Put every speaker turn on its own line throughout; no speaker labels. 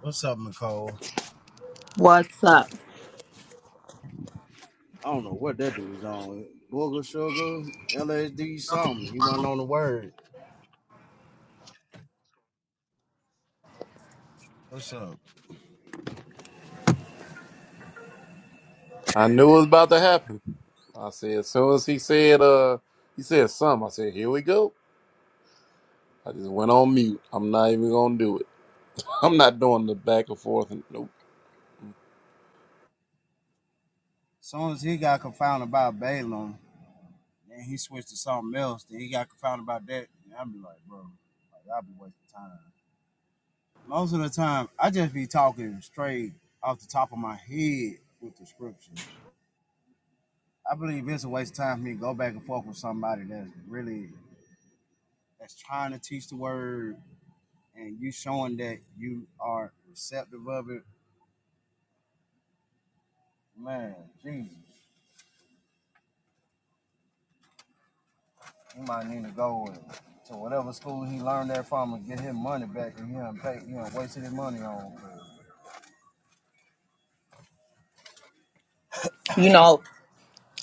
What's up, Nicole?
What's up?
I don't know what that dude's on. Booger Sugar, LSD, something. He wasn't on the word. What's up?
I knew it was about to happen. I said, as soon as he said, uh, he said something, I said, here we go. I just went on mute. I'm not even going to do it. I'm not doing the back and forth. And, nope.
As soon as he got confounded by Balaam, then he switched to something else. Then he got confounded about that. And I'd be like, bro, like, I'd be wasting time. Most of the time, I just be talking straight off the top of my head with the scripture. I believe it's a waste of time for me to go back and forth with somebody that's really that's trying to teach the word and you showing that you are receptive of it Man, Jesus, he might need to go and- to whatever school he learned that from and get his money back, and he done pay, he done wasted his money on.
You know,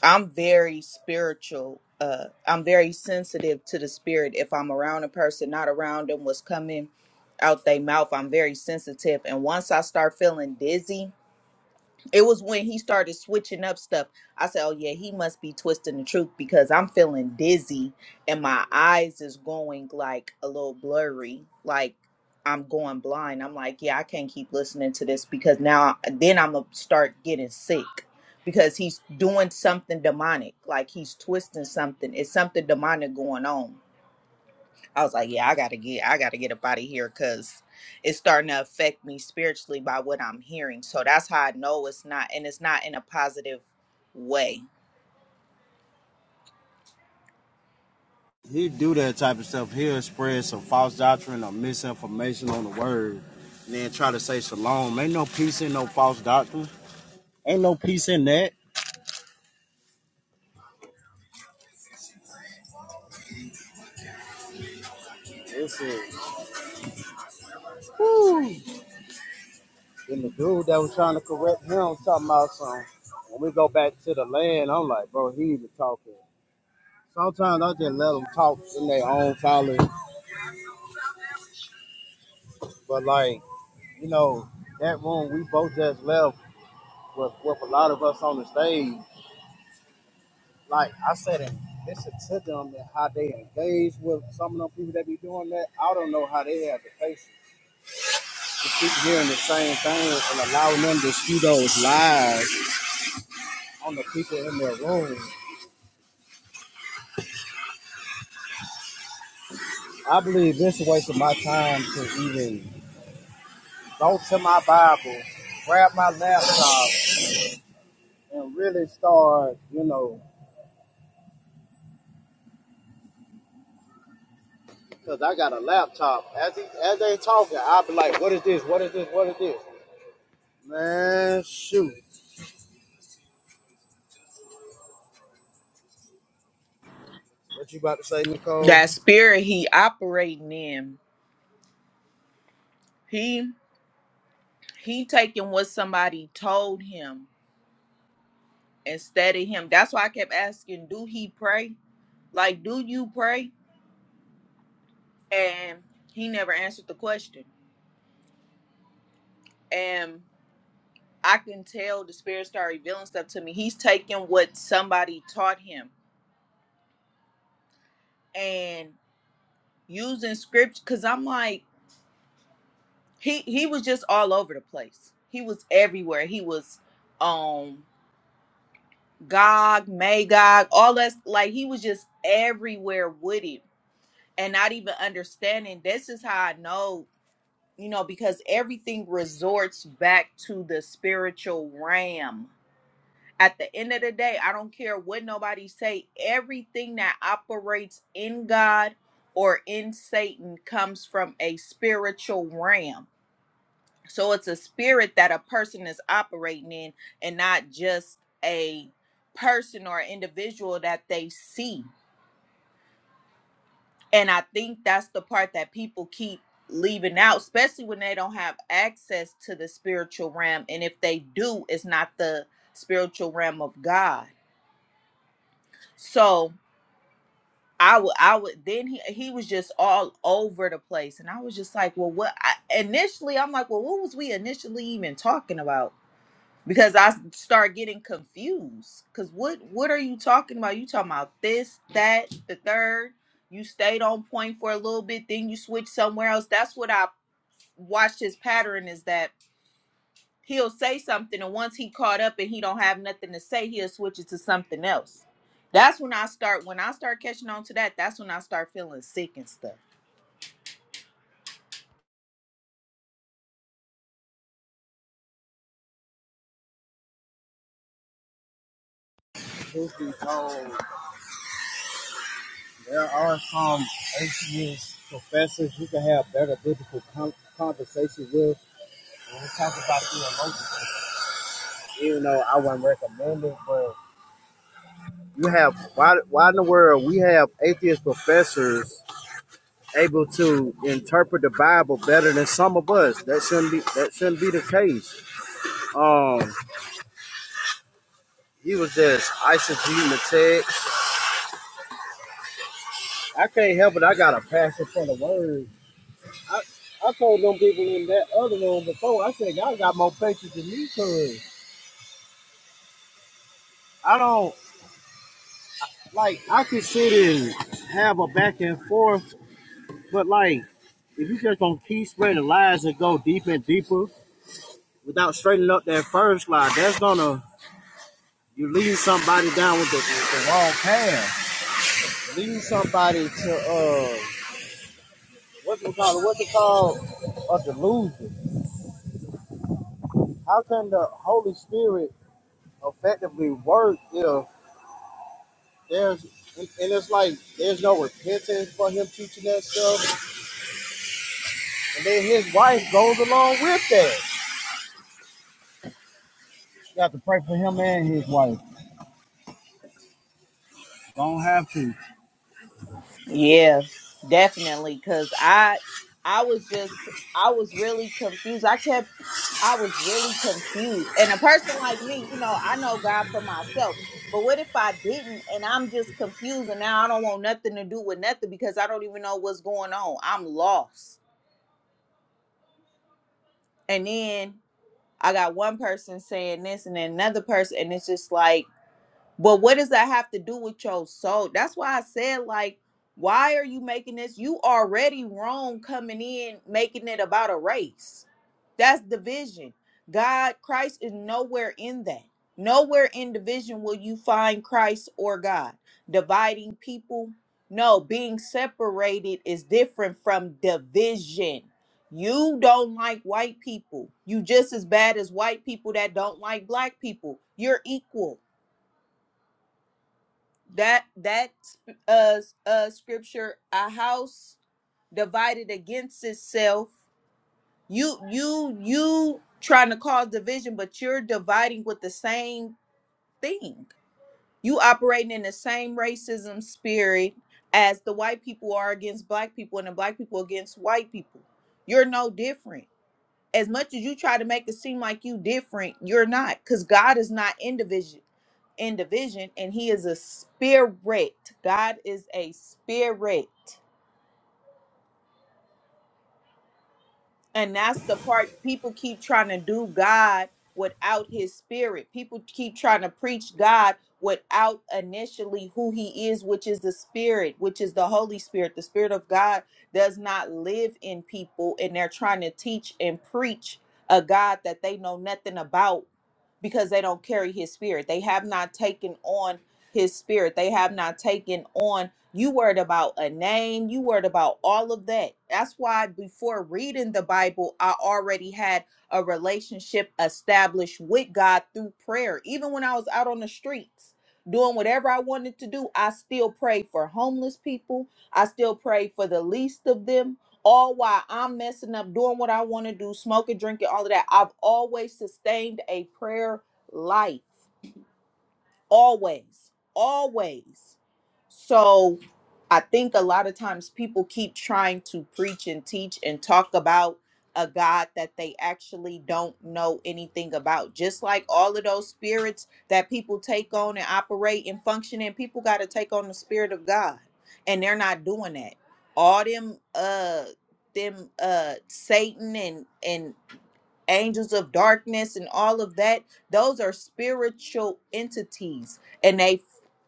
I'm very spiritual. Uh, I'm very sensitive to the spirit. If I'm around a person, not around them, what's coming out their mouth, I'm very sensitive. And once I start feeling dizzy, It was when he started switching up stuff. I said, "Oh yeah, he must be twisting the truth because I'm feeling dizzy and my eyes is going like a little blurry, like I'm going blind." I'm like, "Yeah, I can't keep listening to this because now then I'm gonna start getting sick because he's doing something demonic. Like he's twisting something. It's something demonic going on." I was like, yeah, I gotta get, I gotta get up out of here because it's starting to affect me spiritually by what I'm hearing. So that's how I know it's not, and it's not in a positive way.
He do that type of stuff. He'll spread some false doctrine or misinformation on the word, and then try to say shalom. Ain't no peace in no false doctrine. Ain't no peace in that. This is. Woo. And the dude that was trying to correct him was talking about some. When we go back to the land, I'm like, bro, he even talking. Sometimes I just let them talk in their own folly, but like. you know, that room we both just left with, with a lot of us on the stage. Like I said, and listen to them and how they engage with some of them people that be doing that. I don't know how they have the patience to keep hearing the same thing and allowing them to spew those lies on the people in their room. I believe this is a waste of my time to even go to my Bible, grab my laptop, and really start, you know, Cause I got a laptop. As he, as they talking, I'll be like, "What is this? What is this? What is this?" Man, shoot! What you about to say, Nicole?
That spirit he operating in, he he taking what somebody told him instead of him. That's why I kept asking, do he pray? Like, do you pray? And he never answered the question. And I can tell the spirit started revealing stuff to me. He's taking what somebody taught him and. using scripture because I'm like he he was just all over the place. He was everywhere. He was um Gog, Magog, all that like he was just everywhere with it and not even understanding this is how I know, you know, because everything resorts back to the spiritual realm. At the end of the day, I don't care what nobody say, everything that operates in God or in Satan comes from a spiritual realm So it's a spirit that a person is operating in and not just a person or individual that they see. And I think that's the part that people keep leaving out, especially when they don't have access to the spiritual realm. And if they do, it's not the spiritual realm of God. So I would, I would, then he, he was just all over the place. And I was just like, well, what? I, initially, I'm like, well, what was we initially even talking about? because I start getting confused. Cause what what are you talking about? You talking about this, that, the third. You stayed on point for a little bit, then you switch somewhere else. That's what I watched his pattern is that he'll say something and once he caught up and he don't have nothing to say, he'll switch it to something else. That's when I start when I start catching on to that, that's when I start feeling sick and stuff.
Truth be told, there are some atheist professors you can have better biblical con conversation with. When we talk about the emotions, even though I wouldn't recommend it, but you have why? Why in the world we have atheist professors able to interpret the Bible better than some of us? That shouldn't be. That shouldn't be the case. Um, He was just eisegeting the text. I can't help it. I got a passion for the word. I, I told them people in that other room before, I said, y'all got more patience than me could. I don't, like, I could sit and have a back and forth, but, like, if you just gonna keep spreading lies and go deep and deeper without straightening up that first lie, that's gonna, you lead somebody down with the, with the wrong path. Lead somebody to, uh, what's it called? What's it called? A delusion how can the Holy Spirit effectively work if there's and, and it's like there's no repentance for him teaching that stuff, and then his wife goes along with that. You have to pray for him and his wife. Don't have to.
Yeah, definitely. Cause I I was just I was really confused. I kept I was really confused. And a person like me, you know, I know God for myself. But what if I didn't and I'm just confused and now I don't want nothing to do with nothing because I don't even know what's going on. I'm lost. And then I got one person saying this and then another person and it's just like But what does that have to do with your soul? That's why I said, like, why are you making this? You already wrong coming in, making it about a race. That's division. God, Christ is nowhere in that. Nowhere in division will you find Christ or God. Dividing people, no, being separated is different from division. You don't like white people. You just as bad as white people that don't like black people. You're equal that that uh uh scripture a house divided against itself you you you trying to cause division but you're dividing with the same thing you operating in the same racism spirit as the white people are against black people and the black people against white people you're no different as much as you try to make it seem like you different, you're not, because God is not in division, in division, and He is a spirit. God is a spirit. And that's the part people keep trying to do God without his spirit. People keep trying to preach God without initially who he is, which is the spirit, which is the Holy Spirit. The spirit of God does not live in people, and they're trying to teach and preach a God that they know nothing about because they don't carry his spirit. They have not taken on his spirit. They have not taken on you worried about a name. You worried about all of that. That's why before reading the Bible, I already had a relationship established with God through prayer. Even when I was out on the streets doing whatever I wanted to do, I still prayed for homeless people. I still prayed for the least of them. All while I'm messing up, doing what I want to do, smoking, drinking, all of that. I've always sustained a prayer life always always so i think a lot of times people keep trying to preach and teach and talk about a god that they actually don't know anything about just like all of those spirits that people take on and operate and function in people got to take on the spirit of god and they're not doing that all them uh them uh satan and and angels of darkness and all of that those are spiritual entities and they f-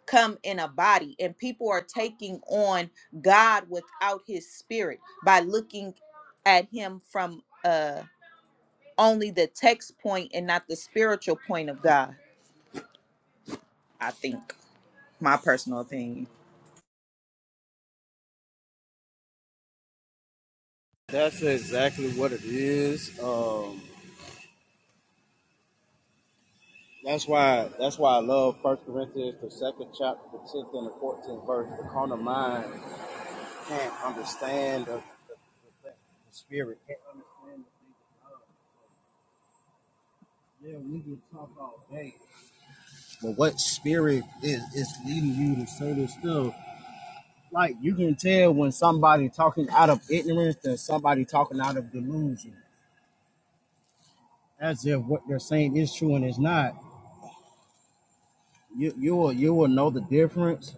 come in a body and people are taking on god without his spirit by looking at him from uh only the text point and not the spiritual point of god i think my personal opinion
That's exactly what it is. Um, that's why that's why I love First Corinthians, the second chapter, the tenth and the fourteenth verse. The carnal mind can't understand the, the, the, the spirit. Can't understand the things of God. Yeah, we can talk all day. But what spirit is, is leading you to say this still? Like you can tell when somebody talking out of ignorance than somebody talking out of delusion. As if what they're saying is true and it's not. You you will you will know the difference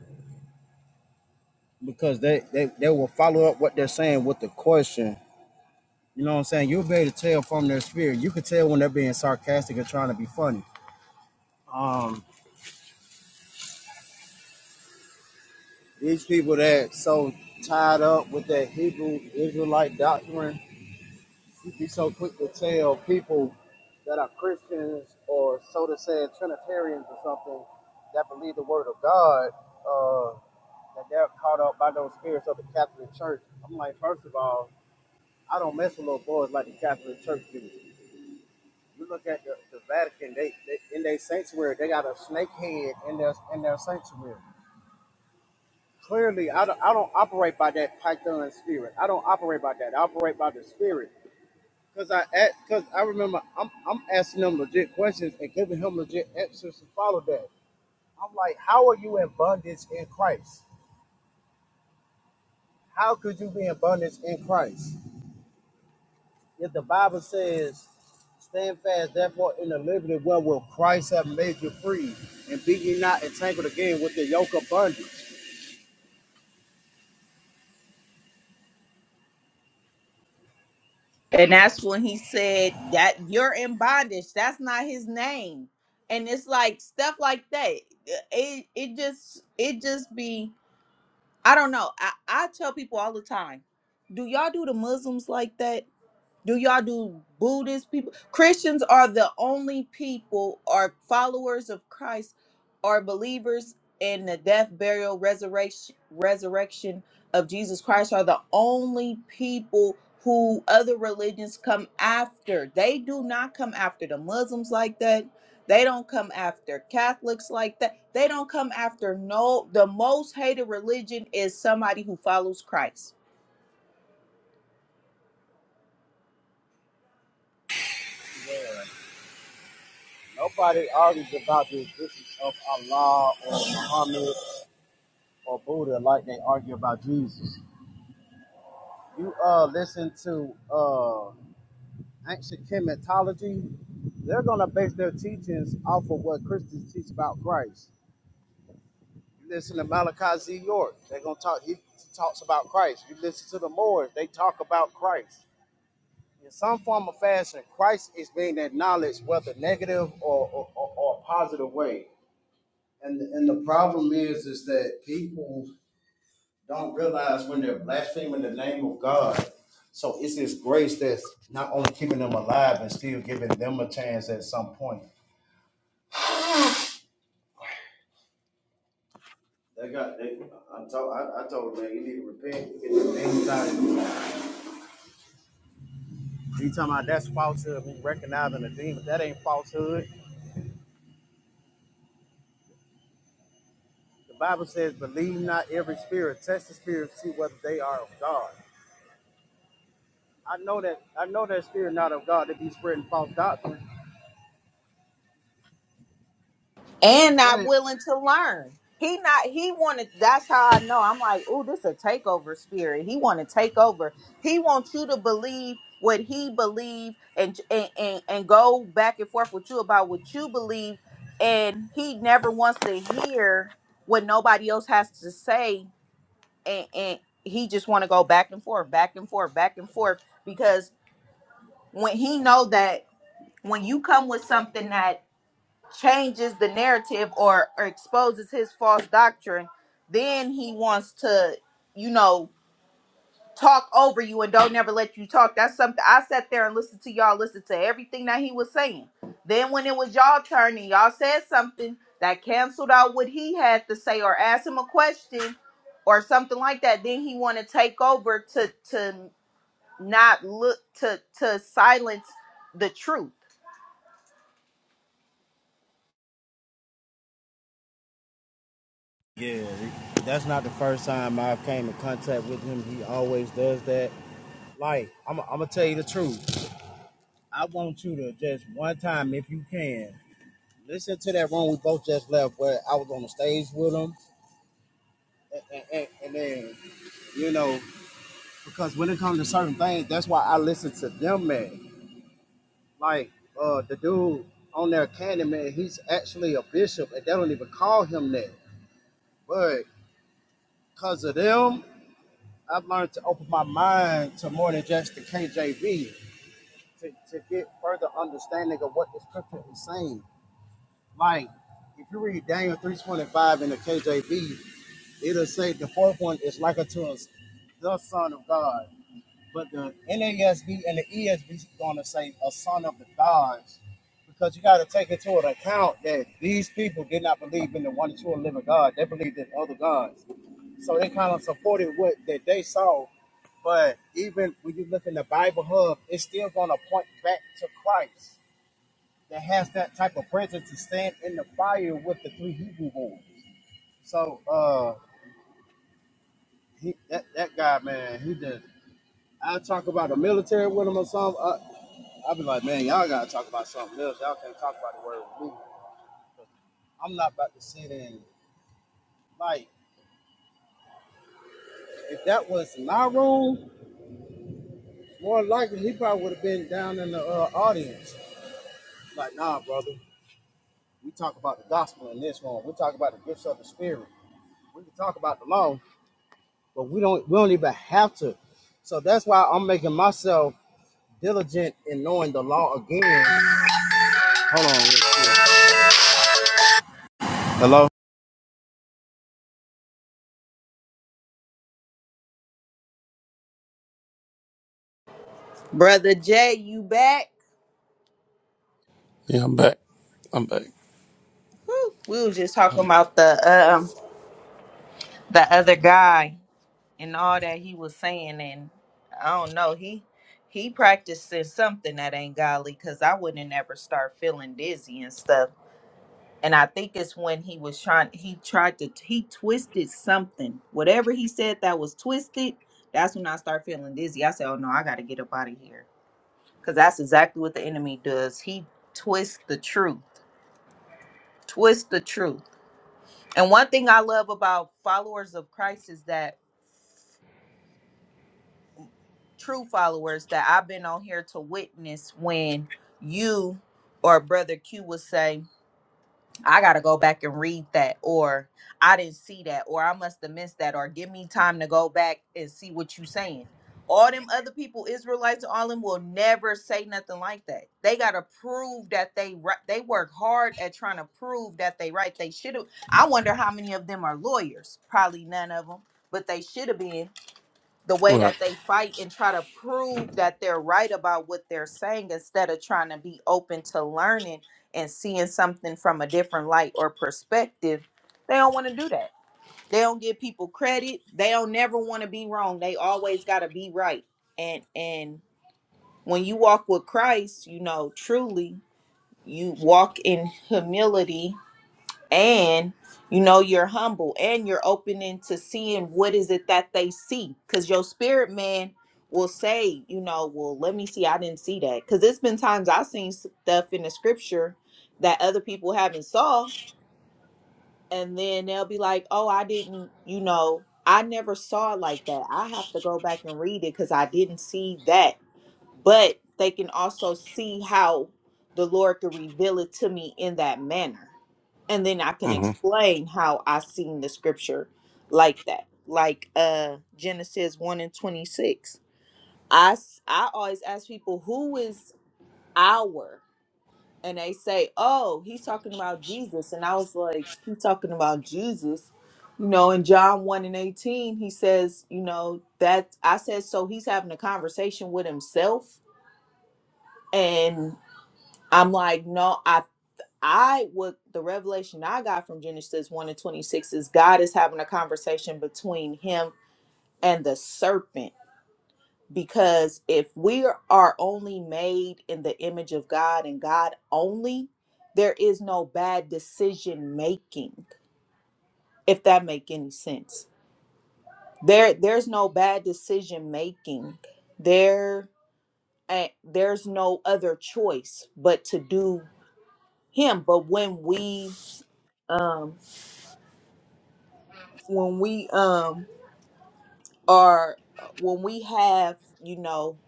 because they, they, they will follow up what they're saying with the question. You know what I'm saying? You'll be able to tell from their spirit. You can tell when they're being sarcastic or trying to be funny. Um, these people that so tied up with that Hebrew Israelite doctrine You'd be so quick to tell people that are Christians or so to say Trinitarians or something that believe the word of God uh, that they're caught up by those spirits of the Catholic Church. I'm like, first of all, I don't mess with little boys like the Catholic Church do. You look at the, the Vatican, they, they in their sanctuary, they got a snake head in their in their sanctuary. Clearly, I don't, I don't operate by that Python spirit. I don't operate by that. I operate by the spirit. Cause I, cause I remember I'm, I'm asking him legit questions and giving him legit answers to follow that. I'm like, how are you in bondage in Christ? How could you be in bondage in Christ? If the Bible says, stand fast, therefore, in the liberty wherewith Christ have made you free, and be ye not entangled again with the yoke of bondage.
and that's when he said that you're in bondage that's not his name and it's like stuff like that it it just it just be I don't know. I, I tell people all the time, do y'all do the Muslims like that? Do y'all do Buddhist people? Christians are the only people or followers of Christ or believers in the death, burial, resurrection, resurrection of Jesus Christ are the only people who other religions come after. They do not come after the Muslims like that. They don't come after Catholics like that. They don't come after no the most hated religion is somebody who follows Christ.
Nobody argues about the existence of Allah or Muhammad or Buddha like they argue about Jesus. You uh listen to uh ancient chematology, they're going to base their teachings off of what Christians teach about Christ. You listen to Malachi Z. York, they're going to talk, he talks about Christ. You listen to the Moors, they talk about Christ. In some form or fashion, Christ is being acknowledged, whether negative or, or, or, or positive way. And, and the problem is, is that people don't realize when they're blaspheming the name of God, so it's His grace that's not only keeping them alive and still giving them a chance at some point. They got they. I told I, I told him, man, you need to repent, get the things out of you. You talking about that's falsehood? Me recognizing a demon that ain't falsehood. The Bible says, believe not every spirit. Test the spirits, see whether they are of God. I know that I know that spirit not of God. They be spreading false doctrine.
and
That's the
not
same.
willing to learn. He not he wanted that's how I know. I'm like, oh, this a takeover spirit. He want to take over. He wants you to believe what he believe and, and and and go back and forth with you about what you believe and he never wants to hear what nobody else has to say and, and he just want to go back and forth, back and forth, back and forth because when he know that when you come with something that changes the narrative or, or exposes his false doctrine, then he wants to, you know, talk over you and don't never let you talk. That's something I sat there and listened to y'all listen to everything that he was saying. Then when it was y'all turn and y'all said something that canceled out what he had to say or asked him a question or something like that, then he want to take over to to not look to to silence the truth.
Yeah, that's not the first time i came in contact with him. He always does that. Like I'm, I'm gonna tell you the truth. I want you to just one time, if you can, Listen to that room we both just left where I was on the stage with him. And, and, and then, you know, because when it comes to certain things, that's why I listen to them, man. Like uh, the dude on there, Candyman, he's actually a bishop, and they don't even call him that. But because of them, I've learned to open my mind to more than just the KJV to, to get further understanding of what the scripture is saying. Like, if you read Daniel 3.25 in the KJV, It'll say the fourth one is like unto us, the Son of God. But the NASB and the ESV is going to say a son of the gods because you got to take into account that these people did not believe in the one and true and living God. They believed in other gods. So they kind of supported what that they saw. But even when you look in the Bible Hub, it's still going to point back to Christ that has that type of presence to stand in the fire with the three Hebrew boys. So, uh, he that, that guy man he just I talk about the military with him or something. I, I be like, man, y'all gotta talk about something else. Y'all can't talk about the word with me. I'm not about to sit in like if that was my room, more likely he probably would have been down in the uh, audience. Like, nah, brother, we talk about the gospel in this room. We talk about the gifts of the spirit. We can talk about the law, but we don't we don't even have to. So that's why I'm making myself diligent in knowing the law again. Hold on. Hello.
Brother Jay, you back?
Yeah, I'm back. I'm back.
We was just talking
I'm back.
about the um the other guy and all that he was saying, and I don't know he he practicing something that ain't godly because I wouldn't ever start feeling dizzy and stuff. And I think it's when he was trying he tried to he twisted something. Whatever he said that was twisted, that's when I start feeling dizzy. I said, oh no, I got to get up out of here because that's exactly what the enemy does. He twists the truth, twist the truth. And one thing I love about followers of Christ is that true followers that I've been on here to witness when you or Brother Q will say, I gotta go back and read that, or I didn't see that, or I must have missed that, or give me time to go back and see what you saying. All them other people, Israelites, all them will never say nothing like that. They gotta prove that they right. They work hard at trying to prove that they right. They should have. I wonder how many of them are lawyers. Probably none of them, but they should have been the way
Right.
that they fight and try to prove that they're right about what they're saying instead of trying to be open to learning and seeing something from a different light or perspective they don't want to do that they don't give people credit they don't never want to be wrong they always got to be right and and when you walk with christ you know truly you walk in humility and you know you're humble and you're opening to seeing what is it that they see because your spirit man will say you know well let me see i didn't see that because it's been times i've seen stuff in the scripture that other people haven't saw and then they'll be like oh i didn't you know i never saw it like that i have to go back and read it because i didn't see that but they can also see how the Lord can reveal it to me in that manner. And then I can
Mm-hmm.
explain how I seen the scripture like that. Like uh Genesis 1 and 26. I s- I always ask people who is our and they say, "Oh, he's talking about Jesus." And I was like, "He's talking about Jesus." You know, in John 1 and 18, he says, you know, that I said so he's having a conversation with himself and. I'm like, no, I I would the revelation I got from Genesis 1 and 26 is God is having a conversation between him and the serpent. Because if we are only made in the image of God and God only, there is no bad decision making, if that make any sense. There there's no bad decision making. There eh, there's no other choice but to do him. But when we um when we um are when we have you know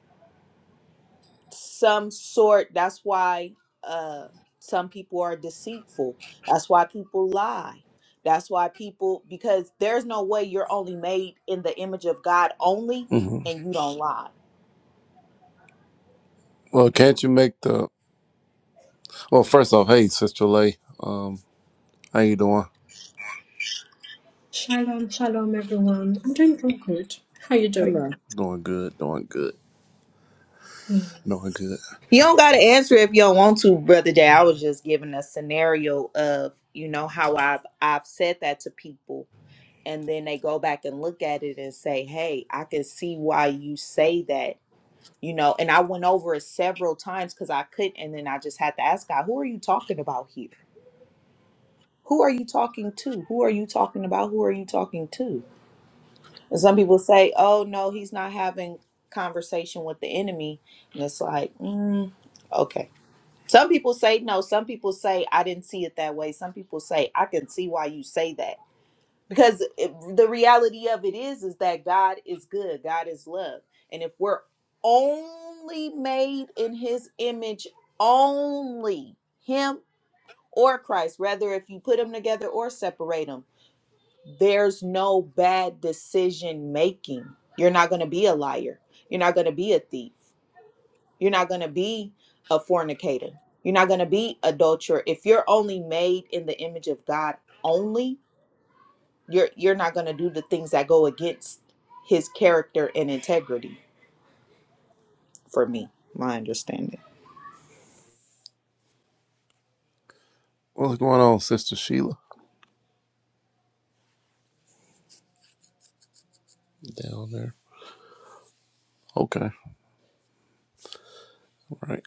some sort that's why uh some people are deceitful that's why people lie that's why people because there's no way you're only made in the image of god only
Mm-hmm.
and you don't lie
Well, can't you make the, well, first off, hey, Sister Lay, um, how you doing?
Shalom, shalom, everyone. I'm doing all good. How are you doing?
Hello.
Doing good, doing good,
Mm.
doing good.
you don't got to answer if you don't want to brother jay i was just giving a scenario of you know how i've i've said that to people and then they go back and look at it and say, "Hey, I can see why you say that." You know, and I went over it several times because I couldn't, and then I just had to ask God, "Who are you talking about here? Who are you talking to? Who are you talking about? Who are you talking to?" And some people say, "Oh no, he's not having conversation with the enemy," and it's like, mm, okay. Some people say no. Some people say I didn't see it that way. Some people say I can see why you say that because it, the reality of it is is that god is good god is love and if we're only made in his image only him or christ rather if you put them together or separate them there's no bad decision making you're not going to be a liar you're not going to be a thief you're not going to be a fornicator you're not going to be adulterer if you're only made in the image of god only you're you're not going to do the things that go against his character and integrity for me. My understanding.
What's going on, Sister Sheila? Down there. Okay, all right.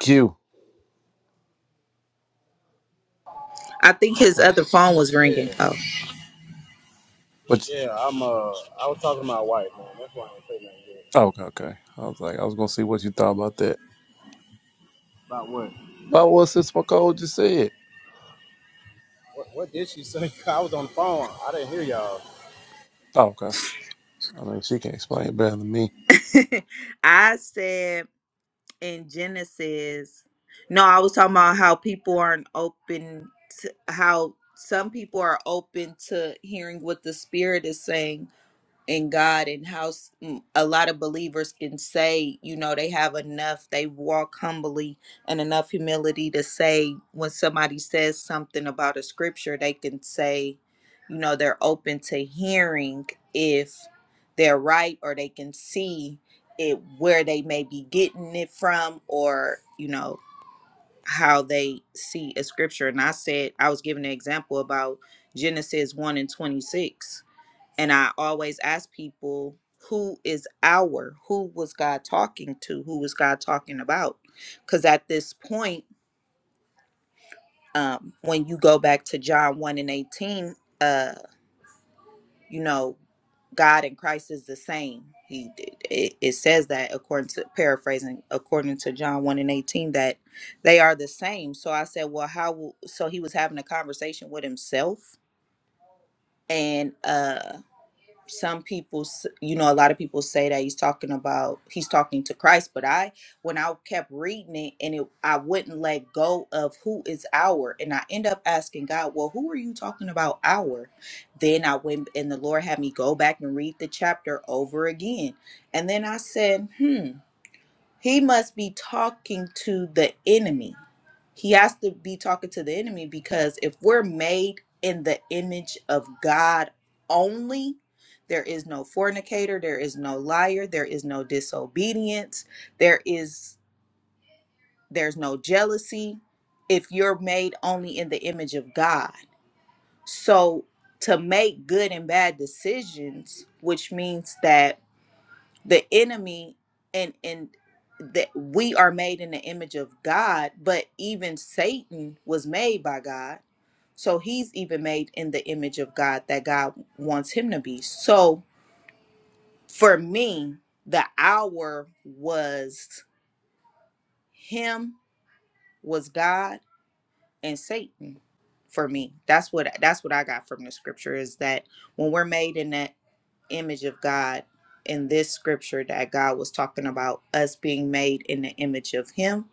Q.
I think his
Oh,
other phone was
Yeah.
ringing. Oh.
what you-
Yeah, I'm. Uh, I was talking to my wife, man. That's why I ain't say nothing yet.
oh, okay, okay. I was like, I was gonna see what you thought about that.
About what?
About what Sis McCole just said.
What, what did she say? I was on the phone. I didn't hear y'all.
Oh, okay. I mean, she can explain it better than me.
I said in Genesis. No, I was talking about how people aren't open to how some people are open to hearing what the spirit is saying in God and how s- m- a lot of believers can say, you know, they have enough, they walk humbly and enough humility to say when somebody says something about a scripture, they can say, you know, they're open to hearing if they're right or they can see it where they may be getting it from or, you know, how they see a scripture. And I said, I was giving an example about Genesis 1 and 26 and I always ask people, who is our? Who was God talking to? Who was God talking about? Because at this point, um, when you go back to John 1 and 18, uh, you know, God and Christ is the same. He it, it says that according to paraphrasing, according to John 1 and 18, that they are the same. So I said, well, how will so he was having a conversation with himself and uh some people s- you know a lot of people say that he's talking about he's talking to christ but i when i kept reading it and it, i wouldn't let go of who is our and i end up asking god well who are you talking about our then i went and the lord had me go back and read the chapter over again and then i said hmm he must be talking to the enemy. He has to be talking to the enemy because if we're made in the image of God only, there is no fornicator, there is no liar, there is no disobedience, there is there's no jealousy if you're made only in the image of God. So to make good and bad decisions, which means that the enemy and and that we are made in the image of God, but even Satan was made by God. So he's even made in the image of God that God wants him to be. So for me, the hour was him was God and Satan for me. That's what that's what I got from the scripture is that when we're made in that image of God in this scripture that God was talking about us being made in the image of Him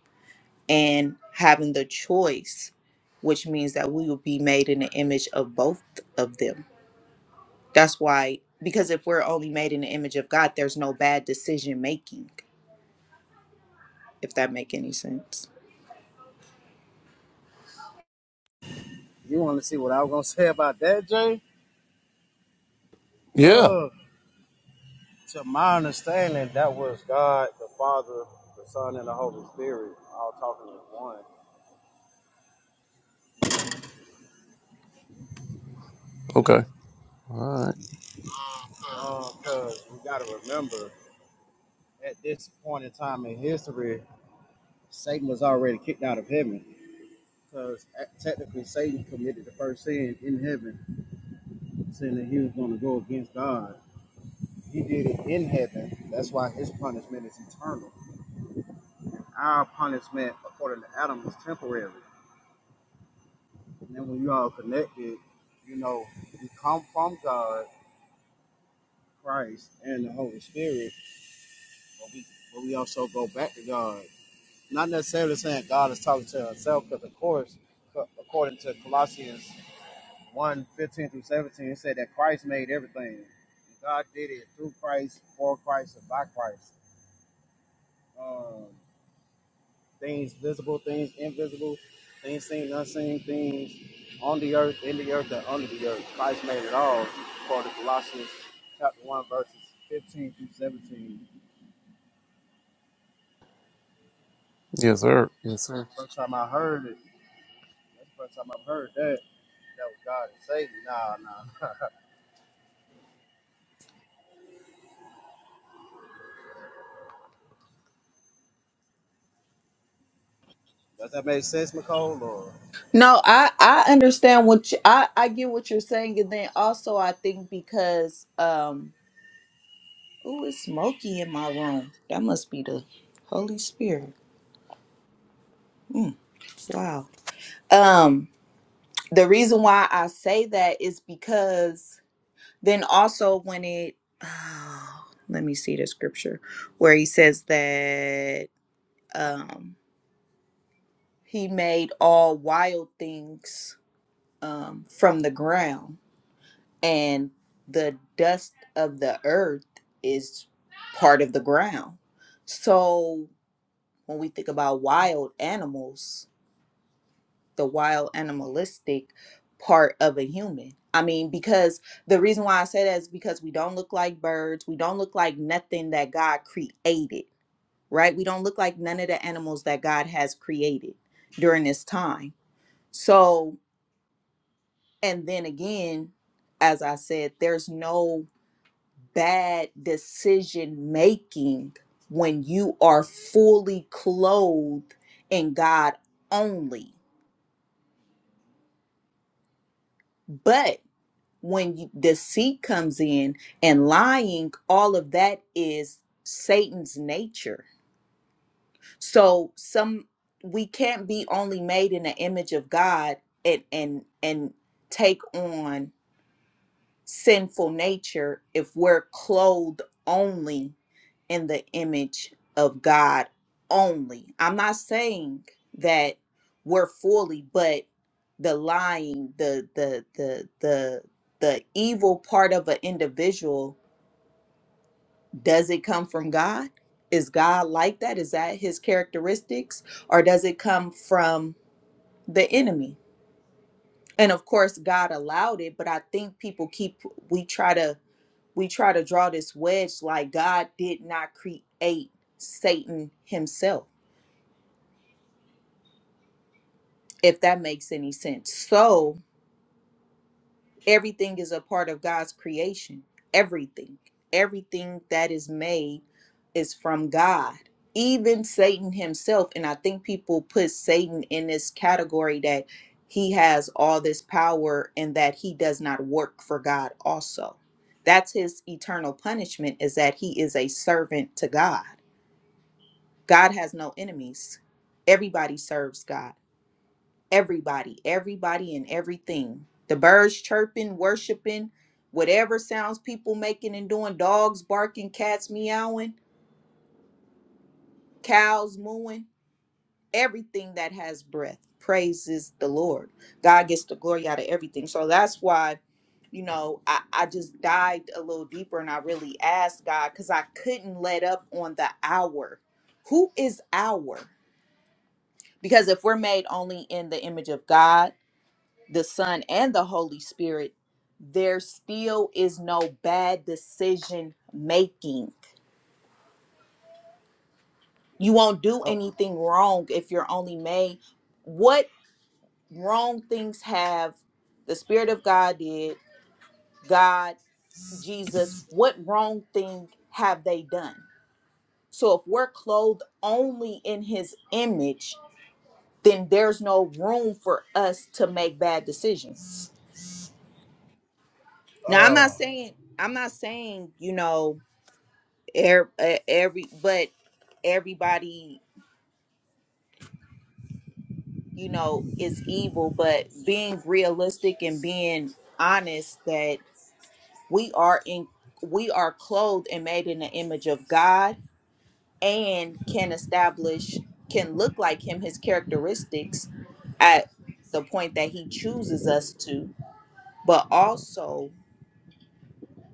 and having the choice, which means that we will be made in the image of both of them. That's why, because if we're only made in the image of God, there's no bad decision making. If that make any sense.
You want to see what I was gonna say about that, Jay?
Yeah.
Uh, to my understanding, that was God, the Father, the Son, and the Holy Spirit all talking as one.
Okay. All right.
Uh, cause we gotta remember at this point in time in history, Satan was already kicked out of heaven. Because technically, Satan committed the first sin in heaven, saying that he was going to go against God. He did it in heaven. That's why his punishment is eternal. Our punishment, according to Adam, is temporary. And then when you all connected, you know, we come from God, Christ, and the Holy Spirit, but we but we also go back to God. Not necessarily saying God is talking to himself, because of course, according to Colossians 1, fifteen through 17, it said that Christ made everything. God did it through Christ, for Christ, and by Christ. Um, things visible, things invisible, things seen, unseen, things on the earth, in the earth, and under the earth. Christ made it all, according to Colossians chapter 1, verses 15 through 17.
Yes, sir. Yes, sir.
First time I heard it, that's the first time I've heard that, that was God and Satan. Nah, nah. Does that make sense, Nicole? Or,
No, I I understand what you, I I get what you're saying, and then also I think because um, ooh, it's smoky in my room. That must be the Holy Spirit. Wow. Um, the reason why I say that is because then also when it, oh, let me see the scripture where he says that um, he made all wild things um, from the ground, and the dust of the earth is part of the ground. So when we think about wild animals, the wild animalistic part of a human. I mean, because the reason why I say that is because we don't look like birds. We don't look like nothing that God created, right? We don't look like none of the animals that God has created during this time. So, and then again, as I said, there's no bad decision making when you are fully clothed in God only. but. when you, deceit comes in and lying, all of that is Satan's nature. So some we can't be only made in the image of God and and and take on sinful nature if we're clothed only in the image of God only. I'm not saying that we're fully, but the lying, the the the the the evil part of an individual, does it come from God? Is God like that? Is that his characteristics? Or does it come from the enemy? And of course God allowed it, but I think people keep we try to we try to draw this wedge like God did not create Satan himself, if that makes any sense. So everything is a part of God's creation. Everything. Everything that is made is from God. Even Satan himself. And I think people put Satan in this category that he has all this power and that he does not work for God also. That's his eternal punishment is that he is a servant to God God has no enemies. Everybody serves God. Everybody, everybody, and everything. The birds chirping, worshiping, whatever sounds people making and doing, dogs barking, cats meowing, cows mooing, everything that has breath praises the Lord. God gets the glory out of everything. So that's why, you know, I, I just dived a little deeper and I really asked God because I couldn't let up on the hour. Who is our? Because if we're made only in the image of God, the Son, and the Holy Spirit, there still is no bad decision making. You won't do
uh,
anything wrong if you're only made. What wrong things have the Spirit of God did, God, Jesus, what wrong thing have they done? So if we're clothed only in His image, then there's no room for us to make bad decisions Now I'm not
uh,
saying I'm not saying you know er, eh, every but everybody you know is evil, but being realistic and being honest that we are in we are clothed and made in the image of God and can establish can look like him his characteristics at the point that he chooses us to but also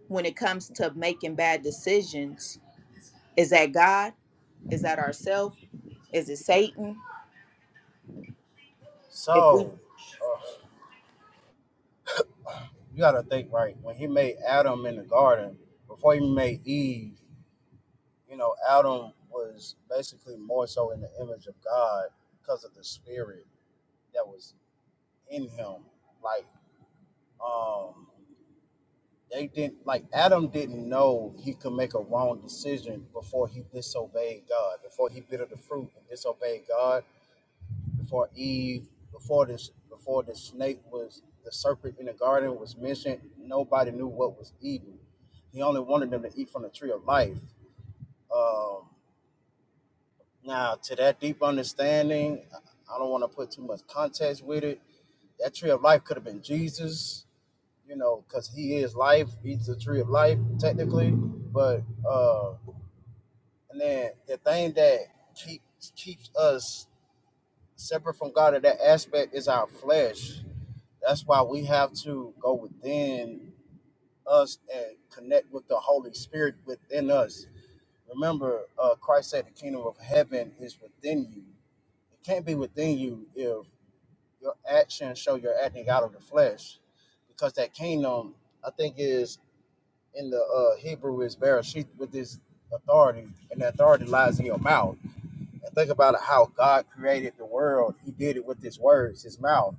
when it comes to making bad decisions is that God is that ourself? Is it Satan? If we
so, uh, you got to think, right, when he made Adam in the garden, before he made Eve, you know, Adam was basically more so in the image of God because of the spirit that was in him. Like, um, they didn't like Adam didn't know he could make a wrong decision before he disobeyed God, before he bit of the fruit and disobeyed God, before Eve, before this, before the snake was the serpent in the garden was mentioned. Nobody knew what was evil. He only wanted them to eat from the tree of life. Um, Now, to that deep understanding, I don't want to put too much context with it. That tree of life could have been Jesus, you know, because he is life. He's the tree of life, technically. But uh and then the thing that keeps keeps us separate from God in that aspect is our flesh. That's why we have to go within us and connect with the Holy Spirit within us. Remember, uh, Christ said the kingdom of heaven is within you. It can't be within you if your actions show you're acting out of the flesh, because that kingdom, I think, is in the uh, Hebrew is bereshit with this authority, and the authority lies in your mouth. And think about it, how God created the world. He did it with His words, His mouth.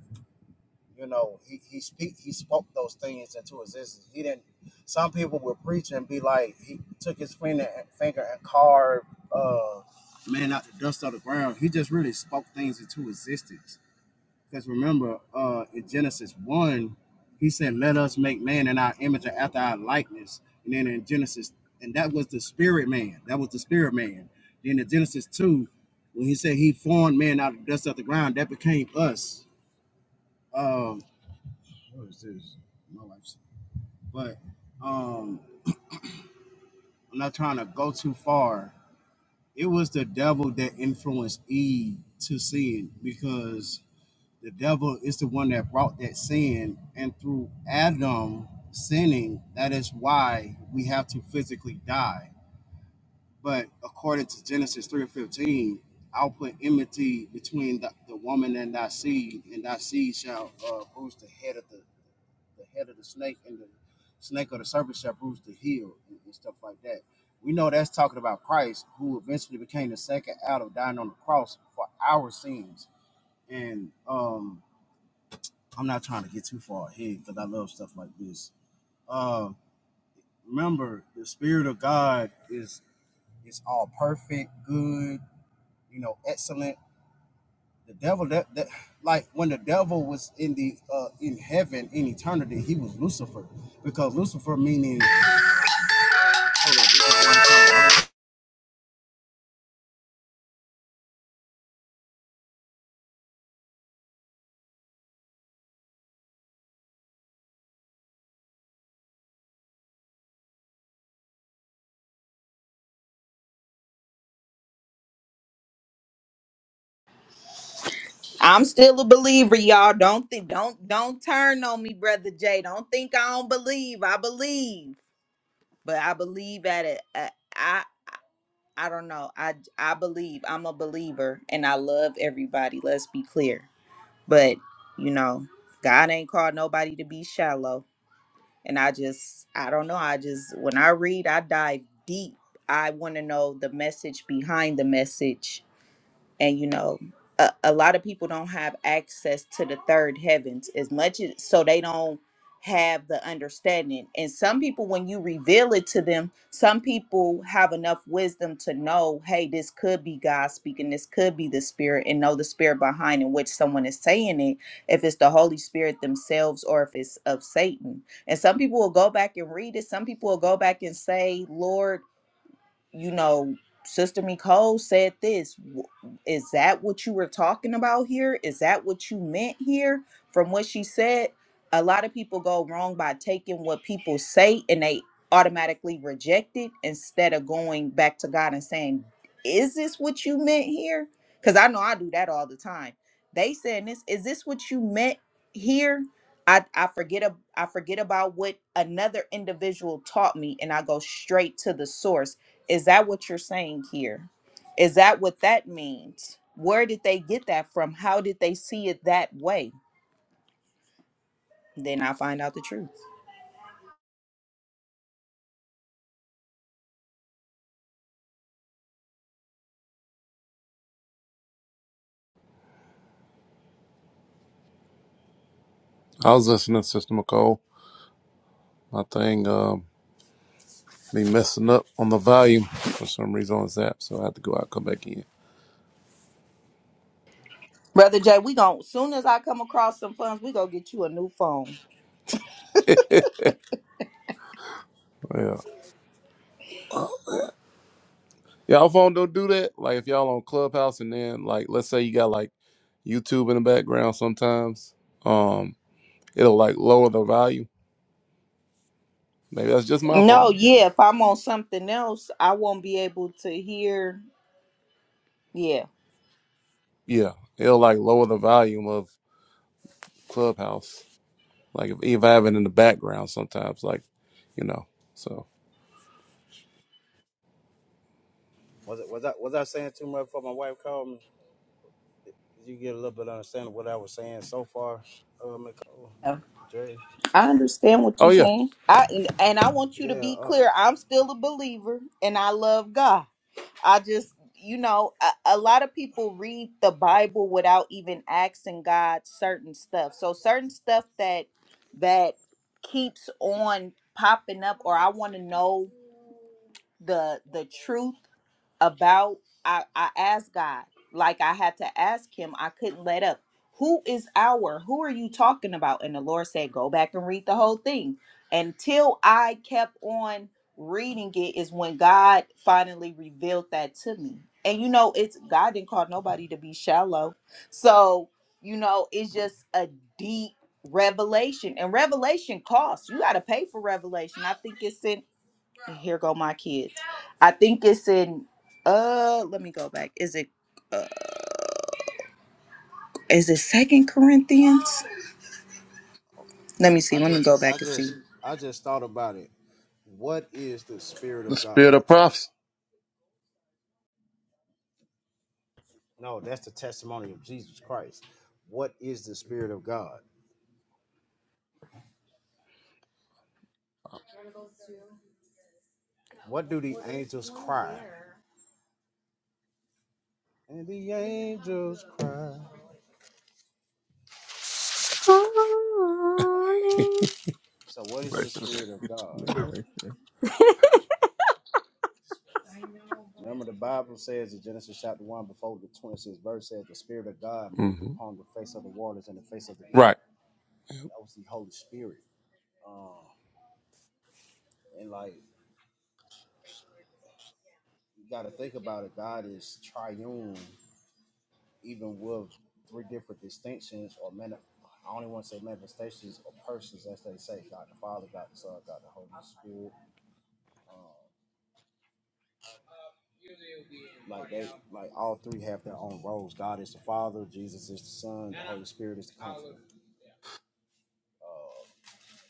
You know, He He speak He spoke those things into existence. He didn't. Some people would preach and be like, He took His finger and, finger and carved. Uh, man out the dust of the ground. He just really spoke things into existence because remember, uh, in Genesis 1, he said, Let us make man in our image and after our likeness. And then in Genesis, and that was the spirit man. That was the spirit man. Then in Genesis 2, when he said he formed man out of the dust of the ground, that became us. Um, what is this? My wife's. But um, I'm not trying to go too far. It was the devil that influenced Eve to sin because the devil is the one that brought that sin and through adam sinning that is why we have to physically die but according to genesis 3 and 15 i'll put enmity between the, the woman and thy seed and thy seed shall uh, bruise the head of the, the head of the snake and the snake or the serpent shall bruise the heel and, and stuff like that we know that's talking about christ who eventually became the second adam dying on the cross for our sins and um I'm not trying to get too far ahead because I love stuff like this. Uh, remember, the spirit of God is is all perfect, good, you know, excellent. The devil that, that like when the devil was in the uh, in heaven in eternity, he was Lucifer because Lucifer meaning. Hold on, this is one time.
I'm still a believer, y'all. Don't think don't don't turn on me, brother Jay. Don't think I don't believe. I believe. But I believe at it. I I I don't know. I I believe. I'm a believer and I love everybody. Let's be clear. But, you know, God ain't called nobody to be shallow. And I just I don't know. I just when I read, I dive deep. I want to know the message behind the message and you know a, a lot of people don't have access to the third heavens as much as so they don't have the understanding and some people when you reveal it to them some people have enough wisdom to know hey this could be god speaking this could be the spirit and know the spirit behind in which someone is saying it if it's the holy spirit themselves or if it's of satan and some people will go back and read it some people will go back and say lord you know, Sister Nicole said this. W- Is that what you were talking about here? Is that what you meant here? From what she said, a lot of people go wrong by taking what people say and they automatically reject it instead of going back to God and saying, Is this what you meant here? Because I know I do that all the time. They saying this, is this what you meant here? I, I forget ab- I forget about what another individual taught me and I go straight to the source is that what you're saying here? Is that what that means? Where did they get that from? How did they see it that way? Then I find out the truth.
I was listening to Sister McCole. My thing um, be messing up on the volume for some reason on this app, so I have to go out and come back in.
Brother Jay, we gon' soon as I come across some funds, we gonna get you a new phone.
yeah. Y'all phone don't do that. Like if y'all on Clubhouse and then like let's say you got like YouTube in the background sometimes, um, it'll like lower the volume. Maybe that's just my
No,
phone.
yeah,
Just
if I'm on something else, I won't be able to hear. Yeah.
yeah. It'll like lower the volume of Clubhouse Like if, if I have it in the background sometimes, like, you know. So
Was it was I was I saying too much before my wife called me? Did you get a little bit of understanding of what I was saying so far, uh, Nicole,
I
Jay?
understand what
oh
you're
yeah.
saying. I and, and I want you to
Yeah.
be
uh,
clear. I'm still a believer and I love God. I just, you know, a, a lot of people read the Bible without even asking God certain stuff. So certain stuff that that keeps on popping up, or I want to know the the truth about I, I asked God, like I had to ask him, I couldn't let up. Who is our? Who are you talking about? And the Lord said, Go back and read the whole thing. Until I kept on reading it is when God finally revealed that to me. And you know, it's God didn't call nobody to be shallow. So, you know, it's just a deep revelation. And revelation costs. You gotta pay for revelation. I think it's in here go my kids. I think it's in uh let me go back. Is it uh, is it second Corinthians? Let me see.
I
Let me
just
go back
I
and see.
just I just thought about it. What is the spirit
The
of
spirit
God?
of prophecy.
No, that's the testimony of Jesus Christ. What is the spirit of God? What do the angels cry? And the angels cry. So what is the
Right,
spirit of
right.
God?
right.
Remember the Bible says in Genesis chapter one before the twenty sixth verse says the spirit of God moved
hmm
upon the face of the waters and the face of the deep.
Right.
That was the Holy Spirit. Uh, and like you gotta think about it, God is triune even with three different distinctions or man, I only want to say manifestations or persons, as they say, God the Father, God the Son, God the Holy Spirit. Um, like they, like all three have their own roles. God is the Father, Jesus is the Son, the Holy Spirit is the Comforter. Uh,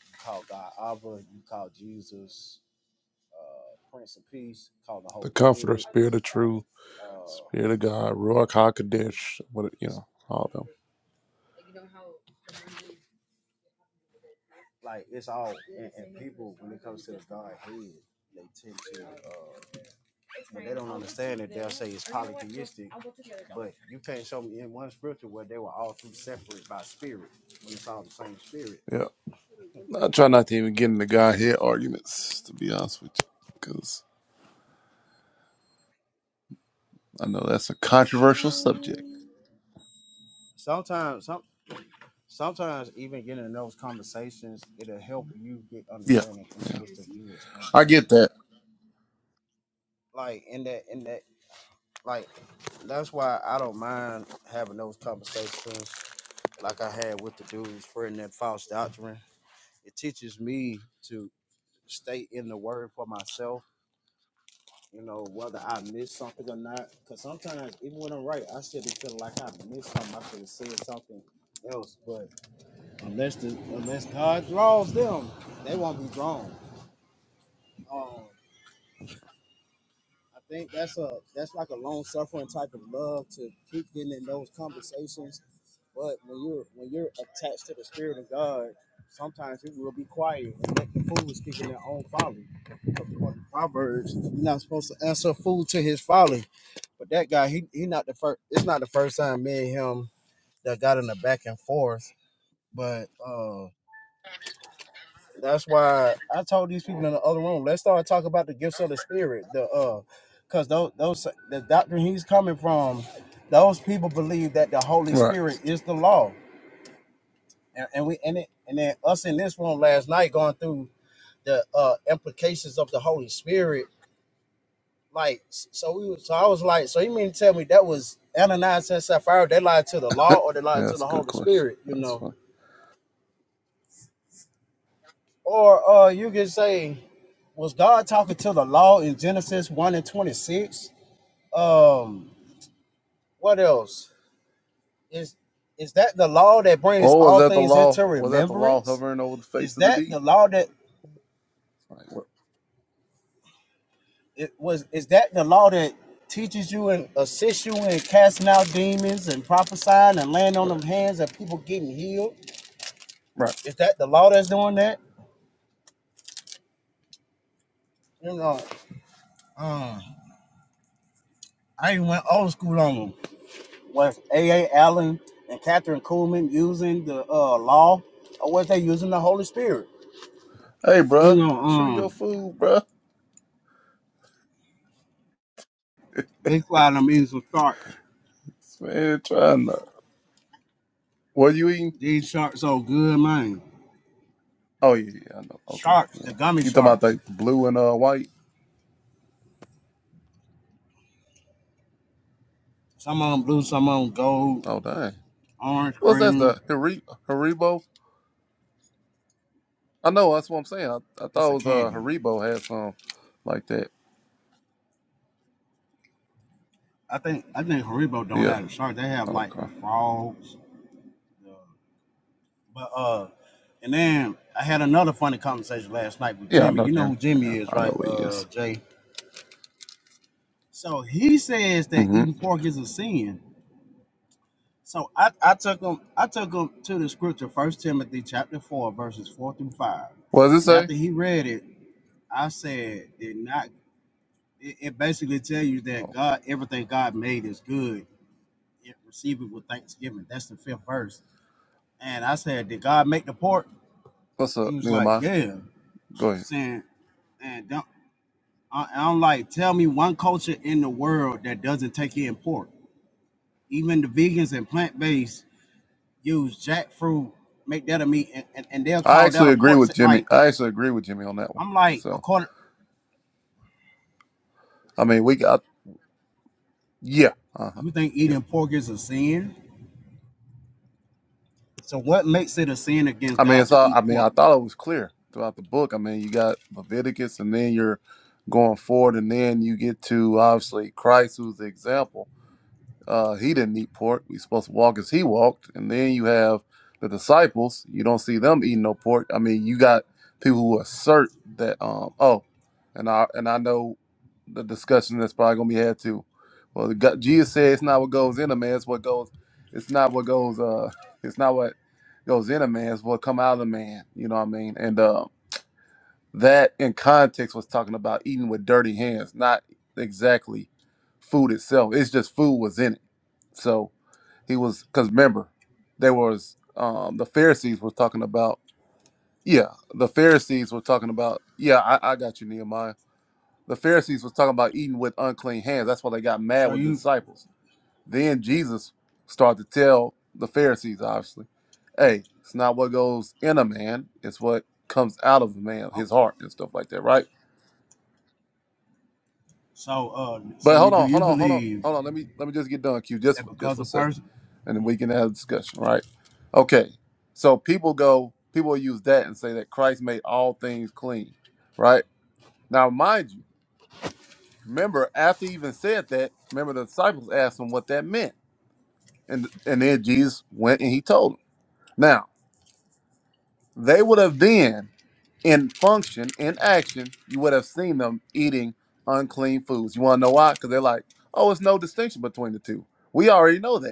you call God Abba, you call Jesus uh, Prince of Peace, call the
The
Holy
comforter,
Spirit.
spirit of truth,
Uh,
spirit of God,
the,
Ruach
the,
HaKodesh, what you
the
know, all of them.
like it's all and, and people when it comes to the God head, they tend to uh when they don't understand it, they'll say it's polytheistic. But you can't show me in one scripture where they were all three separate by spirit when it's all the same spirit.
Yeah. I try not to even get into Godhead
So
arguments, to be honest with you. Because I know that's a controversial subject.
sometimes some sometimes even getting in those conversations, it'll help you get
yeah,
understanding in the
yeah.
midst of you explaining.
I
Thank you.
get that.
Like in that in that like that's why I don't mind having those conversations like I had with the dude spreading that false doctrine. It teaches me to stay in the word for myself, you know, whether I miss something or not. Because sometimes, even when I'm right, I still be feeling like I missed something. I could have said something else, but unless the, unless God draws them, they won't be drawn. Um, I think that's a that's like a long suffering type of love to keep getting in those conversations. But when you're when you're attached to the spirit of God, sometimes it will be quiet and let the fool speak in their own folly. According to Proverbs, you're not supposed to answer a fool to his folly. But that guy, he he not the first. It's not the first time me and him that got in a back and forth. But uh that's why I told these people in the other room, let's start talking about the gifts of the spirit. The uh because those those the doctrine he's coming from, those people believe that the Holy
Right.
Spirit is the law. And, and we and it and then us in this room last night going through the uh implications of the Holy Spirit. Like so we was so I was like, so you mean to tell me that was Ananias and Sapphira, they lied to the law or they
Yeah,
lied to
that's
the
a good
Holy
question.
Spirit, you
That's
know.
fine.
Or uh, you can say, was God talking to the law in Genesis 1 and 26? Um, what else? Is is that the law that brings
Or was
all
that the
things
law?
into
Was that the law
remembrance?
hovering over the
Is
face of the
that
deep?
the law that
Right, right,
it was is that the law that teaches you and assists you in casting out demons and prophesying and laying on
right.
them hands and people getting healed?
right.
Is that the law that's doing that? You know, um, I even went old school on them. was A. A. Allen and Catherine Kuhlman using the uh, law, or was they using the Holy Spirit?
Hey,
You
bruh,
know,
chew your
um,
food, bruh.
Big Fly done eating some sharks.
This Man, trying to. What you eating?
These sharks so good, man.
Oh yeah, yeah, I know. Okay,
Sharks, the
yeah.
gummy
You talking about
sharks.
like the blue and uh white?
Some of them blue, some of them gold,
Oh dang.
orange,
What's that?
green.
The Haribo? Haribo? I know. That's what I'm saying. I, I
It's
thought
a
it was uh
candy.
Haribo had some like that.
I think I think Haribo don't
Yeah.
have the shark. They have like
Okay.
the frogs. The, but uh, and then I had another funny conversation last night with
Yeah, I
Jimmy.
know,
You know
Jimmy.
who Jimmy
Yeah,
is,
I
right?
know who he
Uh,
is.
Jay. So he says that
Mm-hmm.
eating pork is a sin. So I, I took him I took him to the scripture, First Timothy chapter four, verses four through five.
What does it
And
say?
after he read it, I said, did not it, it basically tell you that
Oh,
God everything God made is good. It receive it with thanksgiving. That's the fifth verse. And I said, Did God make the pork?
what's
He
up,
was like,
Nehemiah?
Yeah.
Go ahead.
Saying, and don't I, I'm like, tell me one culture in the world that doesn't take in pork. Even the vegans and plant based use jackfruit, make that a meat, and, and, and they'll
I
call that
actually
a
agree
pork.
with Jimmy.
Like
I actually agree with Jimmy on that one.
I'm like,
So
according,
I mean, we got yeah. Uh
you think
huh.
eating pork is a sin? So what makes it a sin against
I mean,
God
it's
to
all. I
eat
mean,
pork?
I thought it was clear throughout the book. I mean, you got Leviticus, and then you're going forward, and then you get to obviously Christ, who's the example. Uh, he didn't eat pork. We're supposed to walk as he walked. And then you have the disciples. You don't see them eating no pork. I mean, you got people who assert that. Um, oh, and I and I know the discussion that's probably gonna be had too. Well, the, God- Jesus said it's not what goes in a man. It's what goes. It's not what goes. Uh, it's not what goes in a man. It's what come out of a man. You know what I mean? And uh, that in context was talking about eating with dirty hands, not exactly food itself. It's just food was in it so he was because remember there was um the pharisees was talking about yeah the pharisees were talking about yeah I, I got you nehemiah the pharisees was talking about eating with unclean hands that's why they got mad
So
with the
you,
disciples then jesus started to tell the pharisees obviously hey it's not what goes in a man it's what comes out of a man his heart and stuff like that right
so uh, so
But
you
hold
do
on,
you
hold on, hold on,
believe
hold on. Let me let me just get done, Q, just
that
for, just
because
for
a
a second,
person,
and then we can have a discussion, right? Okay. So people go, people use that and say that Christ made all things clean, right? Now, mind you, remember after he even said that, remember the disciples asked him what that meant, and and then Jesus went and he told them. Now they would have then, in function, in action, you would have seen them eating unclean foods. You want to know why? Because they're like, oh, it's no distinction between the two. We already know that.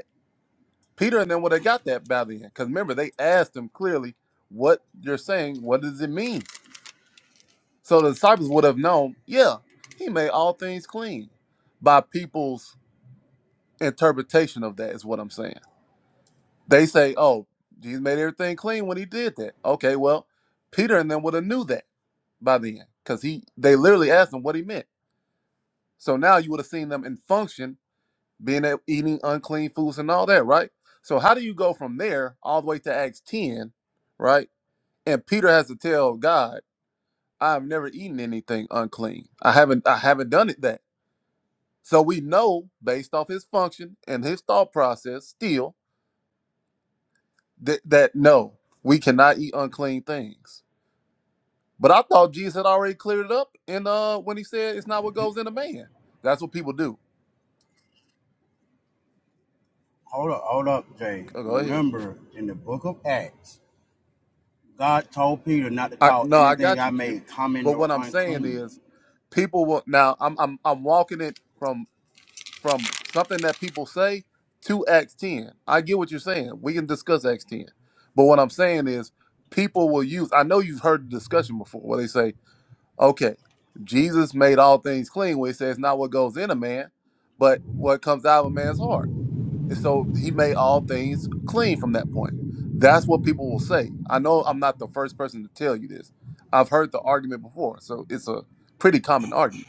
Peter and then would have got that valley in. Because remember, they asked him clearly, what you're saying, what does it mean? So the disciples would have known, yeah, he made all things clean by people's interpretation of that, is what I'm saying. They say, oh, Jesus made everything clean when he did that. Okay, well, Peter and them would have knew that by then. Because he they literally asked him what he meant. So now you would have seen them in function, being a- eating unclean foods and all that, right? So how do you go from there all the way to Acts 10? right? And Peter has to tell God, I have never eaten anything unclean. I haven't I haven't done it that. So we know based off his function and his thought process still that, that no, we cannot eat unclean things. But I thought Jesus had already cleared it up and uh when he said it's not what goes in a man. That's what people do.
hold up, hold up, Jay.
Go go ahead.
Remember in the book of Acts, God told Peter not to
I
call
no, I
anything
got
I
you, Q.
made common
But
or
what I'm saying
unclean.
is people will now I'm I'm I'm walking it from. from something that people say to Acts 10. I get what you're saying. We can discuss Acts 10. But what I'm saying is people will use I know you've heard the discussion before where they say, okay, Jesus made all things clean, where he says not what goes in a man, but what comes out of a man's heart. And so he made all things clean from that point. That's what people will say. I know I'm not the first person to tell you this. I've heard the argument before, so it's a pretty common argument.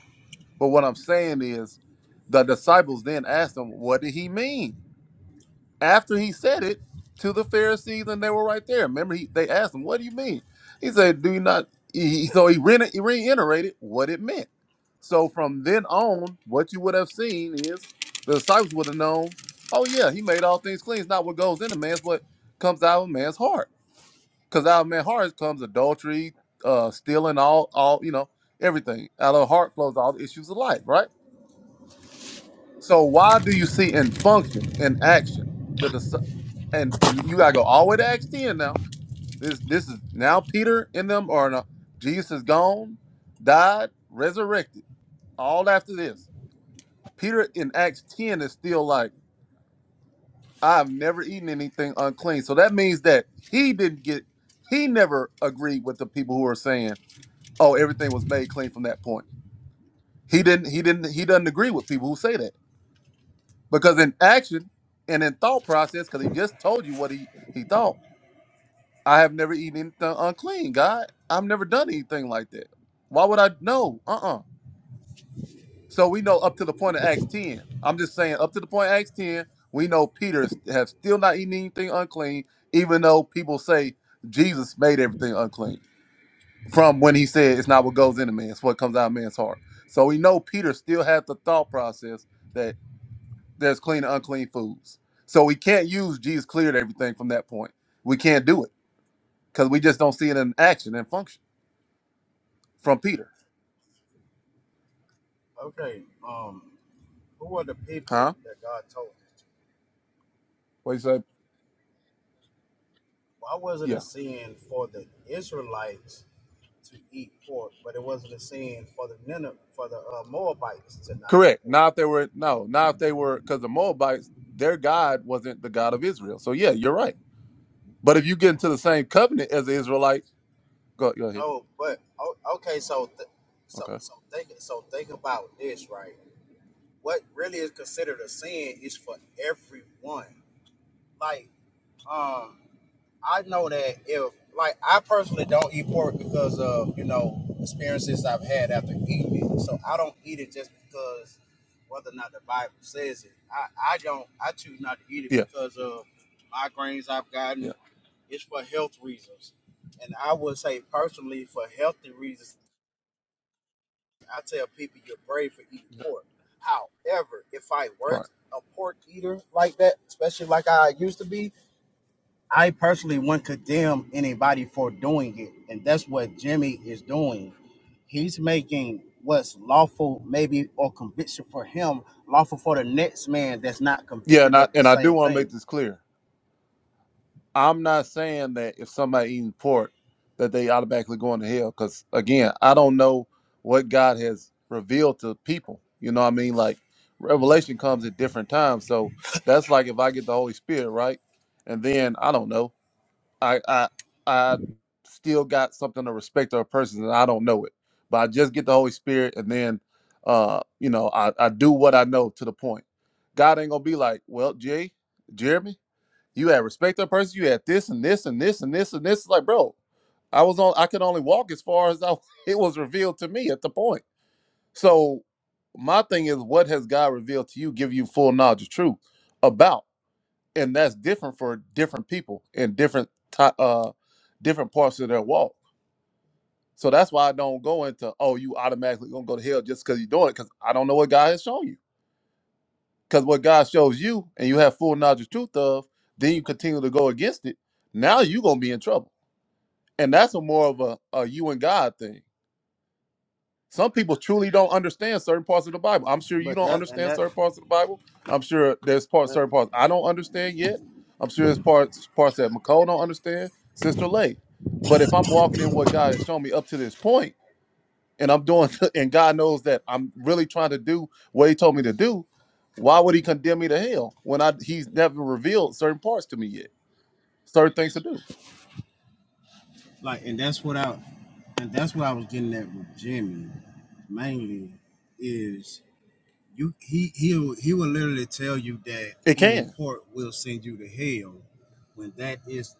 But what I'm saying is, the disciples then asked him, "What did he mean?" After he said it to the Pharisees, and they were right there. Remember, he, they asked him, "What do you mean?" He said, "Do you not?" He, so he, re- he reiterated what it meant. So from then on, what you would have seen is the disciples would have known, "Oh yeah, he made all things clean. It's not what goes in a man's what comes out of a man's heart, because out of a man's heart comes adultery, uh, stealing, all, all you know, everything. Out of the heart flows all the issues of life, right?" So why do you see in function, in action, the dis- and, and you gotta go all the way to Acts 10 now. This this is now Peter in them or no, Jesus is gone, died, resurrected. All after this. Peter in Acts 10 is still like, I've never eaten anything unclean. So that means that he didn't get he never agreed with the people who are saying, Oh, everything was made clean from that point. He didn't he didn't he doesn't agree with people who say that Because in action and in thought process, because he just told you what he, he thought, I have never eaten anything unclean, God. I've never done anything like that. Why would I know? Uh-uh. So we know up to the point of Acts 10. I'm just saying, up to the point of Acts 10, we know Peter s- have still not eaten anything unclean, even though people say Jesus made everything unclean. From when he said it's not what goes into man, it's what comes out of man's heart. So we know Peter still had the thought process there's clean and unclean foods. So we can't use Jesus cleared everything from that point. We can't do it because we just don't see it in action and function from Peter.
Okay, um, who are the people
Huh?
that God told this to?
What you said?
Why was it a
Yeah.
sin for the Israelites to eat pork, but it wasn't a sin for the Nineveh, for the uh, Moabites to not eat
Correct.
pork?
Now if they were no, now if they were because the Moabites, their God wasn't the God of Israel. So yeah, you're right. But if you get into the same covenant as the Israelites, go go ahead.
No, but o- okay, so th- so
Okay.
so think so think about this, right? What really is considered a sin is for everyone. Like, um, I know that if like I personally don't eat pork because of you know experiences I've had after eating it, so I don't eat it just because whether or not the Bible says it. I I don't I choose not to eat it
Yeah.
because of migraines I've
Yeah.
gotten. It's for health reasons, and I would say personally for healthy reasons, I tell people you're brave for eating
yeah.
pork. However, if I were
Right.
a pork eater like that, especially like I used to be, I personally wouldn't condemn anybody for doing it, and that's what Jimmy is doing. He's making what's lawful, maybe or conviction for him, lawful for the next man that's not
Yeah, and
convicted
I
of the
and I do
same
want to make
thing.
this clear. I'm not saying that if somebody eating pork that they automatically going to hell because again, I don't know what God has revealed to people. You know what I mean? Like revelation comes at different times. So that's like if I get the Holy Spirit, right? And then I don't know. I I I still got something to respect to a person and I don't know it. But I just get the Holy Spirit and then uh, you know, I, I do what I know to the point. God ain't gonna be like, well, Jay, Jeremy. You had respect that person. You had this and this and this and this and this. It's Like, bro, I was on. I could only walk as far as I, it was revealed to me at the point. So, my thing is, what has God revealed to you? Give you full knowledge of truth about, and that's different for different people in different ti- uh different parts of their walk. So that's why I don't go into oh, you automatically gonna go to hell just because you're doing it because I don't know what God has shown you. Because what God shows you and you have full knowledge of truth of, then you continue to go against it. Now you're gonna be in trouble. And that's a more of a, a you and God thing. Some people truly don't understand certain parts of the Bible. I'm sure you
But
don't
that and
understand
that,
certain parts of the Bible. I'm sure there's parts
uh,
certain parts I don't understand yet. I'm sure there's parts parts that McCole don't understand, Sister Lay. But if I'm walking in what God has shown me up to this point, and I'm doing, and God knows that I'm really trying to do what He told me to do, why would He condemn me to hell when I He's never revealed certain parts to me yet, certain things to do?
like, and that's what I, and that's what I was getting at with Jimmy, mainly, is You he he'll he will literally tell you that
It
eating
can.
pork will send you to hell when that is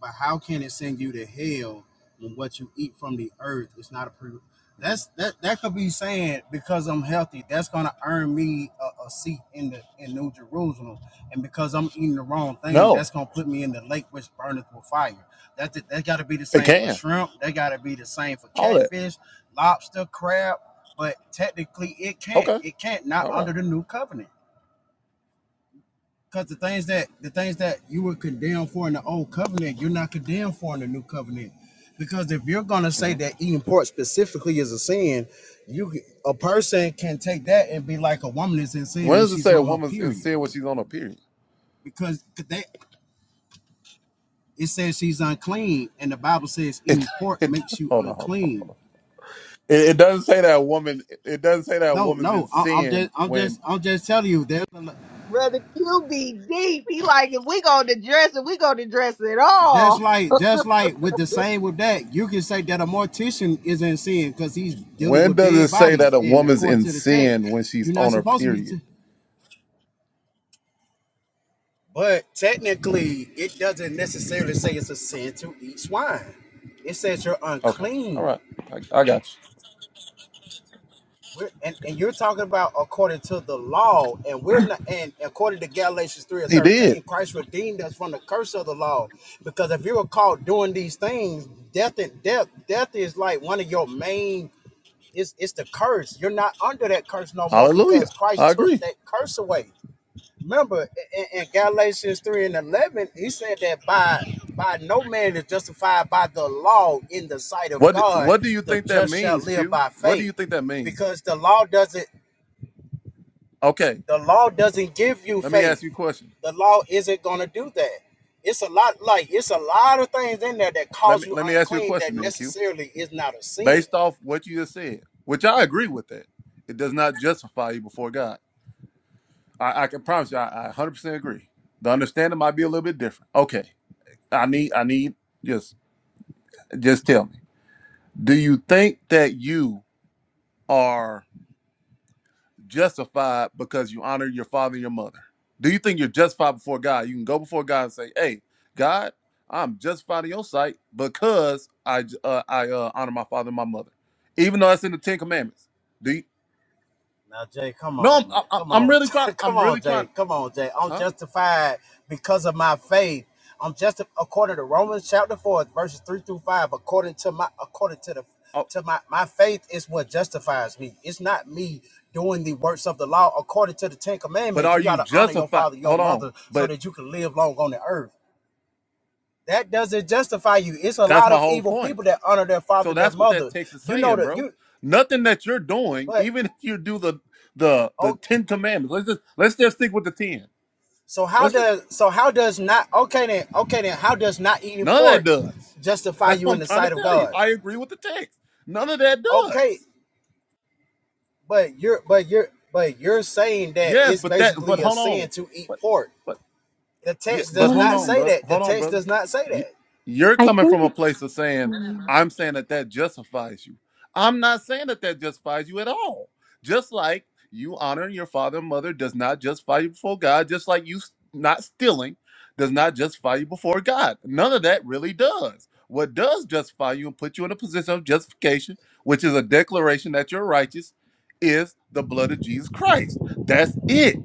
but how can it send you to hell when what you eat from the earth is not a approved?
Mhm.
That's that that could be saying because I'm healthy, that's gonna earn me a, a seat in the in New Jerusalem, and because I'm eating the wrong thing,
No,
that's gonna put me in the lake which burneth with fire. That that, that got to be the
it
same for
can.
shrimp. That got to be the same for
All that.
catfish, lobster, crab but technically it can't.
Okay.
It can't not
All right.
under the new covenant. Because the things that the things that you were condemned for in the old covenant, you're not condemned for in the new covenant. Because if you're gonna say
Mhm.
that eating pork specifically is a sin, you a person can take that and be like a woman is in sin
When
when
does it
she's
say a
on her
woman's in
period.
sin when she's on a period?
Because that it says she's unclean, and the Bible says
It,
eating pork
it
makes you
hold on, hold on.
unclean.
It, it doesn't say that a woman. It doesn't say that a
No,
woman's in
no, I, I'm
sin
just, I'm
when.
just, I'm just telling you. There's a,
Brother Q be deep. He like, if we go to dress it, we go to dress it
Just
all.
like, just like with the same with that, you can say that a mortician is in sin because he's dealing
When
with
does it
dead
say that
bodies,
a
and
woman's
according
in
to the text,
sin when she's
you're not
on her
supposed to be.
period?
T- but technically, it doesn't necessarily say it's a sin to eat swine. It says you're
Okay, all
unclean.
right, I, I got you.
We're, and, and you're talking about according to the law, and we're not. And according to Galatians three and
He did.
thirteen, Christ redeemed us from the curse of the law, because if you were caught doing these things, death and death, death is like one of your main It's it's the curse. You're not under that curse no more
Hallelujah.
because Christ
I
took
agree.
that curse away. Remember in, in Galatians 3 and 11, he said that by by no man is justified by the law in the sight of
What
God,
what do you
the
think that
just shall
means,
live
Q?
by
What do
faith.
you think that means?
Because the law doesn't
Okay,
the law doesn't give you
let me ask
faith.
you a question.
The law isn't gonna do that. It's a lot like it's a lot of things in there that
Let
cause
me
you
let me ask you a
unclean that
question then, Q.
necessarily is not a sin
Based off what you just said, which I agree with that. It does not justify you before God. I, I can promise you I, I 100% agree. The understanding might be a little bit different. Okay. I need I need just just tell me. Do you think that you are justified because you honor your father and your mother? Do you think you're justified before God? You can go before God and say, "Hey, God, I'm justified in Your sight because I uh, I uh, honor my father and my mother," even though that's in the Ten Commandments. Do you?
Now, Jay, come
No,
on, man.
I'm I'm,
Come
I'm
on.
really trying.
come
I'm
on,
really
Jay.
trying.
Come on, Jay. I'm
Huh?
justified because of my faith. I'm just according to Romans chapter 4, verses 3 through 5, according to my according to the
Oh,
to my, my faith is what justifies me. It's not me doing the works of the law. According to the Ten
but
Commandments,
are
you
you
gotta honor your
justified?
father, your
Hold on.
mother, so
But
that you can live long on the earth. That doesn't justify you. It's a
that's
lot
my
of
whole
evil
point.
people that honor their father,
So
their
that's what that
mother.
text is
You know
saying,
that
bro.
you
Nothing that you're doing,
but
even if you do the the the
oh
Ten Commandments. Let's just let's just stick with the ten.
So how
Let's just
does so how does not okay then okay then how does not eating
None of that
pork
does.
justify
That's
you
what
in
I'm
the
trying to
sight of
tell you.
God?
I agree with the text. None of that
Okay,
does.
but you're but you're but you're saying that
Yes,
it's
but that but
basically a
hold
sin
on.
to eat
But
pork.
but
The
Yeah,
text
but
does
hold
not
on,
say
bro.
that. The
Hold on,
text
brother.
does not say
You-
that.
You're
I
coming from a place of saying, I'm saying that that justifies you. I'm not saying that that justifies you at all. Just like you honoring your father and mother does not justify you before God, just like you s- not stealing does not justify you before God. None of that really does. What does justify you and put you in a position of justification, which is a declaration that you're righteous, is the blood of Jesus Christ. That's it.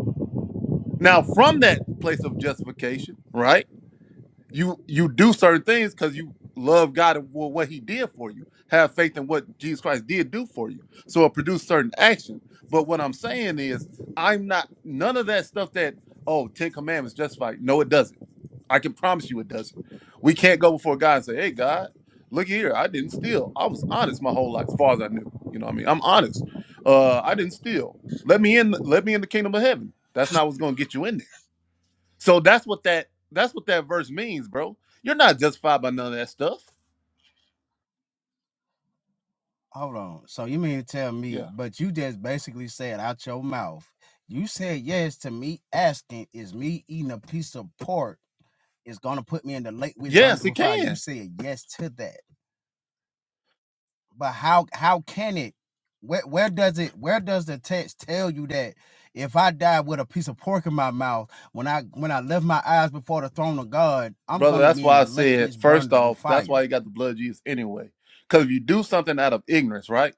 Now, from that place of justification, right? you you do certain things because you love God and for what He did for you. Have faith in what Jesus Christ did do for you. So it produced certain action. But what I'm saying is, I'm not none of that stuff that oh Ten Commandments justify. No, it doesn't. I can promise you it doesn't. We can't go before God and say, hey God, look here, I didn't steal. I was honest my whole life, as far as I knew. You know what I mean? I'm honest. Uh, I didn't steal. Let me in. Let me in the kingdom of heaven. That's not what's going to get you in there so that's what that that's what that verse means, bro. You're not justified by none of that stuff.
Hold on. So you mean to tell me,
Yeah.
but you just basically said out your mouth, you said yes to me asking, is me eating a piece of pork is gonna put me in the lake which burns
Yes, it
with fire. You
can,
said yes to that. but how how can it where where does it where does the text tell you that if i die with a piece of pork in my mouth when i when i lift my eyes before the throne of god i'm
brother.
gonna
That's
be in
why
the
I
lake
said
which
first
burneth with
off, that's
fire
why you got the blood of Jesus anyway. Because if you do something out of ignorance, right,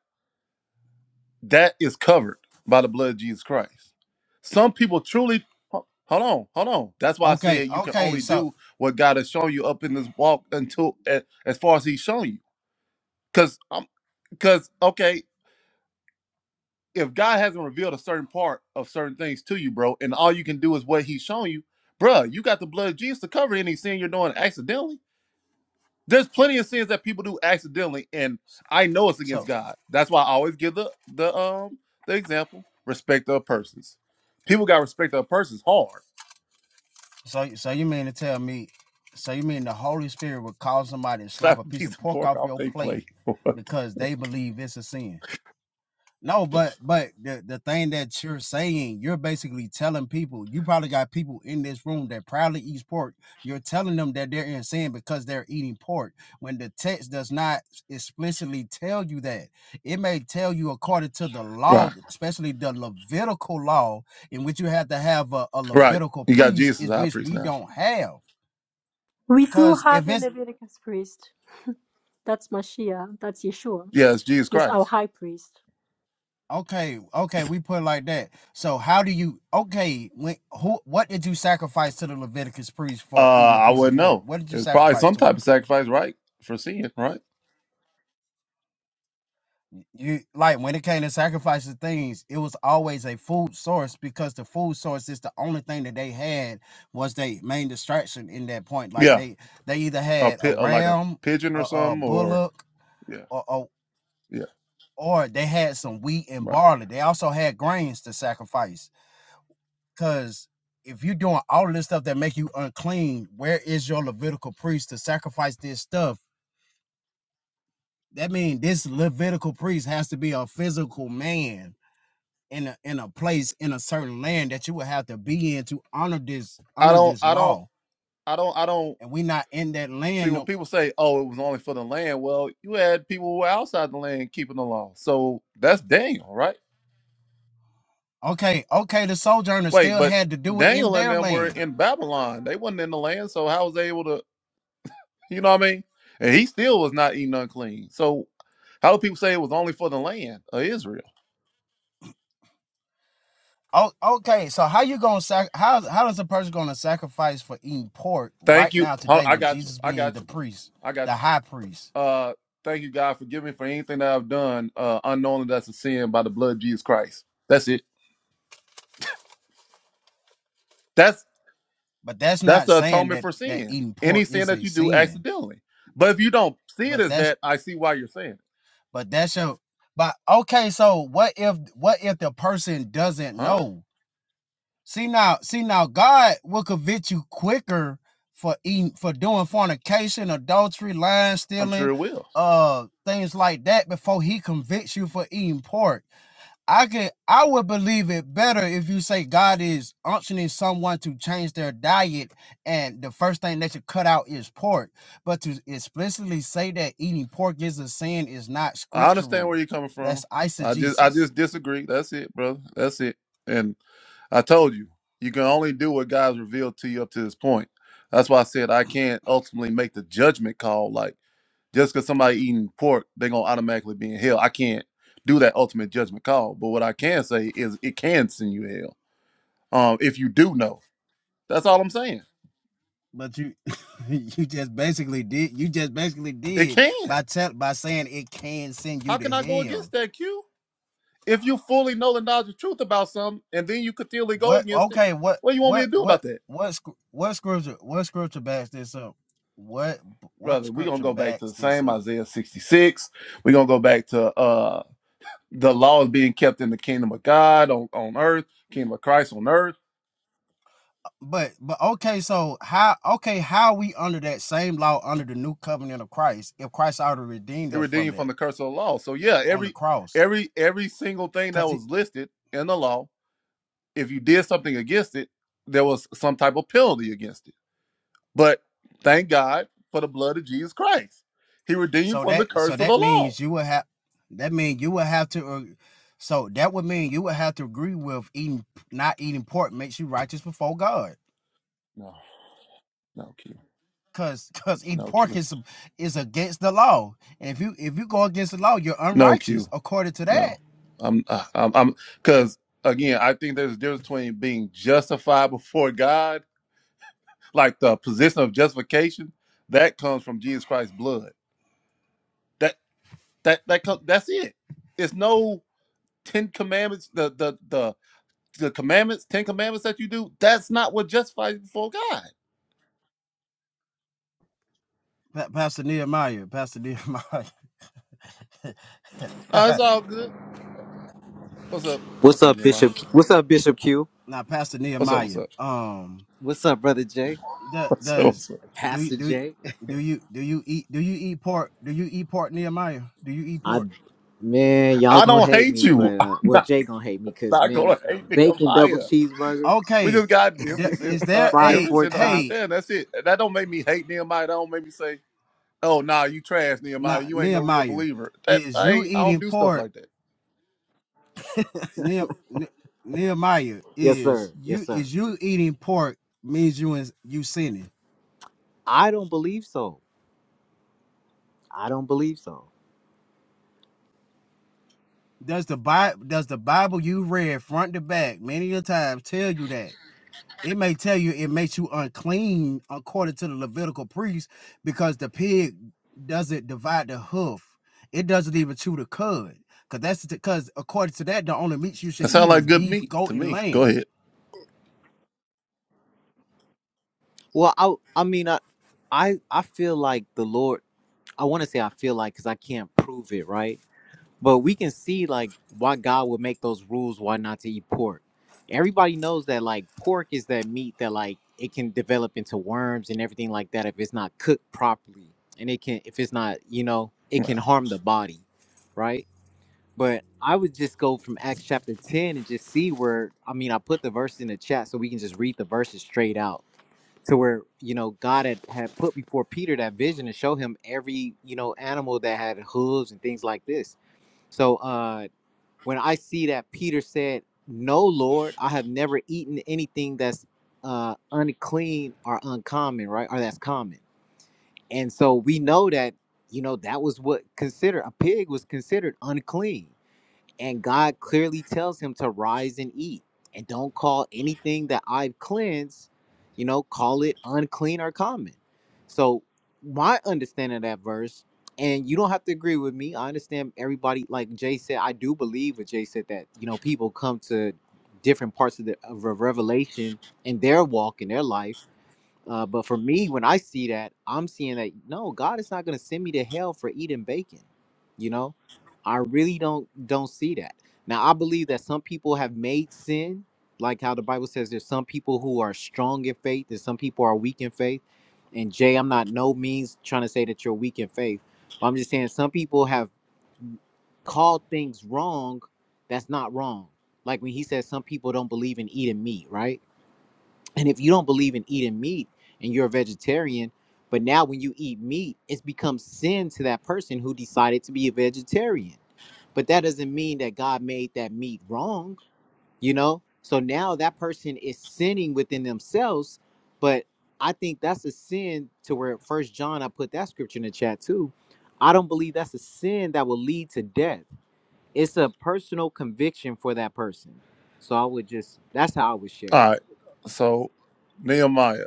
that is covered by the blood of Jesus Christ. Some people truly. ho- Hold on, hold on. That's why I
okay
said you can
okay
only
so
do what God has shown you up in this walk until a- as far as He's shown you. Because i because okay. if God hasn't revealed a certain part of certain things to you, bro, and all you can do is what He's shown you, bro, you got the blood of Jesus to cover any sin you're doing accidentally. There's plenty of sins that people do accidentally, and I know it's
so
against God. That's why I always give the the um the example: respect of persons. People got respect of persons hard.
so so you mean to tell me so you mean the holy spirit would cause somebody to slap a
Slap a
piece
piece
of
of
pork
pork
off
off
your
they
plate
plate.
because they believe it's a sin No, but but the the thing that you're saying, you're basically telling people. You probably got people in this room that probably eats pork. You're telling them that they're in sin because they're eating pork. When the text does not explicitly tell you that, it may tell you according to the law,
right,
especially the Levitical law, in which you have to have a, a
right.
Levitical
You got
priest,
Jesus as
is
high
which
priest
we
now.
don't have.
we do
Because
have
if
a
it's
Leviticus priest. That's Mashiach. That's Yeshua.
Yeah, it's Jesus
He's our
Christ.
high priest.
Okay, okay, we put it like that. So how do you okay, when who what did you sacrifice to the Leviticus priest
Uh,
for eating a
I
piece of
wouldn't
pork?
know.
What did you
It's probably
sacrifice
some
to
type
him?
of sacrifice, right, for sin, right?
You like when it came to sacrificing things, it was always a food source because the food source is the only thing that they had was their main distraction in that point. Like
Yeah.
they they either
a
had a
pit or like a
ram,
pigeon or
a, a
something or
bullock,
yeah
or, or
yeah
or they had some wheat and
right
barley. They also had grains to sacrifice Because if you're doing all this stuff that make you unclean, where is your Levitical priest to sacrifice this stuff? That means this Levitical priest has to be a physical man in a in a place in a certain land that you would have to be in to honor this
i
honor
don't
this
i don't
law.
i don't i don't
And we not in that
see
land.
when
No.
people say oh it was only for the land well you had people who were outside the land keeping the law so that's daniel right
Okay, okay, the sojourner
wait
still
but
had to do it in
daniel and
their
them were
land.
in babylon they wasn't in the land so how was they able to you know what i mean and he still was not eating unclean so how do people say it was only for the land of israel
Oh, okay. So how you gonna sac- how how is a person gonna sacrifice for eating pork
thank
right
you
now
Hold
today
on, i
with
got you
Jesus
i
being
got
the
you
priest,
i
the
got you
high priest?
Uh, thank you, God. Forgive me for anything that I've done uh, unknowingly that's a sin by the blood of Jesus Christ. That's it. That's
But that's
that's
not
the
saying
atonement
that
for
that
sin.
eating
Any
pork
sin
is
that
a
you do
sin.
accidentally. But if you don't see it
But
as
that's
that, I see why you're saying it.
but that's your but okay, so what if what if the person doesn't
Huh?
know? See now, see now God will convict you quicker for eating for doing fornication, adultery, lying,
I'm sure
stealing,
it will.
uh things like that before he convicts you for eating pork. I can I would believe it better if you say God is unctioning someone to change their diet and the first thing that should cut out is pork. But to explicitly say that eating pork is a sin is not
I understand
scriptural.
where you're coming
That's
from. I just I
eisegesis.
just disagree. That's it, brother. That's it. And I told you, you can only do what God's revealed to you up to this point. That's why I said I can't ultimately make the judgment call. Like Just because somebody eating pork, they're gonna automatically be in hell. I can't do that ultimate judgment call. But what I can say is it can send you to hell. Um, if you do know. That's all I'm saying.
But you you just basically did you just basically
It
did
can.
by tell by saying it can send you
How
to
can I go against
hell.
that, Q? If you fully know the knowledge of truth about something and then you continually go
What
against it,
okay, what
what do you want me
what
to do
what
about that?
what what scripture what scripture backs this up? What what
Brother, we're gonna
scripture
go back to
backs
the
this
same
up?
Isaiah 66. We're gonna go back to uh the law is being kept in the kingdom of God on, on earth, kingdom of Christ on earth.
but but okay, so how okay, how we under that same law under the new covenant of Christ if Christ already redeemed
He
us
redeemed
from
you from
that
the curse of the law. So yeah,
on the
every
cross?
every every single thing that
Because it,
was listed in the law, if you did something against it, there was some type of penalty against it. But thank God for the blood of Jesus Christ. He redeemed you
so
from the
that so
curse of
that
the law.
means you would have that mean you would have to uh, so that would mean you would have to agree with eating not eating pork makes you righteous before God.
No, no Q,
Cause cause eating
no
pork
Q,
is is against the law. And if you if you go against the law, you're
no
unrighteous
Q,
according to that.
no. I'm uh, I'm I'm because again, I think there's a difference between being justified before God, like the position of justification, that comes from Jesus Christ's blood. That. That that co- that's it. It's no Ten Commandments. The the the the commandments, Ten Commandments that you do. That's not what justifies you before God.
Pa- Pastor Nehemiah, Pastor Nehemiah.
No, it's all good. What's up? What's
What's
up,
up,
Nehemiah?
Bishop? What's up, Bishop Q?
now pastor
What's up? What's
nehemiah
up?
um
What's up, Brother Jay?
the
What's up?
does
What's up?
do you
Pastor
do
Jay?
do you do you eat do you eat pork do you eat pork nehemiah do you eat pork
I, man, y'all
I
gonna
don't
hate
hate
me, but
you. I'm
uh, well,
not,
Jay gonna hate me because
not
man, a,
gonna
a
hate
bacon double
Nehemiah.
cheeseburger,
We
okay
just got
the-
difference in
is there
uh
fried
a
difference
pork
in
hey
chops.
understand. That's it. That don't make me hate Nehemiah. That don't make me say, oh nah, you trash Nehemiah.
now
You ain't no real
nehemiah
believer. That
is
I
you
ain't, I don't
eating
do stuff
pork
like that.
Nehem, Ne- nehemiah
Yes,
is
sir. Yes,
you
sir.
is you eating pork means you in, you sinning
I don't believe so. I don't believe so.
does the bible does the bible you read front to back many a times tell you that it may tell you it makes you unclean according to the Levitical priest because the pig doesn't divide the hoof. It doesn't even chew the cud. Cause that's because according to that, the only meats you should
That sounds
eat
like
is
good
beef,
meat
goat,
to
and
me. Go
lamb.
ahead.
Well, I, I mean, I, I, I feel like the Lord. I want to say I feel like because I can't prove it, right? But we can see like why God would make those rules why not to eat pork. Everybody knows that like pork is that meat that like it can develop into worms and everything like that if it's not cooked properly. And it can if it's not, you know, it can harm the body, right? But I would just go from Acts chapter 10 and just see where I mean I put the verse in the chat so we can just read the verses straight out. To where, you know, God had, had put before Peter that vision to show him every, you know, animal that had hooves and things like this. So uh when I see that Peter said, No, Lord, I have never eaten anything that's uh, unclean or uncommon, right? Or that's common. And so we know that, you know, that was what considered a pig was considered unclean. And God clearly tells him to rise and eat. And don't call anything that I've cleansed, you know, call it unclean or common. So, my understanding of that verse, and you don't have to agree with me. I understand everybody, like Jay said, I do believe what Jay said that, you know, people come to different parts of the of a Revelation in their walk, in their life uh, but for me, when I see that, I'm seeing that no, God is not going to send me to hell for eating bacon. You know, I really don't don't see that. Now I believe that some people have made sin, like how the Bible says there's some people who are strong in faith there's some people are weak in faith. And Jay, I'm not no means trying to say that you're weak in faith, but I'm just saying some people have called things wrong that's not wrong. Like when he says some people don't believe in eating meat, right? And if you don't believe in eating meat and you're a vegetarian, but now when you eat meat, it's become sin to that person who decided to be a vegetarian. But that doesn't mean that God made that meat wrong, you know? So now that person is sinning within themselves, but I think that's a sin to where first John I put that scripture in the chat too. I don't believe that's a sin that will lead to death. It's a personal conviction for that person. So I would just that's how I would share
All
it.
right. So Nehemiah.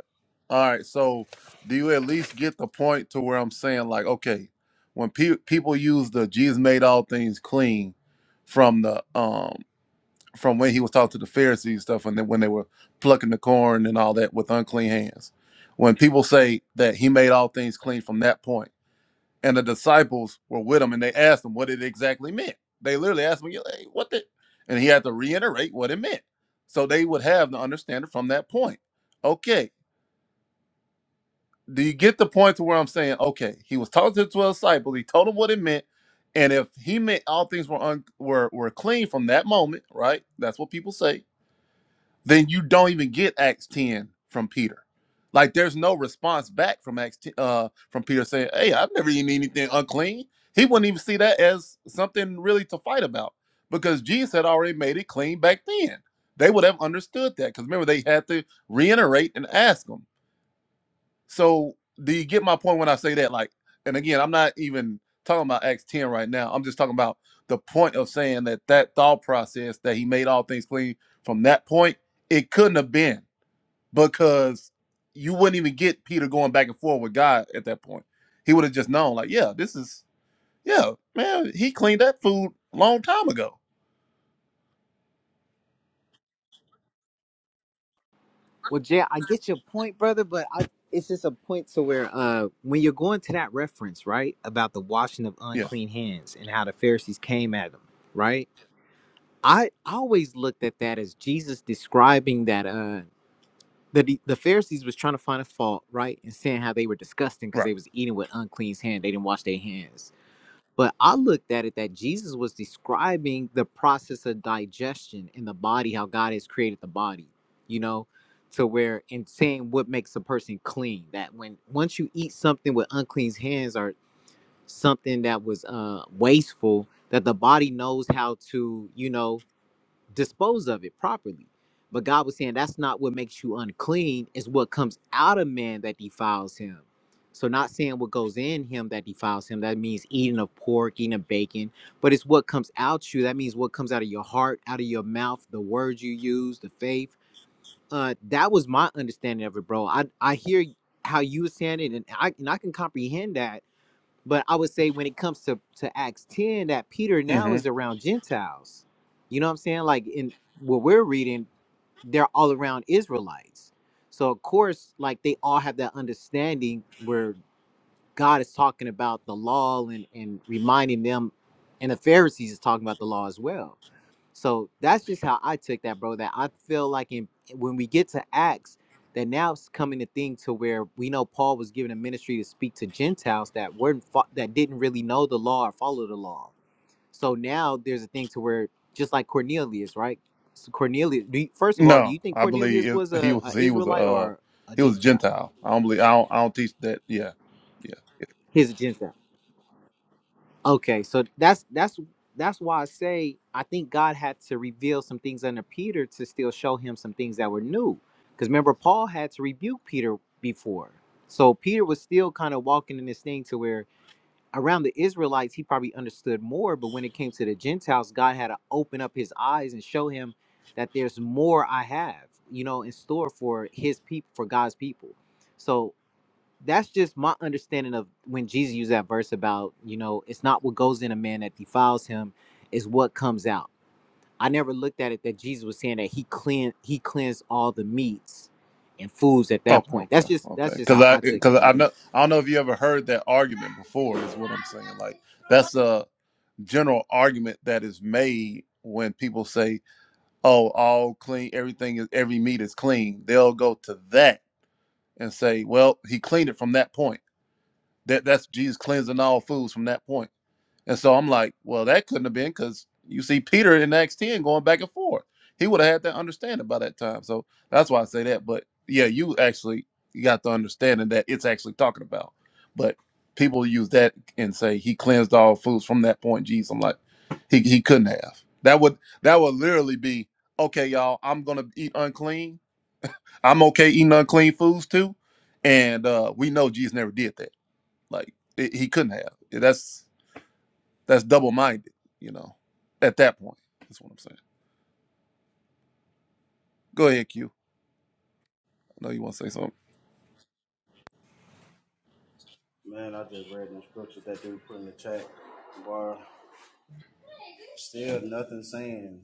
All right. So do you at least get the point to where I'm saying like, okay, when pe- people use the Jesus made all things clean from the um from when he was talking to the Pharisees and stuff, and then when they were plucking the corn and all that with unclean hands, when people say that he made all things clean from that point and the disciples were with him and they asked him what it exactly meant. They literally asked him, "Yeah, hey, what the? And he had to reiterate what it meant. So they would have the understanding from that point. Okay, do you get the point to where I'm saying, okay, he was talking to the 12 disciples, he told them what it meant. And if he meant all things were un- were were clean from that moment, right? That's what people say then you don't even get Acts 10 from Peter. Like there's no response back from Acts 10, uh from Peter saying, "Hey, I've never eaten anything unclean." He wouldn't even see that as something really to fight about because Jesus had already made it clean back then. They would have understood that because remember they had to reiterate and ask him. So do you get my point when I say that? Like, and again, I'm not even talking about Acts 10 right now. I'm just talking about the point of saying that that thought process that he made all things clean from that point, it couldn't have been because you wouldn't even get Peter going back and forth with God at that point. He would have just known, like, yeah, this is, yeah, man, he cleaned that food a long time ago.
Well, Jay, I get your point, brother, but I, it's just a point to where uh, when you're going to that reference, right, about the washing of
Yeah,
unclean hands and how the Pharisees came at him, right? I I always looked at that as Jesus describing that uh, that the, the Pharisees was trying to find a fault, right, and saying how they were disgusting because
right.
they was eating with unclean hand, they didn't wash their hands. But I looked at it that Jesus was describing the process of digestion in the body, how God has created the body, you know, to where in saying what makes a person clean, that when once you eat something with unclean hands or something that was uh wasteful, that the body knows how to, you know, dispose of it properly. But God was saying that's not what makes you unclean, it's what comes out of man that defiles him. So not saying what goes in him that defiles him, that means eating of pork, eating of bacon, but it's what comes out you. That means what comes out of your heart, out of your mouth, the words you use, the faith. Uh that was my understanding of it, bro. I I hear how you were saying it and I and I can comprehend that but I would say when it comes to, to Acts 10, that Peter now is around Gentiles. You know what I'm saying? Like in what we're reading, they're all around Israelites. So of course, like they all have that understanding where God is talking about the law and, and reminding them, and the Pharisees is talking about the law as well. So that's just how I took that, bro. That I feel like in when we get to Acts, that now it's coming to thing to where we know Paul was given a ministry to speak to Gentiles that weren't fo- that didn't really know the law or follow the law. So now there's a thing to where just like Cornelius, right? So Cornelius, do you, first of all, do
No,
you think
I
Cornelius
believe
was
it, he
a,
was
a
he was a
Israelite
uh,
or a
he was
Gentile?
Gentile. I don't believe I don't, I don't teach that. Yeah, yeah. yeah.
He's a Gentile. Okay, so that's that's that's why I say I think God had to reveal some things under Peter to still show him some things that were new. Because remember, Paul had to rebuke Peter before, so Peter was still kind of walking in this thing to where around the Israelites he probably understood more, but when it came to the Gentiles, God had to open up his eyes and show him that there's more I have, you know, in store for His people, for God's people. So that's just my understanding of when Jesus used that verse about, you know, it's not what goes in a man that defiles him, is what comes out. I never looked at it that Jesus was saying that he clean he cleansed all the meats and foods at that
Okay,
point. That's
okay,
just
okay.
that's just
Because
how
I
I took it,
because I
brother.
know I don't know if you ever heard that argument before. Is what I'm saying. Like that's a general argument that is made when people say, "Oh, all clean, everything is every meat is clean." They'll go to that and say, "Well, he cleaned it from that point. That that's Jesus cleansing all foods from that point." And so I'm like, well, that couldn't have been because you see Peter in Acts 10 going back and forth. He would have had that understanding by that time. So that's why I say that. But yeah, you actually you got the understanding that it's actually talking about. But people use that and say he cleansed all foods from that point, Jesus. I'm like, he, he couldn't have. That would that would literally be, okay, y'all, I'm gonna eat unclean. I'm okay eating unclean foods too. And uh we know Jesus never did that. Like it, he couldn't have. That's that's double minded, you know, at that point. That's what I'm saying. Go ahead, Q. I know you want to say something.
Man, I just read them scriptures that dude put in the chat. Bar still nothing saying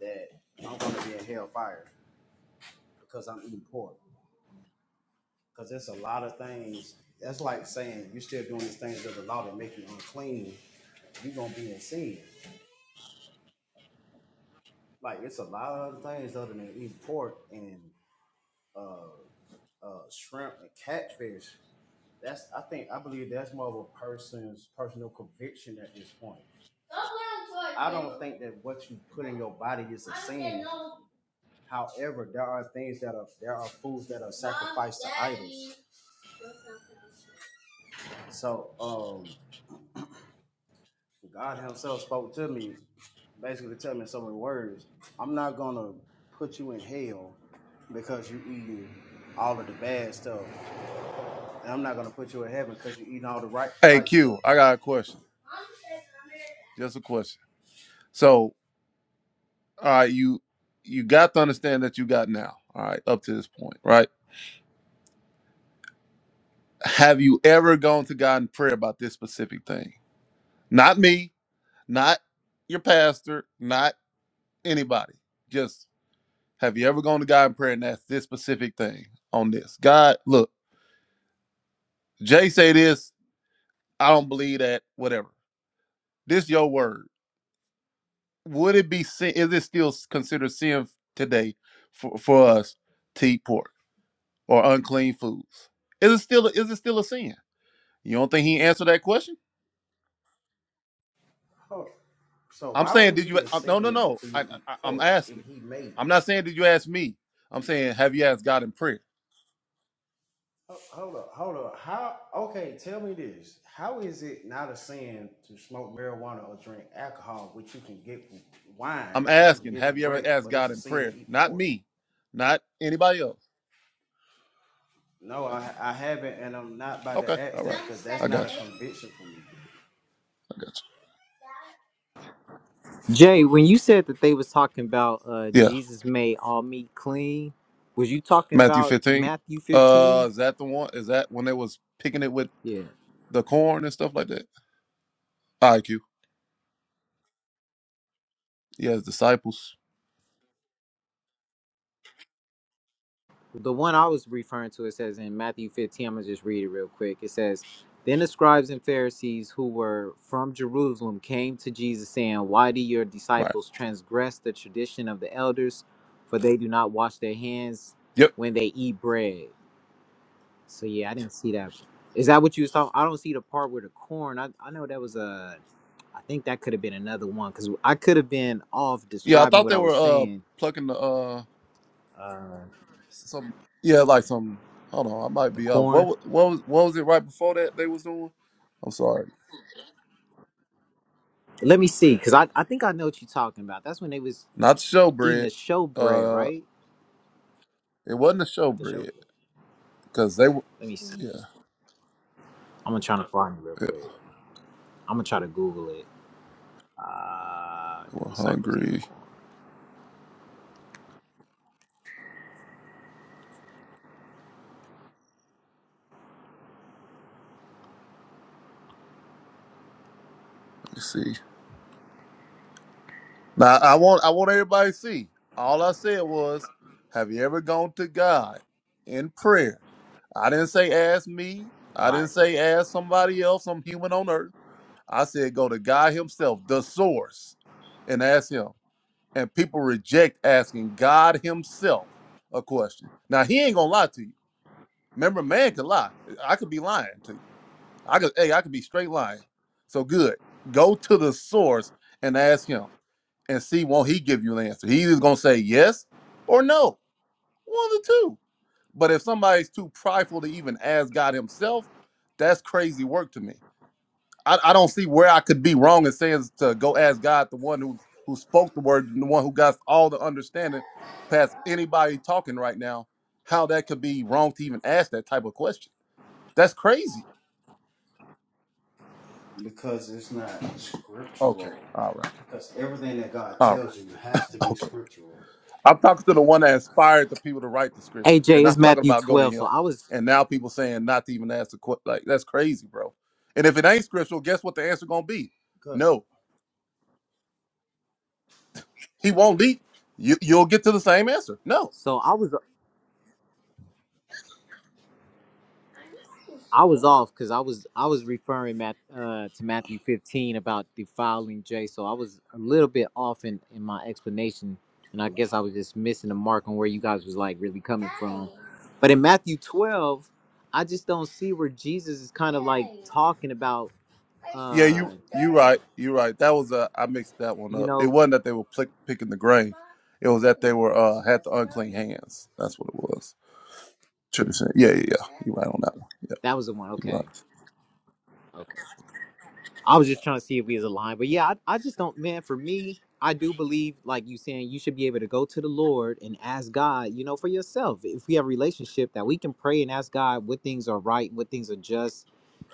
that I'm gonna be in hellfire because I'm eating pork. Because there's a lot of things. That's like saying you're still doing these things of the law that make you unclean. You're gonna be in sin. like it's a lot of other things other than eating pork and uh, shrimp and catfish. That's I think I believe that's more of a person's personal conviction at this point. I don't think that what you put in your body is a sin. However, there are things that are there are foods that are sacrificed to idols. So um, God Himself spoke to me, basically telling me in so many words, I'm not gonna put you in hell because you eating all of the bad stuff. And I'm not gonna put you in heaven because you're eating all the right
Hey
right
Q,
stuff.
I got a question. Just a question. So all right, you you got to understand that you got now, all right, up to this point, right? Have you ever gone to God in prayer about this specific thing? Not me, not your pastor, not anybody. Just have you ever gone to God in prayer and asked this specific thing on this? God, look, Jay say this, I don't believe that, whatever. This your word would it be sin? Is it still considered sin today for, for us to eat pork or unclean foods? Is it still is it still a sin? You don't think he answered that question?
Hold on. So
I'm
why would
saying,
it
did
be
you?
a
uh, No, no,
sin
no.
for you
I,
to eat
I, I'm
pork if
asking.
he made it?
I'm not saying did you ask me. I'm saying have you asked God in prayer?
Ho- Hold up, hold up. How? Okay, tell me this. How is it not a sin to smoke marijuana or drink alcohol, which you can get from wine,
I'm
which you can
asking
get
have
from
you ever
grapes,
asked
but it's
God
a
in
sin to
prayer?
eat
Not
pork?
me, not anybody else.
No, I, I haven't, and I'm not about
Okay,
to
all
ask that
right.
because that's
I
not a
got you.
conviction for me.
I got
Jay, when you said that they was talking about uh
you. Yeah,
Jesus made all meat clean, was you talking
Matthew
about
15.
Matthew
Uh,
15?
is that the one? Is that when they was picking it with
Yeah.
the corn and stuff like that? IQ. He has disciples.
The one I was referring to, it says in Matthew 15, I'm going to just read it real quick. It says, Then the scribes and Pharisees who were from Jerusalem came to Jesus, saying, 'Why do your
Right.
disciples transgress the tradition of the elders? For they do not wash their hands
Yep.
when they eat bread. So, yeah, I didn't see that. Is that what you was talking? I don't see the part where the corn. I, I know that was a. I think that could have been another one because I could have been off
Yeah, I
describing
thought
what
they
I
were
was
uh
saying.
plucking the uh
Uh,
some yeah, like some hold on, I might
the
be off. What
corn.
wa- what was what was it right before that they was doing? I'm sorry.
Let me see, because I, I think I know what you're talking about. That's when they was
Not the
eating
showbread.
the showbread,
Uh
right?
it wasn't the
Not the show.
showbread because they were
Let me see.
yeah,
I'm gonna try to find it real
yeah,
quick. I'm gonna try to Google it. Uh,
they were
the disciples eating the
hungry.
corn.
Let me see. Now I want I want everybody to see. All I said was, have you ever gone to God in prayer? I didn't say ask me. I didn't
Right.
say ask somebody else, some human on earth. I said go to God Himself, the source, and ask Him. And people reject asking God Himself a question. Now He ain't gonna lie to you. Remember, man can lie. I could be lying to you. I could hey, I could be straight lying. So good. Go to the source and ask Him and see won't he give you an answer. He's either gonna say yes or no. One of the two. But if somebody's too prideful to even ask God himself, that's crazy work to me. I, I don't see where I could be wrong in saying to go ask God, the one who who spoke the word, the one who got all the understanding past anybody talking right now, how that could be wrong to even ask that type of question. That's crazy.
Because it's not
Okay.
scriptural.
All right.
Because everything that God
All
tells
right.
you has to be
Okay.
scriptural.
I'm talking to the one that inspired the people to write the scripture,
AJ
and I'm
is
talking
Matthew
about go to
12. So
him.
I was,
And now people saying not to even ask the question. Like that's crazy, bro. And if it ain't scriptural, guess what the answer gonna be?
Cause
No, he won't lead. You you'll get to the same answer. No.
so I was I was off because I was I was referring Matt, uh, to Matthew 15 about defiling Jay, so I was a little bit off in, in my explanation, and I guess I was just missing the mark on where you guys was like really coming from. But in Matthew 12, I just don't see where Jesus is kind of like talking about,
Yeah,
uh,
you you right. You right. That was uh, I mixed that one
you
up. It
know,
wasn't that they were plick, picking the grain. It was that they were uh had the unclean hands. That's what it was. Should have said. Yeah, yeah, yeah. You right on that one. Yeah,
that was the one.
you right.
Okay, okay. I was just trying to see if we was aligned. But yeah, I, I just don't, man, for me, I do believe, like you saying, you should be able to go to the Lord and ask God, you know, for yourself. If we have a relationship that we can pray and ask God what things are right, what things are just,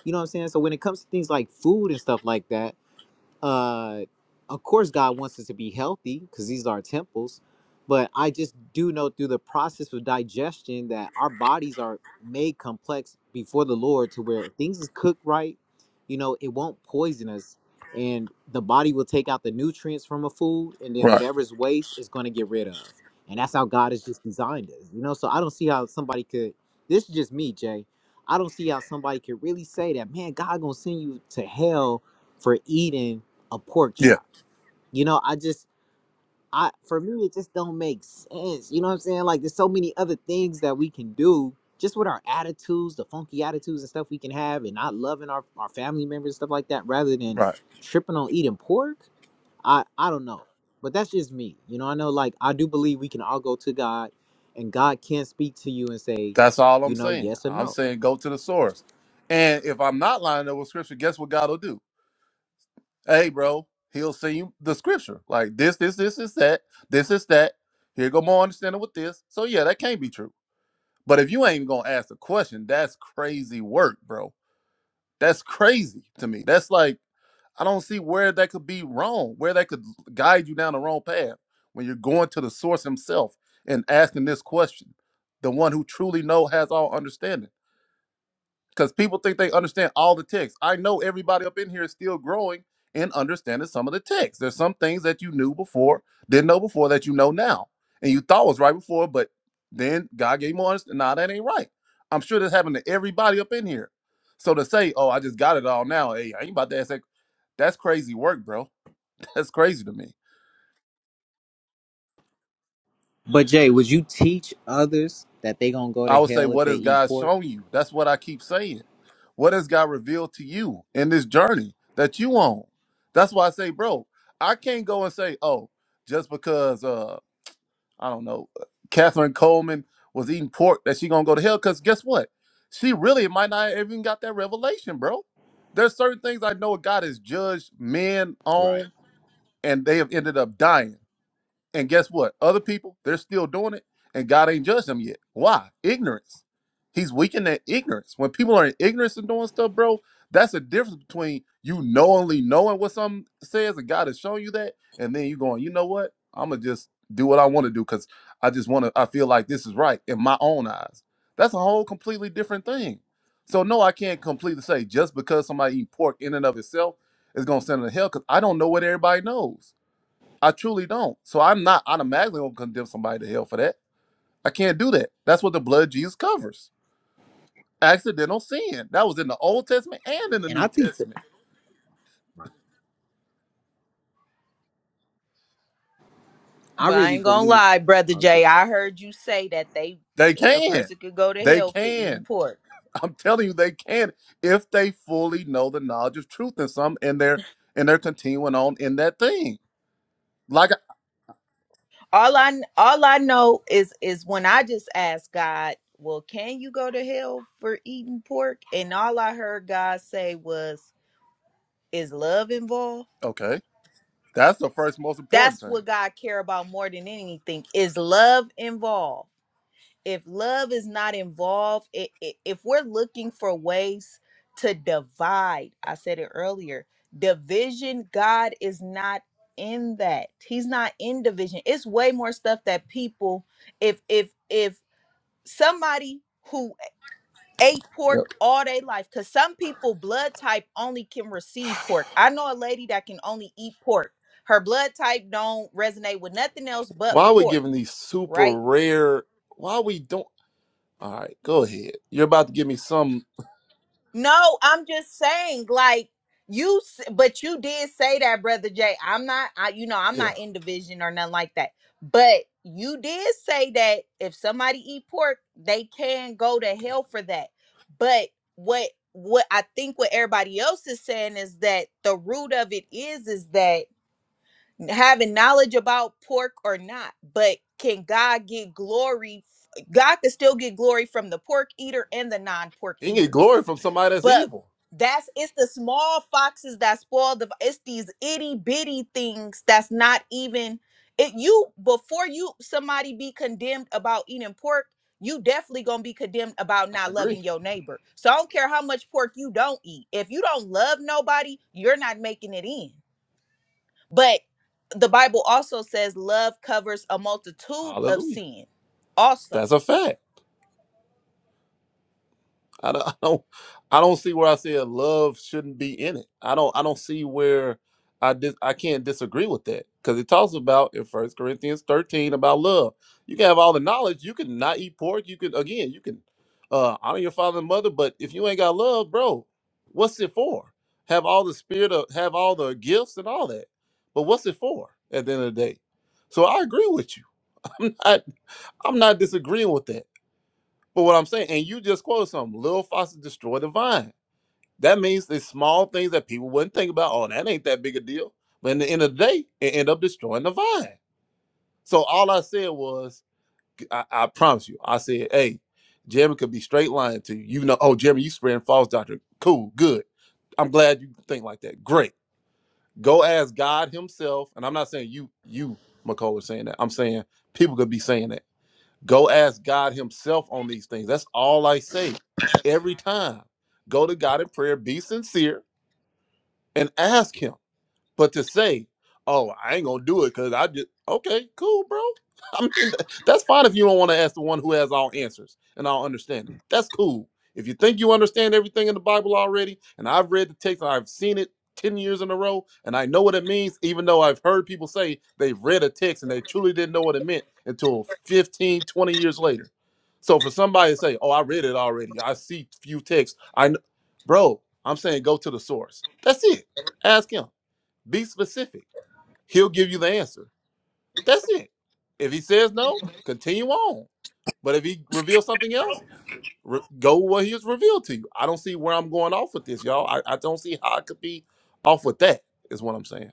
you know what I'm saying? So when it comes to things like food and stuff like that, uh of course god wants us to be healthy because these are our temples but i just do know through the process of digestion that our bodies are made complex before the lord to where if things is cooked right you know it won't poison us and the body will take out the nutrients from a food and then
Right.
whatever's waste is going to get rid of and that's how god has just designed us you know so i don't see how somebody could this is just me jay i don't see how somebody could really say that man god gonna send you to hell for eating a pork
Yeah.
chop. You know, I just I for me it just don't make sense. You know what I'm saying? Like there's so many other things that we can do just with our attitudes, the funky attitudes and stuff we can have and not loving our, our family members and stuff like that rather than
Right.
tripping on eating pork. I I don't know. But that's just me. You know, I know like I do believe we can all go to God and God can speak to you and say,
That's all
you
I'm
know,
saying.
yes or
I'm
no.
saying go to the source. And if I'm not lining up with scripture, guess what God will do? Hey, bro, he'll send you the scripture. Like this, this, this is that, this is that. Here go more understanding with this. So yeah, that can't be true. But if you ain't gonna ask the question, that's crazy work, bro. That's crazy to me. That's like I don't see where that could be wrong, where that could guide you down the wrong path when you're going to the source himself and asking this question, the one who truly know has all understanding. because people think they understand all the text. I know everybody up in here is still growing and understanding some of the text. There's some things that you knew before, didn't know before that you know now, and you thought was right before, but then God gave you more understanding. Nah, that ain't right. I'm sure that's happened to everybody up in here. So to say, oh, I just got it all now, hey, I ain't about to ask that. That's crazy work, bro. That's crazy to me.
But Jay, would you teach others that they gonna go to
I would say,
hell if
what
they
has
eat
God
pork?
shown you? That's what I keep saying. What has God revealed to you in this journey that you on? That's why I say, bro, I can't go and say, oh, just because uh, I don't know, Catherine Coleman was eating pork that she gonna go to hell. Cause guess what? She really might not have even got that revelation, bro. There's certain things I know God has judged men
Right.
on, and they have ended up dying. And guess what? Other people, they're still doing it, and God ain't judged them yet. Why? Ignorance. He's weakened that ignorance. When people are in ignorance and doing stuff, bro, that's a difference between you knowingly knowing what something says and God is showing you that, and then you going, you know what? I'm gonna just do what I want to do because I just want to. I feel like this is right in my own eyes. That's a whole completely different thing. So no, I can't completely say just because somebody eat pork in and of itself is gonna send them to hell because I don't know what everybody knows. I truly don't. So I'm not automatically gonna condemn somebody to hell for that. I can't do that. That's what the blood of Jesus covers. Accidental sin. That was in the Old Testament and in the
And I
New
think that.
Testament.
I
But I
really
ain't gonna
believe.
lie, brother
I'll go.
Jay. I heard you say that they
They
a
can.
person could go to
They
hell for eating
can.
pork.
I'm telling you, they can if they fully know the knowledge of truth and some and they're and they're continuing on in that thing. Like
All I all I know is is when I just asked God, well, can you go to hell for eating pork? And all I heard God say was, Is love involved?
I, okay. That's the first most important
That's
thing.
what God care about more than anything. Is love involved? If love is not involved, i- i- if we're looking for ways to divide, I said it earlier, division, God is not in that. He's not in division. It's way more stuff that people if if if somebody who. ate pork
Yep.
all day life because some people blood type only can receive pork i know a lady that can only eat pork her blood type don't resonate with nothing else but
Why are we
pork
giving these super
right
rare? Why we don't? All right, go ahead. You're about to give me some.
No, I'm just saying, like you, s- but you did say that, brother Jay. I'm not, I, you know, I'm
Yeah.
not in division or nothing like that. But you did say that if somebody eat pork, they can go to hell for that. But what, what I think what everybody else is saying is that the root of it is, is that having knowledge about pork or not, but can God get glory? f- God can still get glory from the pork eater and the non-pork
You can get
eater
glory from somebody that's
but
evil.
that's it's the small foxes that spoil the it's these itty bitty things that's not even it you before you somebody be condemned about eating pork, you definitely gonna be condemned about
I
not loving
agree.
your neighbor. So I don't care how much pork you don't eat. If you don't love nobody, you're not making it in. But the Bible also says love covers a multitude of
Hallelujah.
sin, also.
That's a fact. I don't, I don't, I don't see where I said love shouldn't be in it. I don't, I don't see where I dis, I can't disagree with that because it talks about in First Corinthians thirteen about love. You can have all the knowledge. You can not eat pork. You can again, you can uh, honor your father and mother, but if you ain't got love, bro, what's it for? Have all the spirit of, have all the gifts and all that, but what's it for? At the end of the day, so I agree with you. I'm not disagreeing with that. But what I'm saying, and you just quoted something, Lil Foster destroyed the vine. That means the small things that people wouldn't think about. Oh, that ain't that big a deal. But in the end of the day, it ended up destroying the vine. So all I said was, I, I promise you, I said, hey, Jeremy could be straight lying to you. You know, oh, Jeremy, you spreading false doctrine. Cool, good. I'm glad you think like that. Great. Go ask God Himself. And I'm not saying you, you, McCullough, saying that. I'm saying people could be saying that. Go ask God Himself on these things. That's all I say every time. Go to God in prayer, be sincere, and ask Him. But to say, oh, I ain't gonna do it because I just okay, cool, bro. I mean, th- that's fine if you don't want to ask the one who has all answers and all understanding. That's cool. If you think you understand everything in the Bible already, and I've read the text, and I've seen it ten years in a row, and I know what it means, even though I've heard people say they've read a text and they truly didn't know what it meant until 15, 20 years later. So for somebody to say, "Oh, I read it already. I see few texts," I, kn-. bro, I'm saying go to the source. That's it. Ask him. Be specific. He'll give you the answer. That's it. If he says no, continue on. But if he reveals something else, re- go with what he has revealed to you. I don't see where I'm going off with this, y'all. I, I don't see how I could be off with that, is what I'm saying.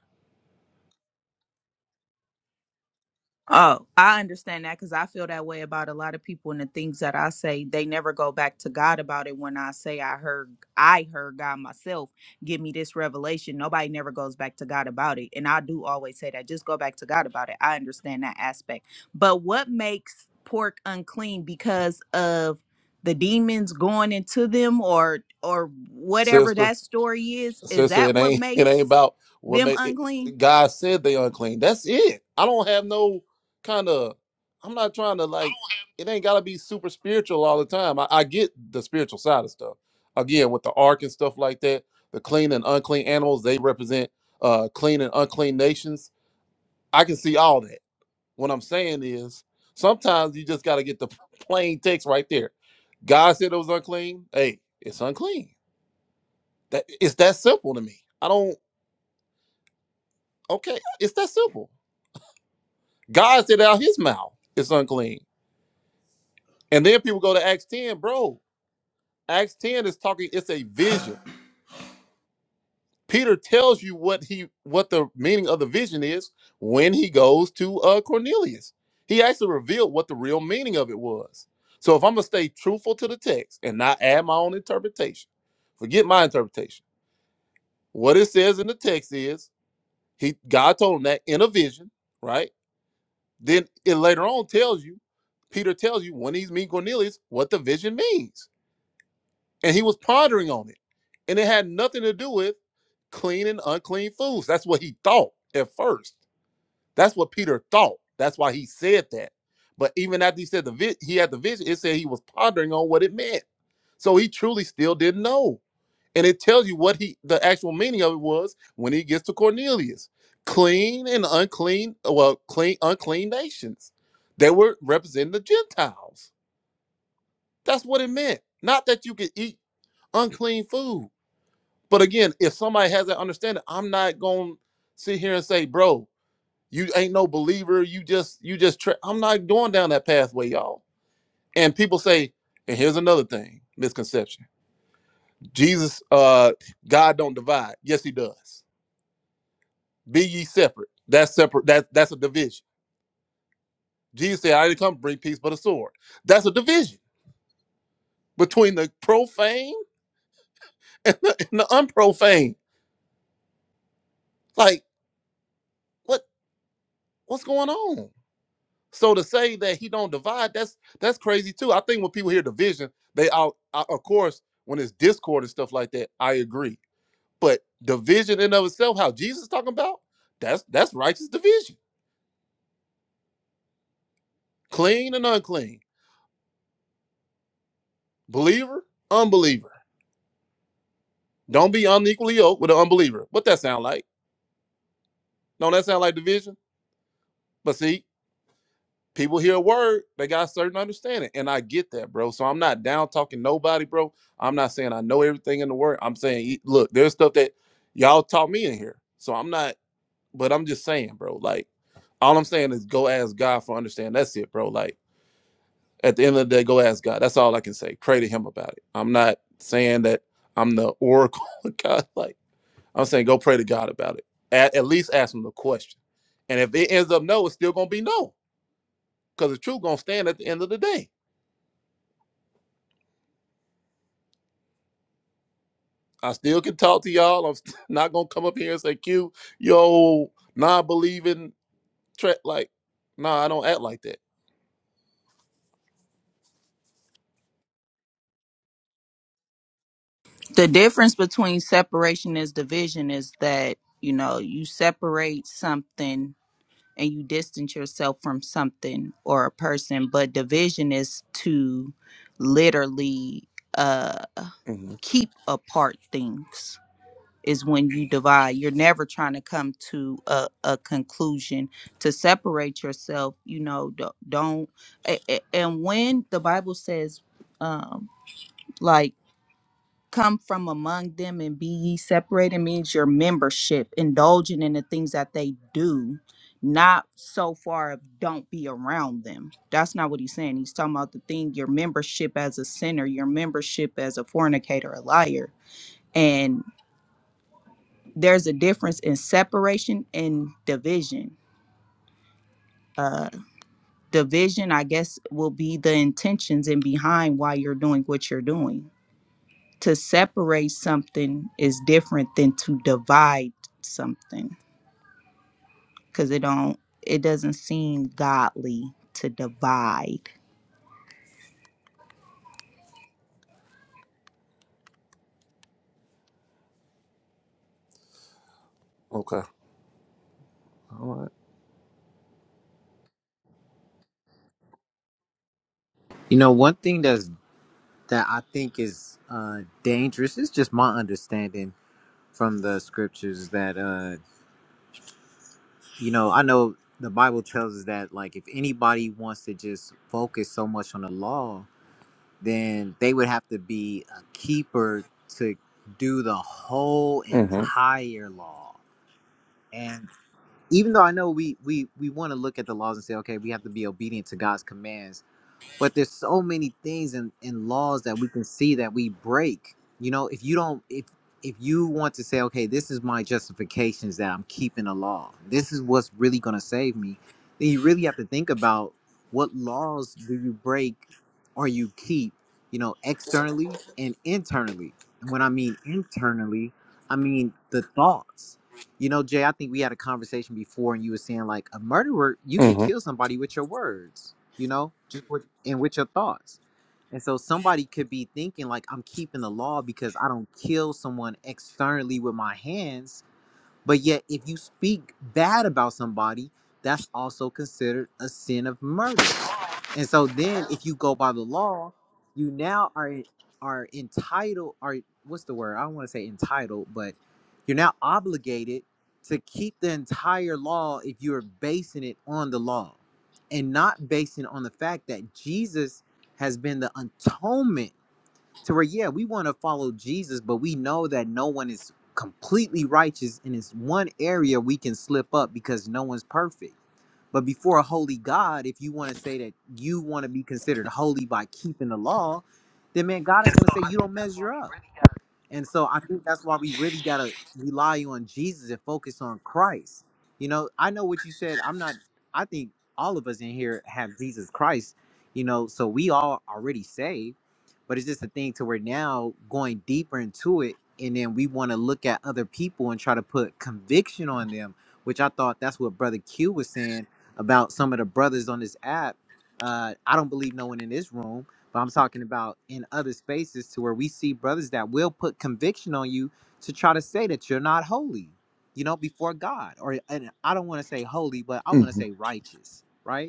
Oh, I understand that because I feel that way about a lot of people and the things that I say. They never go back to God about it. When I say I heard, I heard God myself give me this revelation. Nobody never goes back to God about it, and I do always say that. Just go back to God about it. I understand that aspect. But what makes pork unclean because of the demons going into them, or or whatever
Sister.
that story is? Is
sister.
that
It
what
ain't it ain't
makes
about what
them
made it,
unclean?
God said they unclean. That's it. I don't have no kind of. I'm not trying to like. It ain't gotta be super spiritual all the time. I, I get the spiritual side of stuff. Again, with the ark and stuff like that, the clean and unclean animals they represent uh clean and unclean nations. I can see all that. What I'm saying is sometimes you just gotta get the plain text right there. God said it was unclean. Hey, it's unclean. That it's that simple to me. I don't. Okay, it's that simple. God said out his mouth, it's unclean. And then people go to Acts 10, bro. Acts 10 is talking, it's a vision. Peter tells you what he what the meaning of the vision is when he goes to uh Cornelius. He actually revealed what the real meaning of it was. So if I'm gonna stay truthful to the text and not add my own interpretation, forget my interpretation. What it says in the text is he God told him that in a vision, right? Then it later on tells you, Peter tells you when he's meeting Cornelius what the vision means. And he was pondering on it. And it had nothing to do with clean and unclean foods. That's what he thought at first. That's what Peter thought. That's why he said that. But even after he said the vi- he had the vision, it said he was pondering on what it meant. So he truly still didn't know and it tells you what he the actual meaning of it was when he gets to Cornelius. Clean and unclean, well, clean unclean nations. They were representing the Gentiles. That's what it meant. Not that you could eat unclean food. But again, if somebody has that understanding, I'm not going to sit here and say, "Bro, you ain't no believer. You just you just tra-. I'm not going down that pathway, y'all." And people say, and here's another thing, misconception. Jesus uh God don't divide. Yes, he does Be ye separate. That's separate. That that's a division. Jesus said, I didn't come to bring peace but a sword. That's a division between the profane and the, and the unprofane. Like, what what's going on? So to say that he don't divide, that's that's crazy too. I think when people hear division, they out I, of course when it's discord and stuff like that, I agree. But division in of itself, how Jesus is talking about, that's that's righteous division. Clean and unclean. Believer, unbeliever Don't be unequally yoked with an unbeliever. What that sound like? Don't that sound like division? But see, people hear a word, they got a certain understanding. And I get that, bro. So I'm not down talking nobody, bro. I'm not saying I know everything in the word. I'm saying, e- look, there's stuff that y'all taught me in here. So I'm not, but I'm just saying, bro, like, all I'm saying is go ask God for understanding. That's it, bro. Like, at the end of the day, go ask God. That's all I can say. Pray to Him about it. I'm not saying that I'm the oracle of God. Like, I'm saying go pray to God about it. At, at least ask him the question. And if it ends up no, it's still gonna be no, because the truth gonna stand at the end of the day. I still can talk to y'all. I'm st- not gonna come up here and say, "Q, yo, non-believing tra- like, nah, I don't act like that."
the difference between separation is division is that you know you separate something and you distance yourself from something or a person but division is to literally uh
hmm
keep apart things is when you divide you're never trying to come to a, a conclusion to separate yourself you know don't, don't a- a- and when the bible says um like come from among them and be ye separated means your membership, indulging in the things that they do, not so far of don't be around them. That's not what he's saying. He's talking about the thing, your membership as a sinner, your membership as a fornicator, a liar. And there's a difference in separation and division. Uh, division, I guess, will be the intentions and behind why you're doing what you're doing to separate something is different than to divide something because it don't it doesn't seem godly to divide
Okay. All right.
You know, one thing that's that I think is uh, dangerous is just my understanding from the scriptures that uh, you know I know the Bible tells us that like if anybody wants to just focus so much on the law, then they would have to be a keeper to do the whole
Mm-hmm.
entire law. And even though I know we we we want to look at the laws and say, okay, we have to be obedient to God's commands but there's so many things and in, laws that we can see that we break you know if you don't if if you want to say okay this is my justifications that i'm keeping a law this is what's really going to save me then you really have to think about what laws do you break or you keep you know externally and internally and when i mean internally i mean the thoughts you know jay i think we had a conversation before and you were saying like a murderer you could
Mm-hmm.
kill somebody with your words you know and with your thoughts. And so somebody could be thinking like I'm keeping the law because I don't kill someone externally with my hands but yet, if you speak bad about somebody, that's also considered a sin of murder. And so then, if you go by the law, you now are are entitled. Are what's the word? I don't want to say entitled, but you're now obligated to keep the entire law if you are basing it on the law, and not basing it on the fact that Jesus has been the atonement to where yeah we want to follow jesus but we know that no one is completely righteous and it's one area we can slip up because no one's perfect but before a holy god if you want to say that you want to be considered holy by keeping the law then man god is going to say you don't measure up and so I think that's why we really got to rely on Jesus and focus on Christ. You know, I know what you said. I'm not, I think all of us in here have Jesus Christ, you know, so we all already saved, but it's just a thing to where now going deeper into it. And then we want to look at other people and try to put conviction on them, which I thought that's what Brother Q was saying about some of the brothers on this app. Uh, I don't believe no one in this room but I'm talking about in other spaces to where we see brothers that will put conviction on you to try to say that you're not holy, you know, before God. Or and I don't want to say holy, but I want to
Mm-hmm.
say righteous, right?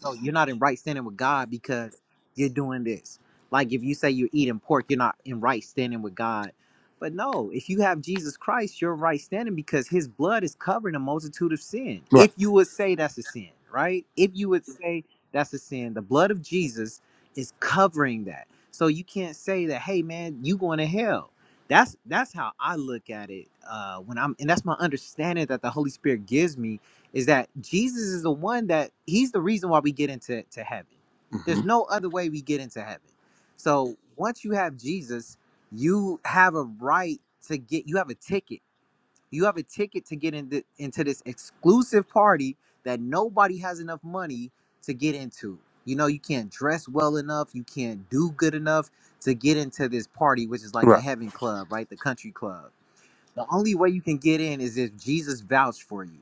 So you're not in right standing with God because you're doing this. Like if you say you're eating pork, you're not in right standing with God. But no, if you have Jesus Christ, you're in right standing because his blood is covering a multitude of sin.
Right.
If you would say that's a sin, right? If you would say that's a sin, the blood of Jesus is covering that. So you can't say that, hey man, you going to hell. That's that's how I look at it. Uh when I'm and that's my understanding that the Holy Spirit gives me is that Jesus is the one that he's the reason why we get into to heaven.
Mm-hmm.
There's no other way we get into heaven. So once you have Jesus, you have a right to get you have a ticket. You have a ticket to get into into this exclusive party that nobody has enough money to get into. You know, you can't dress well enough, you can't do good enough to get into this party, which is like the
Right.
heaven club, right? The country club the only way you can get in is if Jesus vouched for you.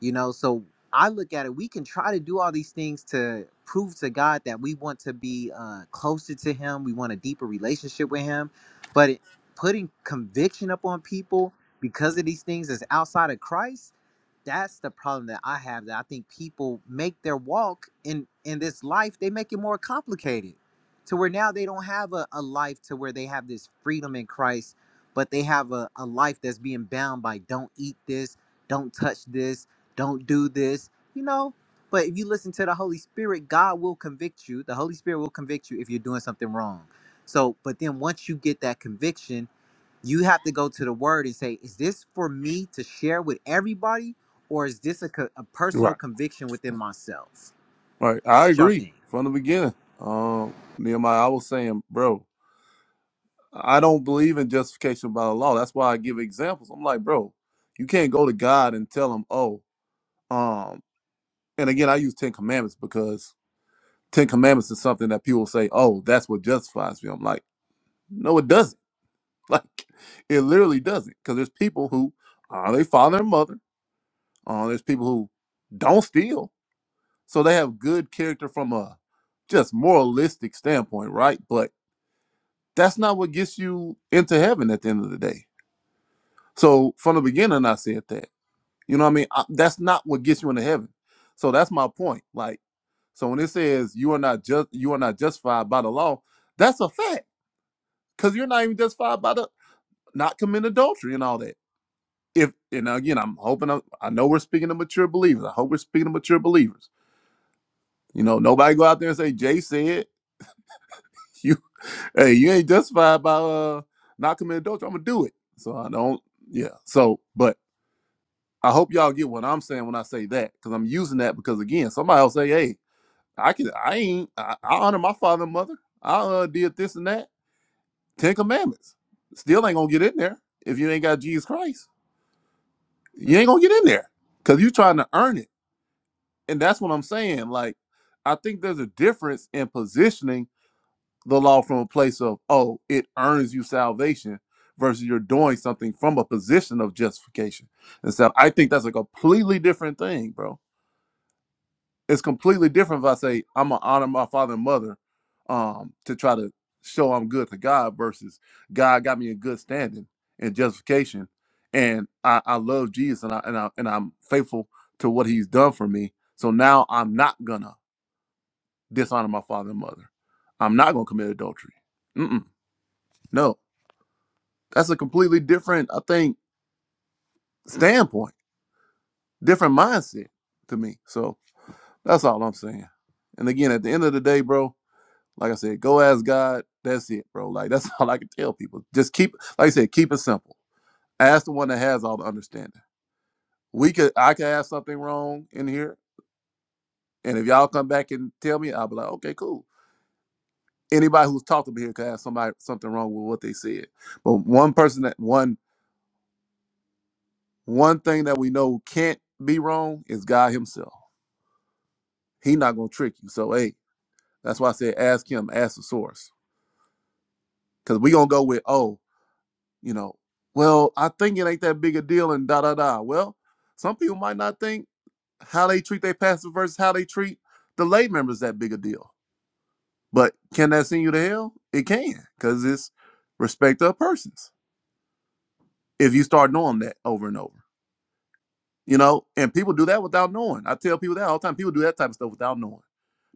You know, so I look at it, we can try to do all these things to prove to God that we want to be uh, closer to Him, we want a deeper relationship with Him. But it, putting conviction up on people because of these things is outside of Christ that's the problem that I have that I think people make their walk in in this life they make it more complicated to where now they don't have a, a life to where they have this freedom in Christ but they have a, a life that's being bound by don't eat this don't touch this don't do this you know but if you listen to the Holy Spirit God will convict you the Holy Spirit will convict you if you're doing something wrong so but then once you get that conviction you have to go to the word and say, is this for me to share with everybody, or is this a, co- a personal
Right.
conviction within myself?
Right. I
What y'all
agree
think?
from the beginning. Um, Nehemiah, I was saying, bro, I don't believe in justification by the law. That's why I give examples. I'm like, bro, you can't go to God and tell him, oh, um, and again, I use Ten Commandments because Ten Commandments is something that people say, oh, that's what justifies me. I'm like, no, it doesn't. Like, it literally doesn't. Because there's people who honor their father and mother. Uh, there's people who don't steal, so they have good character from a just moralistic standpoint, right? But that's not what gets you into heaven at the end of the day. So from the beginning, I said that. You know what I mean? I, that's not what gets you into heaven. So that's my point. Like, so when it says you are not just you are not justified by the law, that's a fact because you're not even justified by the not committing adultery and all that. If and again, I'm hoping i I know we're speaking to mature believers. I hope we're speaking to mature believers. You know, nobody go out there and say Jay said you hey you ain't justified by uh not committing adultery. I'm gonna do it. So I don't yeah. So but I hope y'all get what I'm saying when I say that because I'm using that because again, somebody will say hey I can I ain't I, I honor my father and mother. I uh, did this and that. Ten commandments. Still ain't gonna get in there if you ain't got Jesus Christ. You ain't gonna get in there. Cause you trying to earn it. And that's what I'm saying. Like, I think there's a difference in positioning the law from a place of, oh, it earns you salvation versus you're doing something from a position of justification. And so I think that's a completely different thing, bro. it's completely different if I say I'm gonna honor my father and mother um to try to show I'm good to God versus God got me in good standing and justification and I, I love Jesus and I and I and I'm faithful to what he's done for me. So now I'm not gonna dishonor my father and mother. I'm not gonna commit adultery. Mm-mm, no. That's a completely different, I think, standpoint, different mindset to me. So that's all I'm saying. And again, at the end of the day, bro, Like I said, go ask God. That's it, bro. Like that's all I can tell people. Just keep, like I said, keep it simple. Ask the one that has all the understanding. We could, I could have something wrong in here, and if y'all come back and tell me, I'll be like, okay, cool. Anybody who's talked to me here could have somebody something wrong with what they said. But one person that one one thing that we know can't be wrong is God Himself. He not gonna trick you. So hey, that's why I said ask Him, ask the source, because we gonna go with oh. you know, well, I think it ain't that big a deal and da da da. Well, some people might not think how they treat their pastor versus how they treat the lay members that big a deal. But can that send you to hell? It can, because it's respect of persons. If you start knowing that over and over. You know, and people do that without knowing. I tell people that all the time. People do that type of stuff without knowing.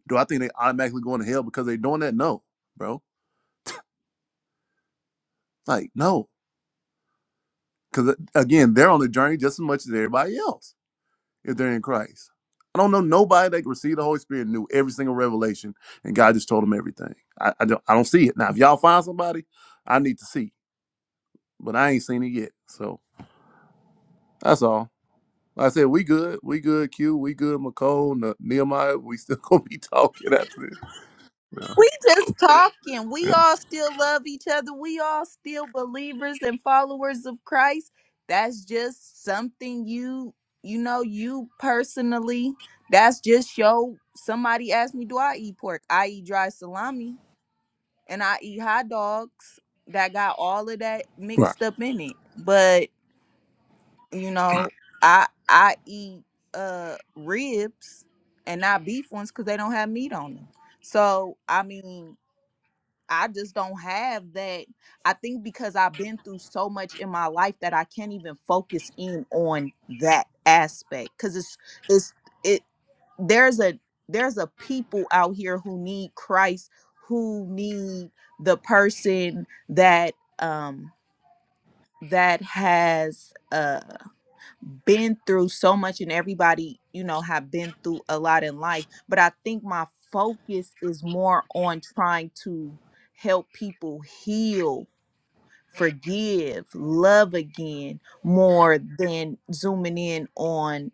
Do I think they automatically going to hell because they're doing that? No, bro. Like, no. Because again, they're on the journey just as much as everybody else if they're in Christ. I don't know nobody that received the Holy Spirit knew every single revelation, and God just told them everything. I, I don't I don't see it now. If y'all find somebody, I need to see, but I ain't seen it yet. So that's all. Like I said, we good, we good. Q, we good. McCole, Ne- Nehemiah, we still gonna be talking after this. Yeah,
We just talking. We
yeah,
all still love each other. We all still believers and followers of Christ. That's just something you, you know, you personally. That's just your. Somebody asked me, "Do I eat pork? I eat dry salami." and I eat hot dogs that got all of that
right,
mixed up in it. But you know, I I eat uh ribs and not beef ones because they don't have meat on them. So I mean, I just don't have that. I think because I've been through so much in my life that I can't even focus in on that aspect cuz it's it's it there's a there's a people out here who need Christ, who need the person that um that has uh been through so much and everybody you know have been through a lot in life but i think my focus is more on trying to help people heal forgive love again more than zooming in on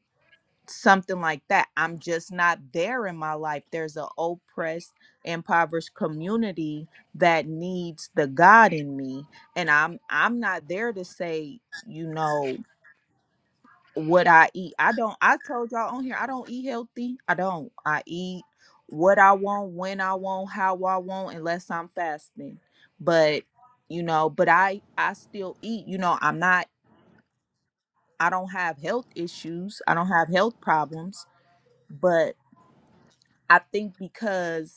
something like that i'm just not there in my life there's an oppressed impoverished community that needs the god in me and i'm i'm not there to say you know what I eat. I don't I told y'all on here I don't eat healthy. I don't. I eat what I want, when I want, how I want unless I'm fasting. But you know, but I I still eat. You know, I'm not I don't have health issues. I don't have health problems, but I think because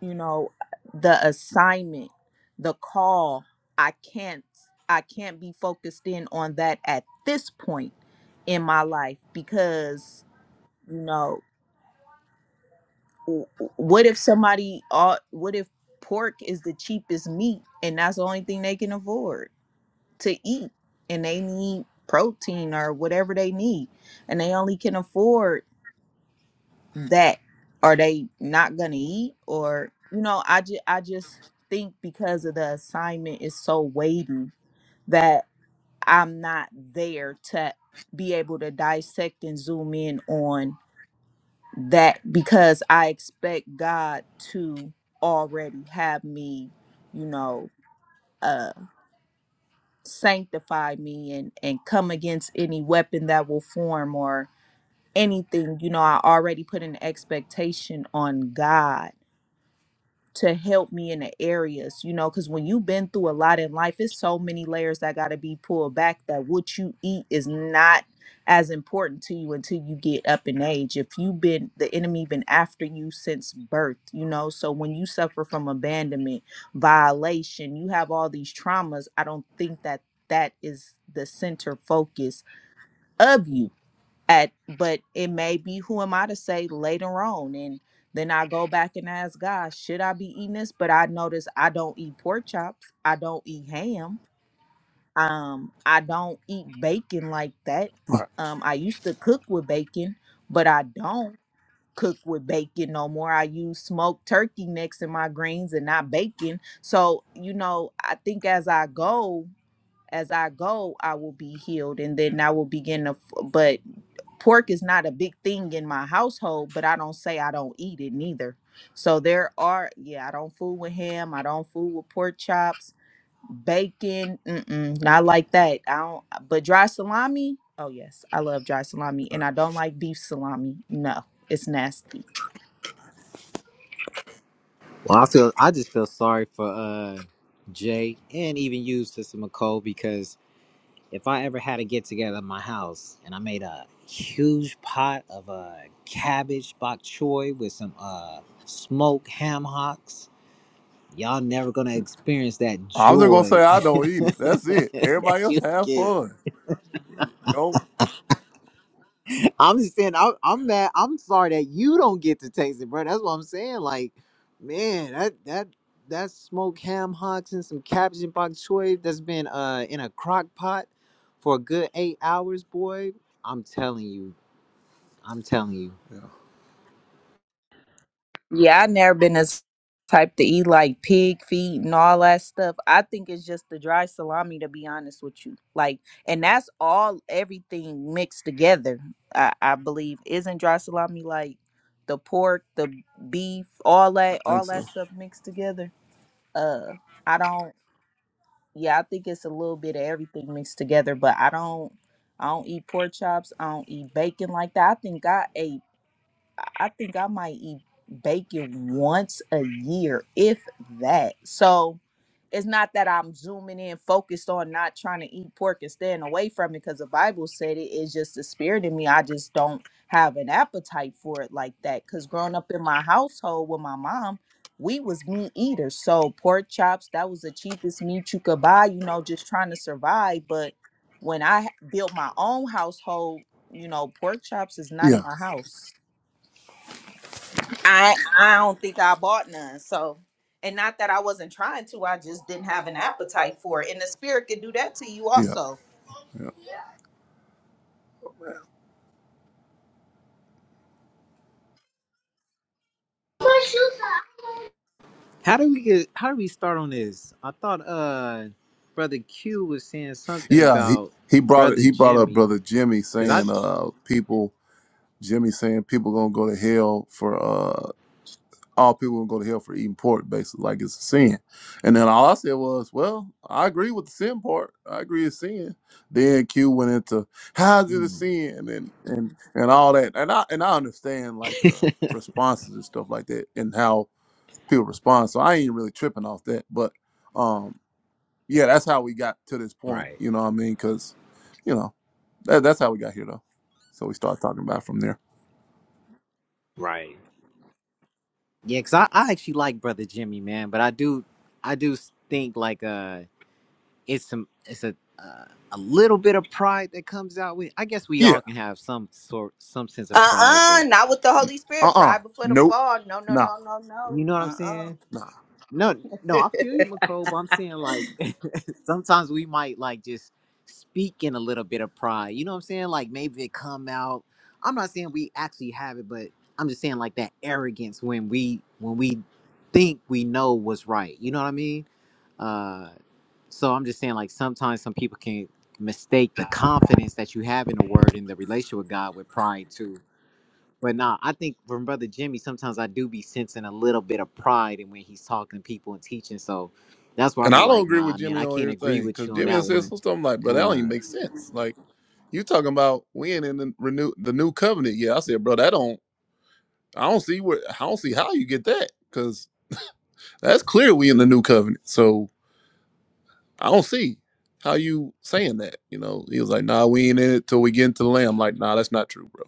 you know the assignment, the call, I can't I can't be focused in on that at this point in my life because you know w- w- what if somebody ought what if pork is the cheapest meat and that's the only thing they can afford to eat and they need protein or whatever they need and they only can afford that are they not gonna eat or you know i just i just think because of the assignment is so weighty that i'm not there to be able to dissect and zoom in on that because I expect God to already have me, you know, uh sanctify me and and come against any weapon that will form or anything, you know, I already put an expectation on God to help me in the areas, you know, because when you've been through a lot in life, it's so many layers that got to be pulled back that what you eat is not as important to you until you get up in age. If you've been the enemy been after you since birth, you know, so when you suffer from abandonment, violation, you have all these traumas, I don't think that that is the center focus of you at but it may be who am i to say later on and then i go back and ask god should i be eating this but i notice i don't eat pork chops i don't eat ham um i don't eat bacon like that
right,
um i used to cook with bacon but i don't cook with bacon no more i use smoked turkey next in my greens and not bacon so you know i think as i go as i go i will be healed and then i will begin to f- but pork is not a big thing in my household, but I don't say I don't eat it neither. So there are, yeah, I don't fool with ham. I don't fool with pork chops, bacon, mm-mm, not like that. I don't. But dry salami, oh yes, I love dry salami, and
right.
I don't like beef salami. No, it's nasty.
Well, I feel I just feel sorry for uh Jay and even you, Sister McCole, because if I ever had a get together in my house and I made a huge pot of uh cabbage bok choy with some uh smoked ham hocks, y'all never gonna experience that
I'm just gonna say
joy
I don't eat it. That's it.
that
Everybody else
you
have
get
fun. Go.
I'm just saying, I, I'm mad. I'm sorry that you don't get to taste it, bro. That's what I'm saying. Like, man, that that that smoked ham hocks and some cabbage and bok choy that's been uh in a crock pot for a good eight hours, boy. I'm telling you, I'm telling you.
Yeah,
Yeah, I never been as type to eat like pig feet and all that stuff. I think it's just the dry salami to be honest with you. Like and that's all everything mixed together, I, I believe. Isn't dry salami like the pork, the beef, all
I
that
think
all
so.
that stuff mixed together? Uh I don't yeah, I think it's a little bit of everything mixed together, but I don't I don't eat pork chops. I don't eat bacon like that. I think I ate I think I might eat bacon once a year, if that. So it's not that I'm zooming in, focused on not trying to eat pork and staying away from it because the Bible said it. It's just the spirit in me. I just don't have an appetite for it like that. Because growing up in my household with my mom, we was meat eaters. So pork chops, that was the cheapest meat you could buy, you know, just trying to survive. But when I built my own household, you know, pork chops is not in
Yeah,
my house. I I don't think I bought none. So, and not that I wasn't trying to, I just didn't have an appetite for it. And the spirit can do that to you
yeah,
also.
yeah.
How do we get? How do we start on this? I thought uh, brother Q was saying something
Yeah, he,
about
he brought it.
brother
He brought up
Jimmy,
brother Jimmy
cause I,
saying, uh, people. Jimmy saying people gonna go to hell for uh, all people gonna go to hell for eating pork, basically like it's a sin. And then all I said was, well, I agree with the sin part. I agree it's sin. Then Q went into how's it a
Mm,
sin and and and all that. And I and I understand like the responses and stuff like that and how people respond. So I ain't really tripping off that. But um, yeah, that's how we got to this point.
right,
You know what I mean? Because you know that, that's how we got here, though. So we start talking about it from there.
right. Yeah, cause I, I actually like Brother Jimmy, man, but I do I do think like uh it's some it's a uh, a little bit of pride that comes out with. I guess we
Yeah.
all can have some sort some sense of pride,
Uh-uh,
but
not with the Holy
Uh
Spirit.
uh
Pride before the
Nope.
fall. No, no,
Nah.
no, no, no.
you know what I'm saying?
Uh-uh.
Nah.
No, no, I feel you, McCole, but I'm saying like sometimes we might like just speak in a little bit of pride. You know what I'm saying? Like maybe it come out. I'm not saying we actually have it, but I'm just saying like that arrogance when we when we think we know what's right. You know what I mean? Uh so I'm just saying like sometimes some people can mistake the confidence that you have in the word and the relationship with God with pride too. But nah, I think from Brother Jimmy, sometimes I do be sensing a little bit of pride in when he's talking to people and teaching. So that's where I
And I
be
don't
like,
agree with
nah, man,
Jimmy
I
on
can't agree
everything
with
because
you on
Jimmy
that
says
one.
some stuff I'm like, bro, that don't
Uh,
even make sense. Like, you talking about we ain't in the renew the new covenant yet? I said, bro, that don't. I don't see where. I don't see how you get that because that's clear we in the new covenant. So I don't see how you saying that. You know, he was like, nah, we ain't in it till we get into the lamb. I'm like, nah, that's not true, bro.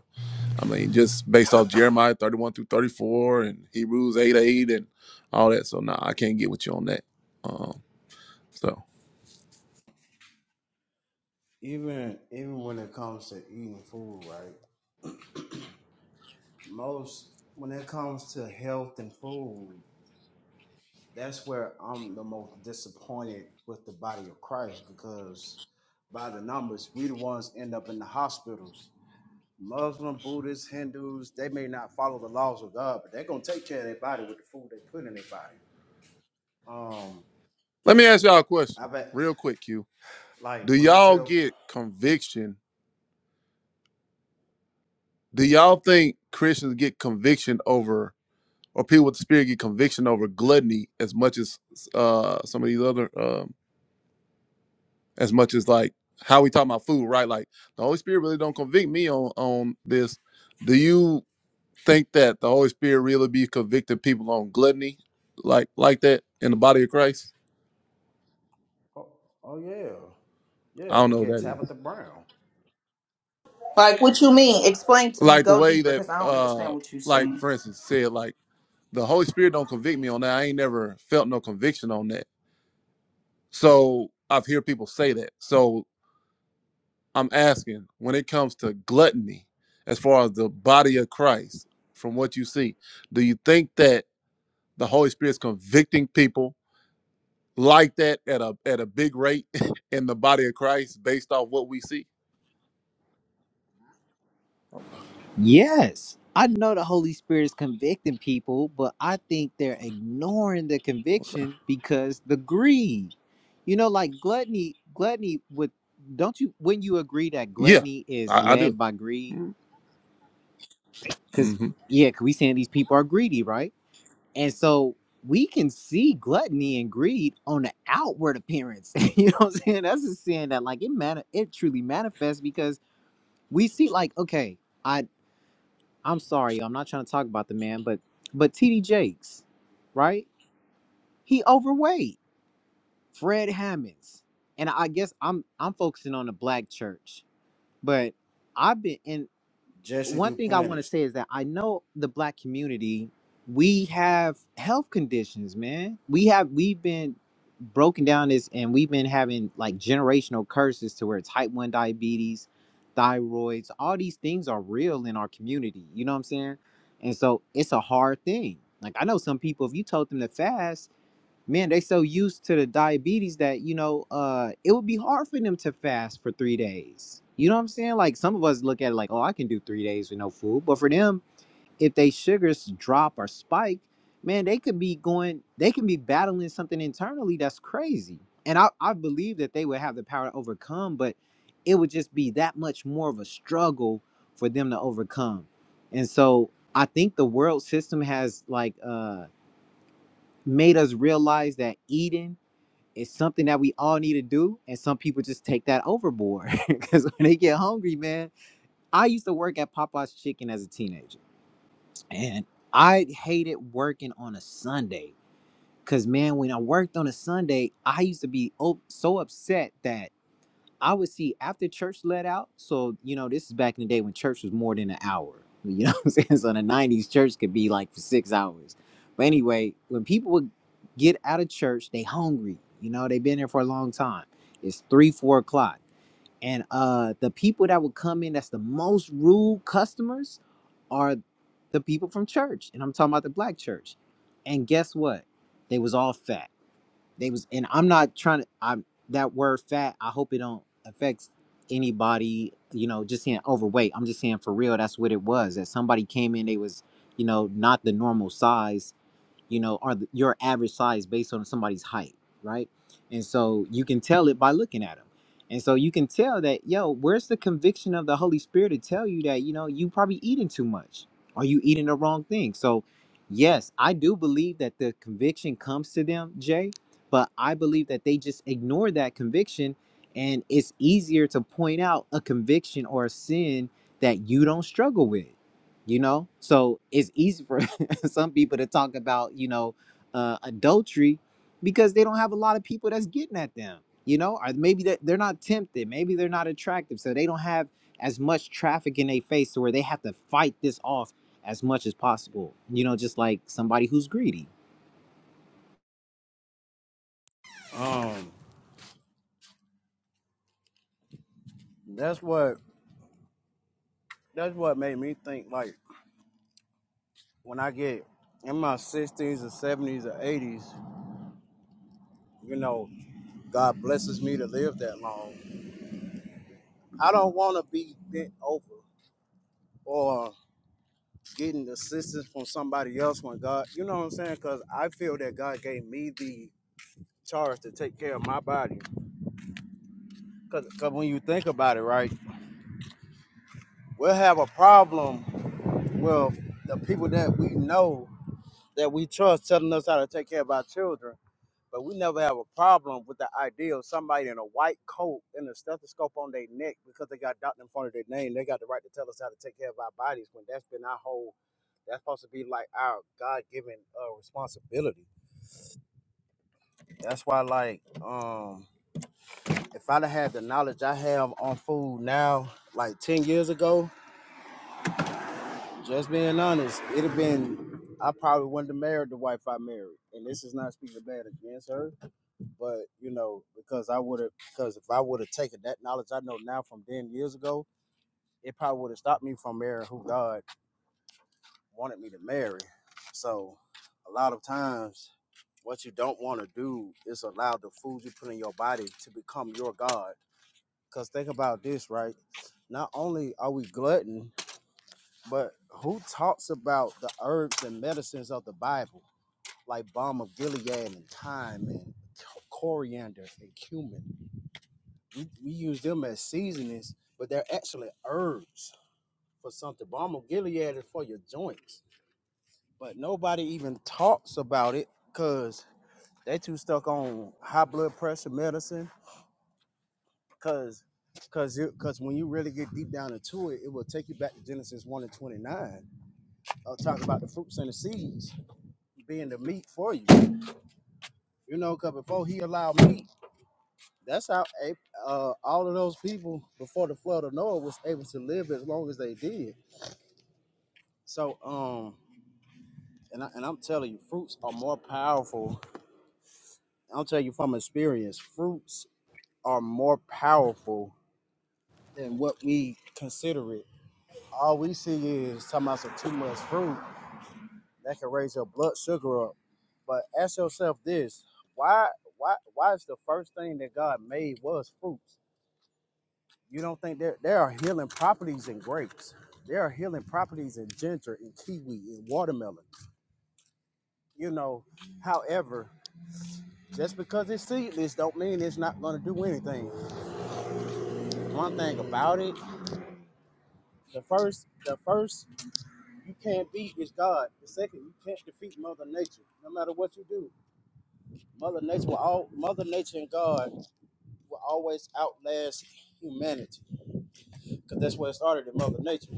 I mean, just based off Jeremiah 31 through 34 and Hebrews 8 8 and all that. So, nah, I can't get with you on that. Um, so,
even even when it comes to eating food, right? Most when it comes to health and food, that's where I'm the most disappointed with the body of Christ because by the numbers, we the ones end up in the hospitals. Muslim, Buddhists, Hindus, they may not follow the laws of God, but they're gonna take care of their body with the food they put in their body. Um,
let me ask y'all a
I
question
bet
real quick, Q. Do
like when I
y'all
tell
get conviction? Do y'all think Christians get conviction over, or people with the spirit get conviction over gluttony as much as uh, some of these other, um, as much as like how we talk about food, right? Like the Holy Spirit really don't convict me on on this. Do you? think that the Holy Spirit really be convicting people on gluttony like like that in the body of Christ?
oh, oh yeah,
I
yeah,
don't know
look
what
at
that is.
Tabitha Brown,
Like what you mean? Explain to me.
Like the
Go
way
deeper
that
because I don't
uh
understand what you're
like
saying.
for instance said like the Holy Spirit don't convict me on that. I ain't never felt no conviction on that. So I've heard people say that. So I'm asking when it comes to gluttony, as far as the body of Christ, from what you see, do you think that the Holy Spirit's convicting people like that at a at a big rate in the body of Christ based off what we see? Okay.
yes, I know the Holy Spirit is convicting people, but I think they're ignoring the
okay.
conviction because the greed. You know, like gluttony, gluttony With don't you when you agree that
Yeah,
gluttony is
I, I do.
led by greed? Cause
Mm-hmm.
yeah, 'cause we saying these people are greedy, right? And so we can see gluttony and greed on the outward appearance. you know what I'm saying? That's a sin that like it man it truly manifests because we see like, okay, I I'm sorry, I'm not trying to talk about the man, but but TD Jakes, right? He overweight. Fred Hammonds. And I guess I'm I'm focusing on the black church, but I've been in
Jesse
one thing I want to
Duplantis.
say is that I know the black community, we have health conditions, man. We have we've been broken down this and we've been having like generational curses to where type 1 diabetes, thyroids, all these things are real in our community. You know what I'm saying? And so it's a hard thing. Like I know some people, if you told them to fast, man, they so used to the diabetes that you know, uh, it would be hard for them to fast for three days. You know what I'm saying? Like some of us look at it like, oh, I can do three days with no food, but for them, if they sugars drop or spike, man, they could be going, they can be battling something internally that's crazy. And I, I believe that they would have the power to overcome, but it would just be that much more of a struggle for them to overcome. And so I think the world system has like uh made us realize that eating it's something that we all need to do and some people just take that overboard because when they get hungry man i used to work at popeye's chicken as a teenager and i hated working on a sunday because man when i worked on a sunday i used to be o- so upset that I would see after church let out. So, you know, this is back in the day when church was more than an hour. You know what I'm saying? So in the 90s, church could be like for six hours. But anyway, when people would get out of church, they hungry. You know, they've been there for a long time. It's three, four o'clock. And uh the people that would come in that's the most rude customers are the people from church. And I'm talking about the black church. And guess what? They was all fat they was, and I'm not trying to. I'm that word fat. I hope it don't affect anybody. You know, just saying overweight. I'm just saying for real. That's what it was. That somebody came in. They was, you know, not the normal size you know, are the, your average size based on somebody's height, right? And so you can tell it by looking at them. And so you can tell that, yo, where's the conviction of the Holy Spirit to tell you that, you know, you probably eating too much or you eating the wrong thing. So, yes, I do believe that the conviction comes to them, Jay, but I believe that they just ignore that conviction. And it's easier to point out a conviction or a sin that you don't struggle with you know so it's easy for some people to talk about, you know, uh, adultery because they don't have a lot of people that's getting at them, you know, or maybe that they're not tempted, maybe they're not attractive, so they don't have as much traffic in their face to where they have to fight this off as much as possible, you know, just like somebody who's greedy.
Um. That's what that's what made me think like when I get in my sixties or seventies or eighties, you know, God blesses me to live that long. I don't wanna be bent over or getting assistance from somebody else when God you know what I'm saying? Cause I feel that God gave me the charge to take care of my body. because when you think about it, right, we'll have a problem with the people that we know that we trust telling us how to take care of our children But we never have a problem with the idea of somebody in a white coat and a stethoscope on their neck because they got doctor in front of their name. They got the right to tell us how to take care of our bodies when that's been our whole. That's supposed to be like our God given uh, responsibility. That's why, like, um, if I'd have had the knowledge I have on food now, like ten years ago, just being honest, it'd have been. I probably wouldn't have married the wife I married. And this is not speaking bad against her But you know, because I would have, because if I would have taken that knowledge I know now from ten years ago, it probably would have stopped me from marrying who God wanted me to marry. So, a lot of times, what you don't want to do is allow the food you put in your body to become your God. Because think about this, right? Not only are we glutton, but who talks about the herbs and medicines of the Bible, like balm of Gilead and thyme and coriander and cumin? We, we use them as seasonings, but they're actually herbs for something. Balm of Gilead is for your joints, but nobody even talks about it because they too stuck on high blood pressure medicine. Because Cause, cause when you really get deep down into it, it will take you back to Genesis one and twenty nine. I'll talk about the fruits and the seeds being the meat for you. You know, cause before he allowed meat, that's how uh, all of those people before the flood of Noah was able to live as long as they did. So um, and I, and I'm telling you, fruits are more powerful. I'll tell you from experience, fruits are more powerful than what we consider it. All we see is talking about some too much fruit that can raise your blood sugar up. But ask yourself this: Why why why is the first thing that God made was fruits? You don't think there there are healing properties in grapes? There are healing properties in ginger, in kiwi, in watermelon. You know, however. Just because it's seedless don't mean it's not gonna do anything. One thing about it, the first the first you can't beat is God. The second you can't defeat Mother Nature, no matter what you do. Mother Nature will all Mother Nature and God will always outlast humanity. Cause that's where it started in Mother Nature.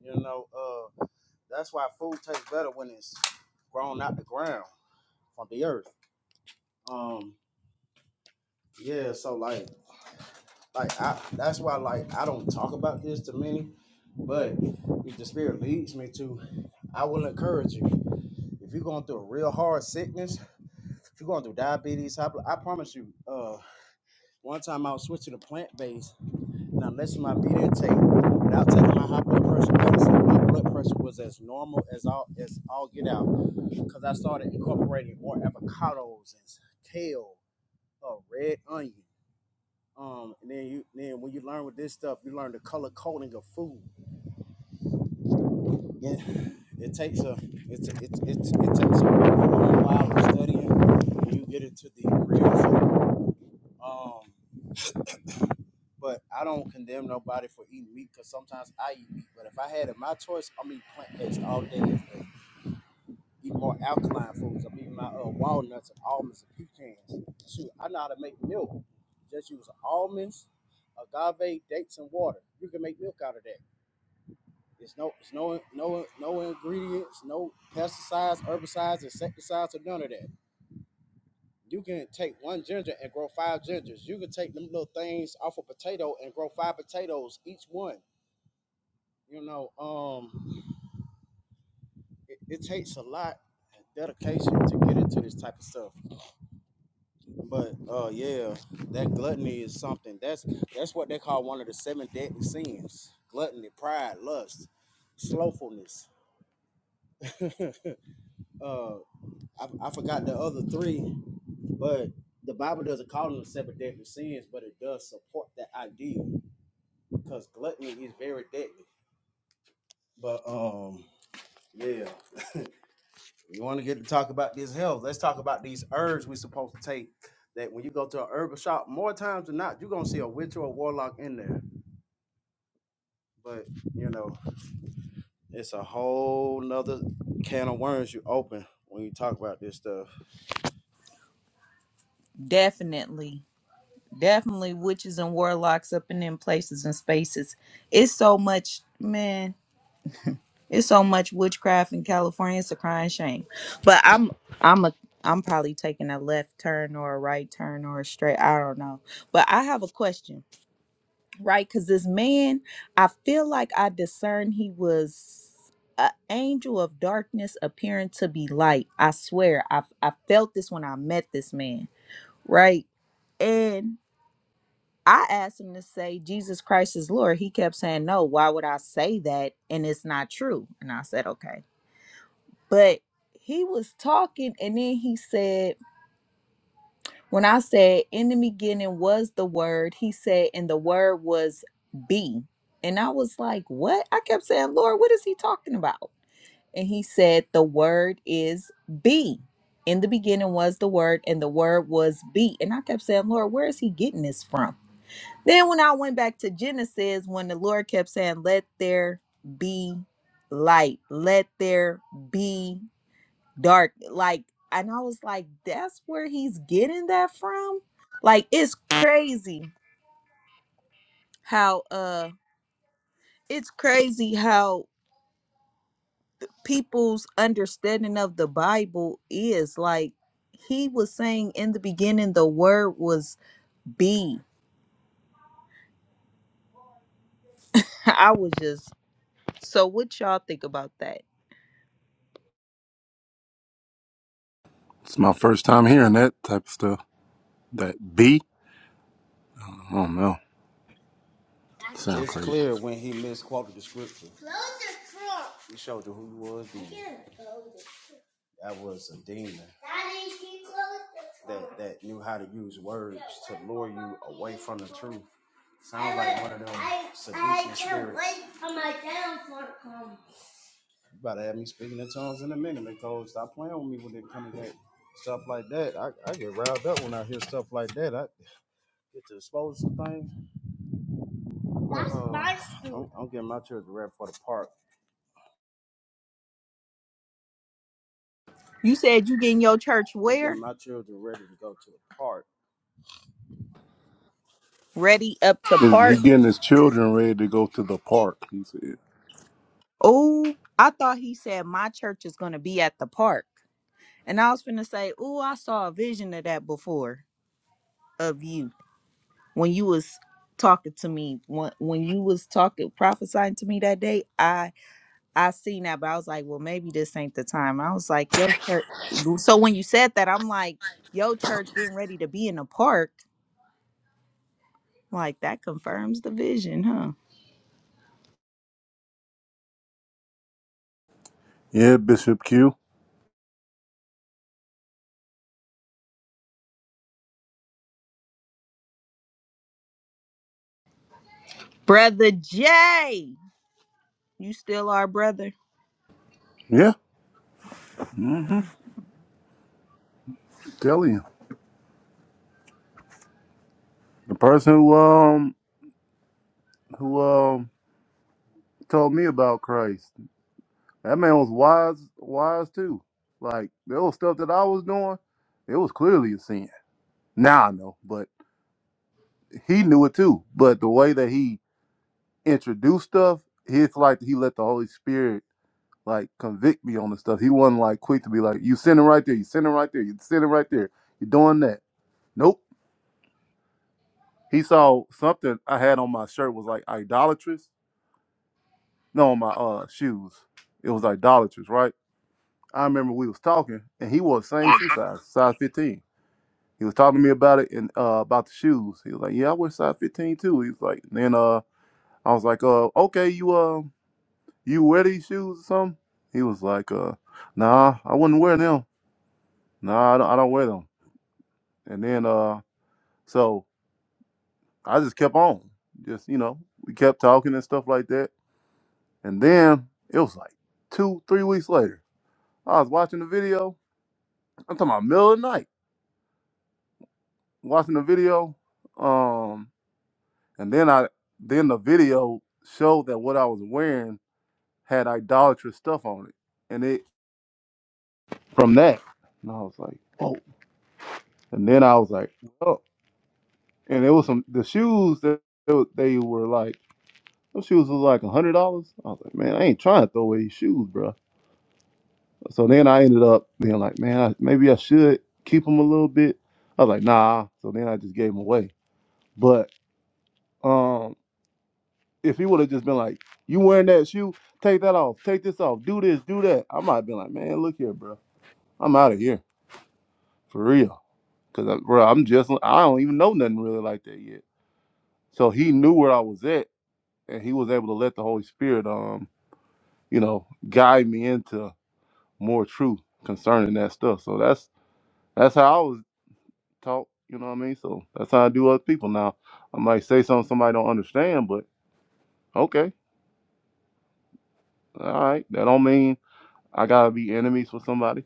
You know, uh that's why food tastes better when it's grown out the ground from the earth. Um yeah, so like Like I, that's why like I don't talk about this to many, but if the spirit leads me to, I will encourage you. If you're going through a real hard sickness, if you're going through diabetes, high blood, I promise you. Uh, one time I was switching to plant based, and I messed my meat intake without taking my high blood pressure medicine. My blood pressure was as normal as all as all get out because I started incorporating more avocados and kale, uh, red onion. Um, and then you then when you learn with this stuff, you learn the color coding of food. Yeah, it takes a it's it, it, it, it takes a while of studying when you get into the real food. Um, but I don't condemn nobody for eating meat because sometimes I eat meat. But if I had it my choice, I'm eating plant based all day. every day. Eat more alkaline foods. I'm eating my uh, walnuts and almonds and pecans. Shoot, I know how to make milk. Just use almonds, agave, dates, and water. You can make milk out of that. It's no, it's no, no, no ingredients, no pesticides, herbicides, insecticides, or none of that. You can take one ginger and grow five gingers. You can take them little things off a potato and grow five potatoes each one. You know, um, it, it takes a lot of dedication to get into this type of stuff. But uh, yeah, that gluttony is something. That's that's what they call one of the seven deadly sins: gluttony, pride, lust, slothfulness. uh, I, I forgot the other three, but the Bible doesn't call them seven deadly sins, but it does support that idea because gluttony is very deadly. But um, yeah, we want to get to talk about this health. Let's talk about these herbs we're supposed to take. That when you go to a herbal shop, more times than not, you're gonna see a witch or a warlock in there. But you know, it's a whole nother can of worms you open when you talk about this stuff.
Definitely. Definitely witches and warlocks up in them places and spaces. It's so much, man. It's so much witchcraft in California. It's a crying shame. But I'm I'm a I'm probably taking a left turn or a right turn or a straight. I don't know. But I have a question, right? Because this man, I feel like I discern he was an angel of darkness appearing to be light. I swear, I I felt this when I met this man, right? And I asked him to say Jesus Christ is Lord. He kept saying no. Why would I say that? And it's not true. And I said, okay. But he was talking, and then he said, When I said, In the beginning was the word, he said, And the word was be. And I was like, What? I kept saying, Lord, what is he talking about? And he said, The word is be. In the beginning was the word, and the word was be. And I kept saying, Lord, where is he getting this from? Then when I went back to Genesis, when the Lord kept saying, Let there be light, let there be dark like and i was like that's where he's getting that from like it's crazy how uh it's crazy how people's understanding of the bible is like he was saying in the beginning the word was be i was just so what y'all think about that
It's my first time hearing that type of stuff. That B? I don't know. Sound
It's
crazy.
clear when he misquoted the scripture. He showed you who he was. then. That was a demon that, that knew how to use words to lure you away from the truth. Sounds like one of them seducing spirits. You about to have me speaking in tongues in a minute, because Stop playing with me when it comes to that stuff like that. I, I get riled up when I hear stuff like that. I get to expose some things. But, um, I'm, I'm getting my children ready for the park.
you said you getting your church
I'm getting
where
my children ready to go to the park.
ready up to
Is
part
he
Re-
getting his children ready to go to the park? He said.
Oh, I thought he said my church is going to be at the park. And I was finna say, oh, I saw a vision of that before of you when you was talking to me when when you was talking prophesying to me that day i i seen that but i was like well maybe this ain't the time i was like yo church so when you said that i'm like yo church getting ready to be in the park like that confirms the vision huh
Yeah, Bishop Q.
brother jay you still our brother
Yeah, tell you. The person who um who um told me about Christ. That man was wise wise too. Like there was stuff that I was doing. It was clearly a sin. Now I know, but. he knew it too, but the way that he introduced stuff, it's like he let the Holy Spirit like convict me on the stuff. He wasn't like quick to be like, "You sinning right there, you sinning right there, you sinning right there, you doing that." Nope. He saw something I had on my shirt was like idolatrous. No, on my uh shoes, it was idolatrous, right? I remember we was talking, and he wore the same shoe size, size fifteen. He was talking to me about it and uh, about the shoes. He was like, "Yeah, I wear size fifteen too." He was like, and then uh, I was like, uh, okay, you uh." you wear these shoes or something? He was like, uh, nah, I wouldn't wear them. Nah, I don't, I don't wear them. And then, uh, so I just kept on, just, you know, we kept talking and stuff like that. And then it was like two, three weeks later, I was watching the video. I'm talking about middle of the night, watching the video. Um, and then I, then the video showed that what I was wearing had idolatrous stuff on it. And it, from that, and I was like, whoa. And then I was like, oh. and there was some the shoes that they were they were like those shoes was like a hundred dollars. I was like, man, I ain't trying to throw away these shoes, bro. So then I ended up being like, man, I, maybe I should keep them a little bit. I was like, nah. So then I just gave them away. But um, if he would have just been like, you wearing that shoe? Take that off. Take this off. Do this. Do that. I might have been like, man, look here, bro. I'm out of here for real. Cause I, bro, I'm just I don't even know nothing really like that yet. So he knew where I was at, and he was able to let the Holy Spirit um you know, guide me into more truth concerning that stuff. So that's that's how I was taught, you know what I mean? So that's how I do other people. Now I might say something somebody don't understand, but okay. All right. That don't mean I gotta be enemies with somebody.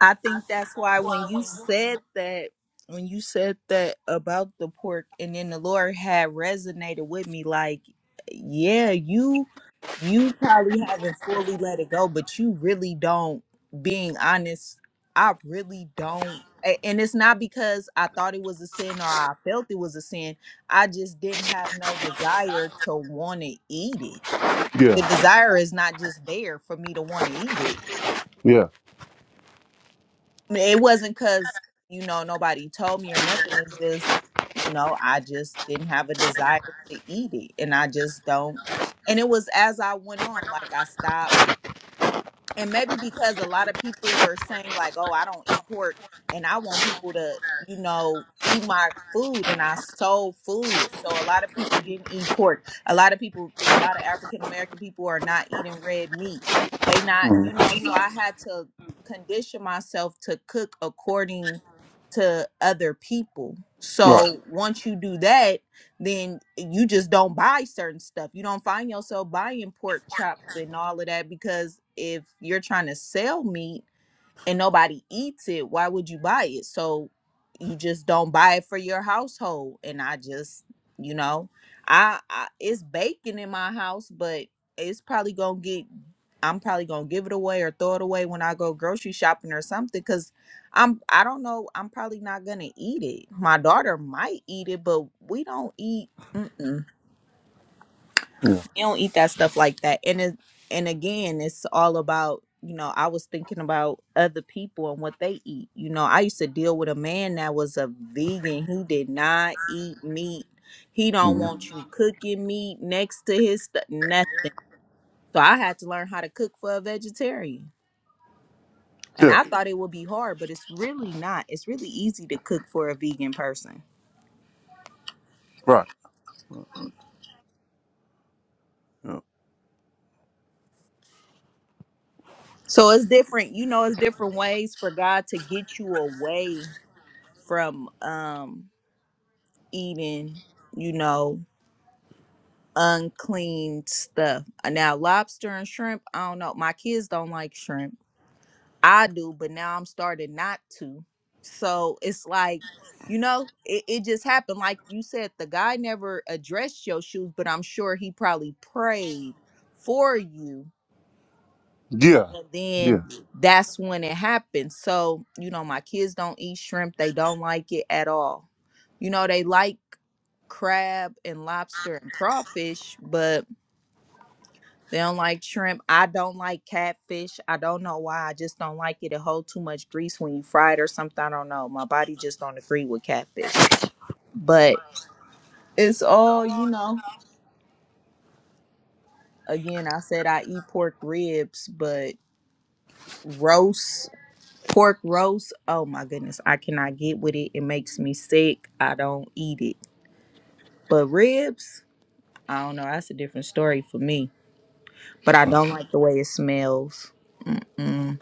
I think that's why when you said that, when you said that about the pork, and then the Lord had resonated with me, like, yeah, you you probably haven't fully let it go, but you really don't. Being honest, I really don't. a- And it's not because I thought it was a sin or I felt it was a sin. I just didn't have no desire to want to eat it. The
Yeah,
desire is not just there for me to want to eat it.
yeah.
It wasn't because, you know, nobody told me or nothing. It's just, you know, I just didn't have a desire to eat it. And I just don't. And it was as I went on, like I stopped and maybe because a lot of people were saying like oh i don't eat pork and i want people to you know eat my food and i sold food so a lot of people didn't eat pork a lot of people a lot of african american people are not eating red meat they not you
mhm,
know so i had to condition myself to cook according to other people
Right.
so once you do that then you just don't buy certain stuff. You don't find yourself buying pork chops and all of that because if you're trying to sell meat and nobody eats it, why would you buy it? So you just don't buy it for your household. And I just, you know, I, I it's bacon in my house, but it's probably gonna get. I'm probably gonna give it away or throw it away when I go grocery shopping or something. Cause I'm, I don't know. I'm probably not gonna eat it. My daughter might eat it, but we don't eat. Mm-mm
Yeah.
you don't eat that stuff like that and it, and again it's all about you know i was thinking about other people and what they eat you know i used to deal with a man that was a vegan he did not eat meat he don't
mhm,
want you cooking meat next to his stuff nothing so i had to learn how to cook for a vegetarian and
Yeah.
i thought it would be hard but it's really not it's really easy to cook for a vegan person
Right. Yeah.
so it's different you know it's different ways for god to get you away from um eating, you know, unclean stuff. Uh, Now, lobster and shrimp, I don't know. My kids don't like shrimp. I do, but now I'm starting not to. So it's like, you know, it, it just happened. Like you said, the guy never addressed your shoes, but I'm sure he probably prayed for you.
Yeah.
And
Yeah.
then that's when it happened. So, you know, my kids don't eat shrimp. They don't like it at all. You know, they like crab and lobster and crawfish, but they don't like shrimp. I don't like catfish. I don't know why. I just don't like it. It hold too much grease when you fry it or something. I don't know. My body just don't agree with catfish. But it's all, you know. Again, I said I eat pork ribs, but roast pork roast oh my goodness i cannot get with it it makes me sick i don't eat it but ribs i don't know that's a different story for me but I don't like the way it smells. Mm-mm.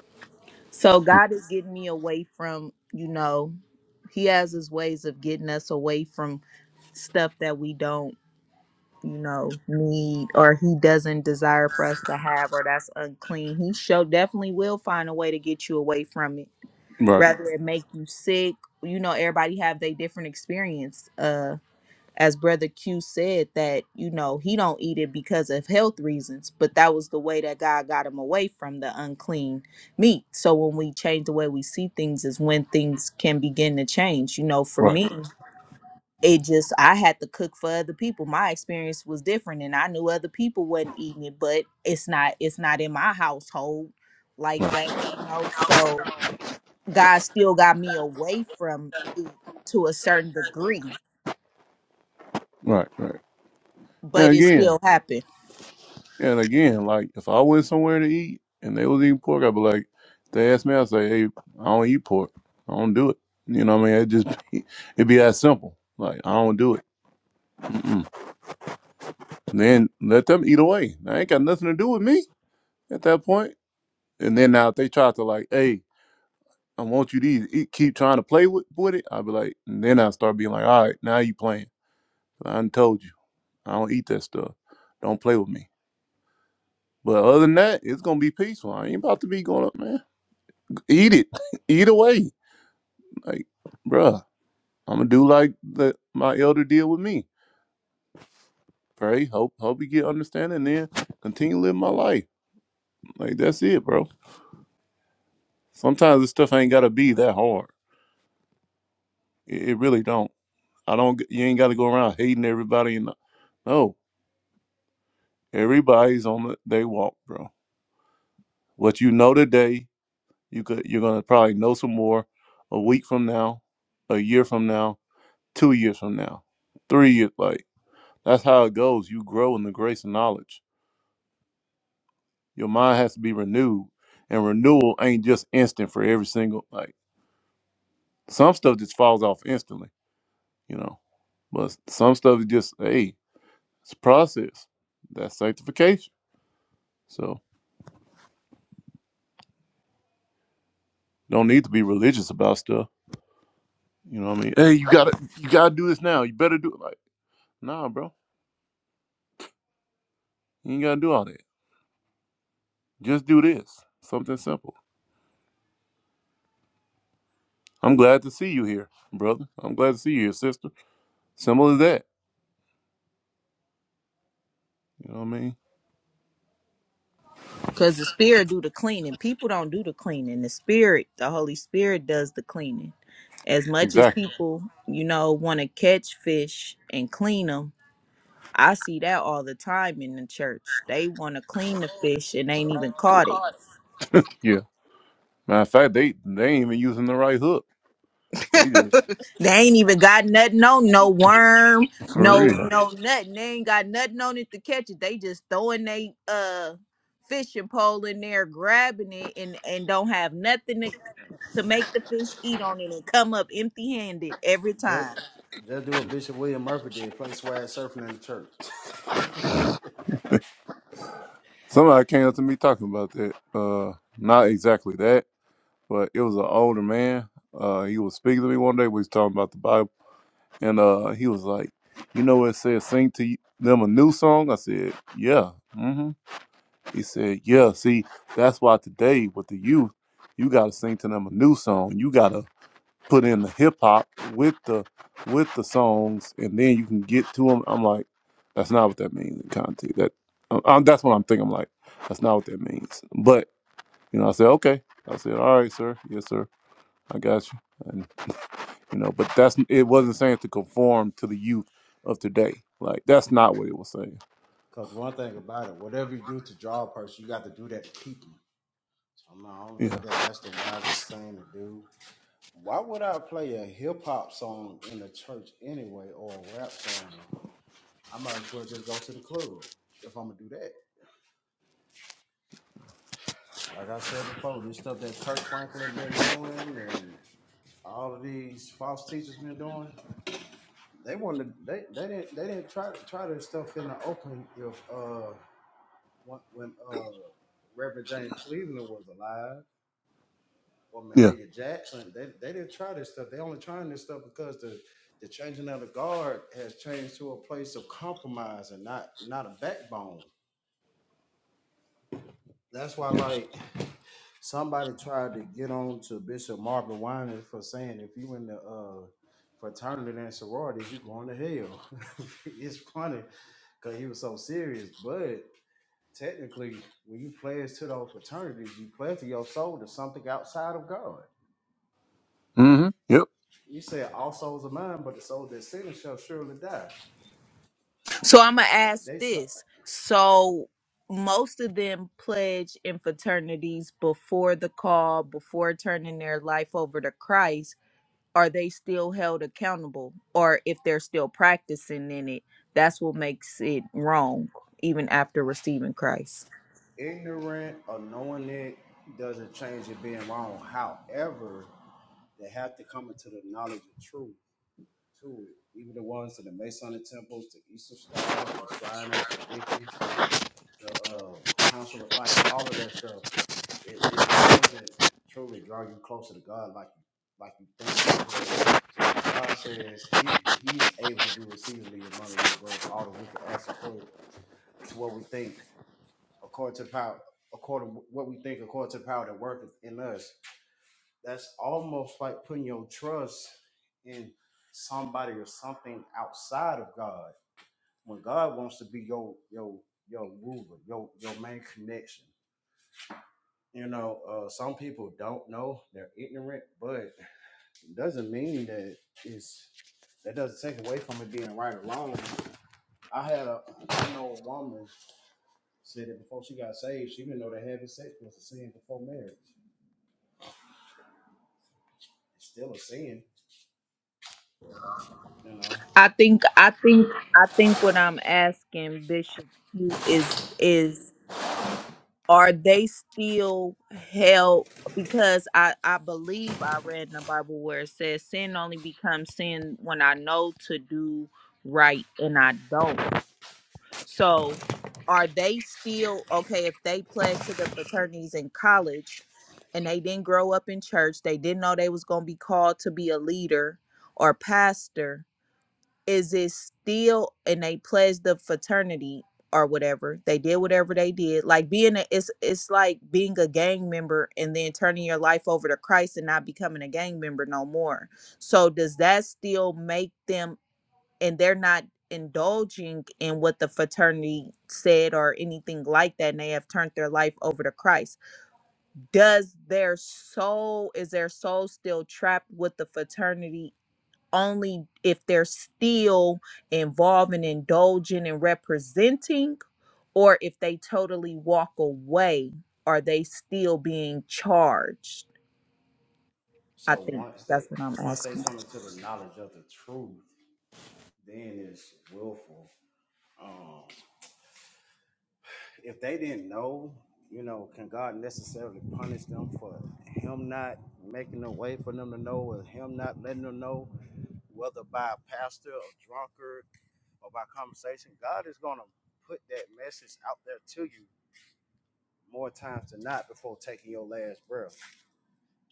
So God is getting me away from, you know, He has His ways of getting us away from stuff that we don't, you know, need or He doesn't desire for us to have or that's unclean. He sure definitely will find a way to get you away from it,
Right.
rather it make you sick. You know, everybody have their different experience. Uh as brother q said that you know he don't eat it because of health reasons but that was the way that god got him away from the unclean meat so when we change the way we see things is when things can begin to change you know for
Right.
me Mhm. it just i had to cook for other people my experience was different and i knew other people wasn't eating it but it's not it's not in my household like
Right.
that you know so god still got me away from it to a certain degree
Right. Right. And
but it
again.
still happened
And again, like if I went somewhere to eat and they was eating pork, I'd be like, if they asked me, I'd say, hey, I don't eat pork. I don't do it. You know what I mean? It just it'd be that simple. Like I don't do it. Mm-mm. Then let them eat away. That ain't got nothing to do with me at that point. And then now if they try to like, hey, I want you to eat, eat- keep trying to play with, with it, I'd be like, and then I start being like, all right, now you playing. I done told you, I don't eat that stuff. Don't play with me. But other than that, it's gonna be peaceful. I ain't about to be going up, man. Eat it. Eat away. Like, bruh, I'm gonna do like the, my elder deal with me. Pray, hope, hope you get understanding, and then continue living my life. Like that's it, bro. Sometimes this stuff ain't gotta be that hard. It, it really don't. I don't. You ain't gotta go around hating everybody. And no, everybody's on the, they walk, bro. What you know today, you could you're gonna probably know some more a week from now, a year from now, two years from now, three years. Like That's how it goes. You grow in the grace and knowledge. Your mind has to be renewed, and renewal ain't just instant for every single like some stuff just falls off instantly, you know. But some stuff is just hey, it's a process. That's sanctification. So don't need to be religious about stuff. You know what I mean? Hey, you gotta you gotta do this now. You better do it. Like, nah, bro. You ain't gotta do all that. Just do this. Something simple. I'm glad to see you here, brother. I'm glad to see you here, sister. Simple as that. You know what I mean?
Because the spirit do the cleaning. People don't do the cleaning. The spirit, the Holy Spirit does the cleaning. As much as
Exactly.
people, you know, want to catch fish and clean them, I see that all the time in the church. They want to clean the fish and ain't even caught it.
Yeah. Matter of fact, they they ain't even using the right hook. They just
They ain't even got nothing on, no worm,
for
no
real.
no nothing. They ain't got nothing on it to catch it. They just throwing they uh fishing pole in there, grabbing it, and and don't have nothing to to make the fish eat on it and come up empty handed every
Just,
time.
just do what Bishop William Murphy did: play swag surfing in the church.
Somebody came up to me talking about that. Uh, not exactly that, but it was an older man. Uh, he was speaking to me one day. We was talking about the Bible, and uh, he was like, "You know what it says? Sing to them a new song." I said, "Yeah." hmm He said, "Yeah." See, that's why today with the youth, you gotta sing to them a new song. You gotta put in the hip hop with the with the songs, and then you can get to them. I'm like, that's not what that means in context. That um, um, that's what I'm thinking. I'm like, that's not what that means. But you know, I said okay. I said, all right, sir. Yes, sir. I got you. And you know, but that's it. Wasn't saying to conform to the youth of today. Like that's not what it was saying.
Because one thing about it, whatever you do to draw a person, you got to do that to keep them. So no, I don't
Yeah.
think that that's the wisest thing to do. Why would I play a hip hop song in the church anyway, or a rap song? I might as well just go to the club if I'm gonna do that. Like I said before, this stuff that Kirk Franklin been doing and all of these false teachers been doing, They wanted they they didn't they didn't try try their stuff in the open if uh when, when uh Reverend James Cleveland was alive or
Yeah.
Mahalia Jackson they they didn't try this stuff. They only trying this stuff because the the changing of the guard has changed to a place of compromise and not not a backbone. That's why,
Yeah.
like, somebody tried to get on to Bishop Marvin Winans for saying if you in the uh, fraternity and sororities, you going to hell. it's funny because he was so serious, but technically, when you pledge to those fraternities, you pledge to your soul to something outside of God.
Mm-hmm. Yep.
You said all souls are mine, but the soul that sinneth shall surely die.
So I'm going to
And
ask
they so
this. So most of them pledge in fraternities before the call, before turning their life over to Christ. Are they still held accountable? Or if they're still practicing in it, that's what makes it wrong even after receiving Christ.
ignorant or knowing it doesn't change it being wrong. However, They have to come into the knowledge of truth too. Even the ones to the Masonic temples, the Eastern Stars, the Shriners, the Wiccans, the uh, Council of Light, all of that stuff. It, it it doesn't truly draw you closer to God like you like you think because God says He He's able to do exceedingly abundantly above all that we can ask according to what we think, according to the power, according what we think, according to the power that worketh in us. that's almost like putting your trust in somebody or something outside of God. When God wants to be your your your ruler, your your main connection. You know, uh, some people don't know; they're ignorant, but it doesn't mean that it's that doesn't take away from it being right or wrong. I had a I know a woman said that before she got saved, she didn't know that having sex was a sin before marriage. It's still a sin, you know.
I think I think I think what I'm asking Bishop is is are they still held because i i believe i read in the bible where it says sin only becomes sin when i know to do right and i don't so are they still okay if they pledged to the fraternities in college and they didn't grow up in church they didn't know they was going to be called to be a leader or pastor is it still and they pledged the fraternity or whatever they did whatever they did like being a it's it's like being a gang member and then turning your life over to christ and not becoming a gang member no more so does that still make them and they're not indulging in what the fraternity said or anything like that and they have turned their life over to christ does their soul is their soul still trapped with the fraternity only if they're still involved and indulging and representing, or if they totally walk away, are they still being charged? I
So
think
once they
that's what I'm
once they
asking.
come into the knowledge of the truth, then it's willful. Um, if they didn't know, you know, can God necessarily punish them for Him not making a way for them to know, or Him not letting them know, whether by a pastor or drunkard or by conversation? God is going to put that message out there to you more times than not before taking your last breath.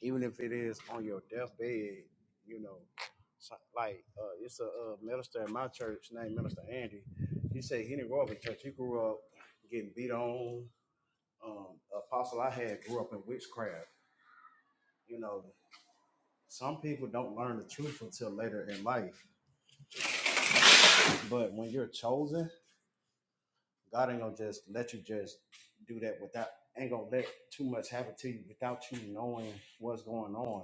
even if it is on your deathbed, you know, so- like uh, it's a, uh minister in my church named Minister Andy. He said he didn't grow up in church. He grew up getting beat on. Um, apostle I had grew up in witchcraft. You know, some people don't learn the truth until later in life. But when you're chosen, God ain't gonna just let you just do that without ain't gonna let too much happen to you without you knowing what's going on.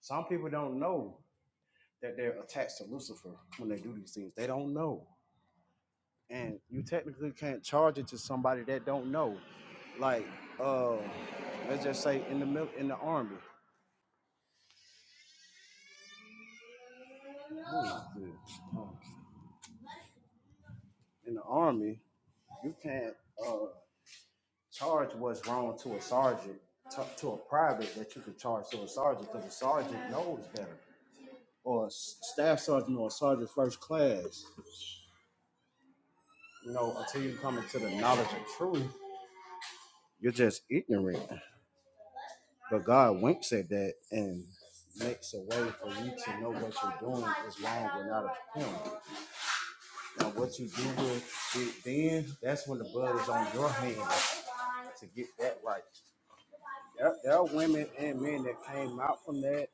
Some people don't know that they're attached to Lucifer when they do these things. They don't know. And you technically can't charge it to somebody that don't know. Like, uh, let's just say in the mil- in the army. Um, In the army, you can't uh, charge what's wrong to a sergeant, to, to a private that you can charge to a sergeant because a sergeant knows better. Or a s- staff sergeant or a sergeant first class. You know, until you come into the knowledge of truth, you're just ignorant. But God winks at that and makes a way for you to know what you're doing is wrong but not of Him. Now, what you do with it then, that's when the blood is on your hands to get that right. There, there are women and men that came out from that,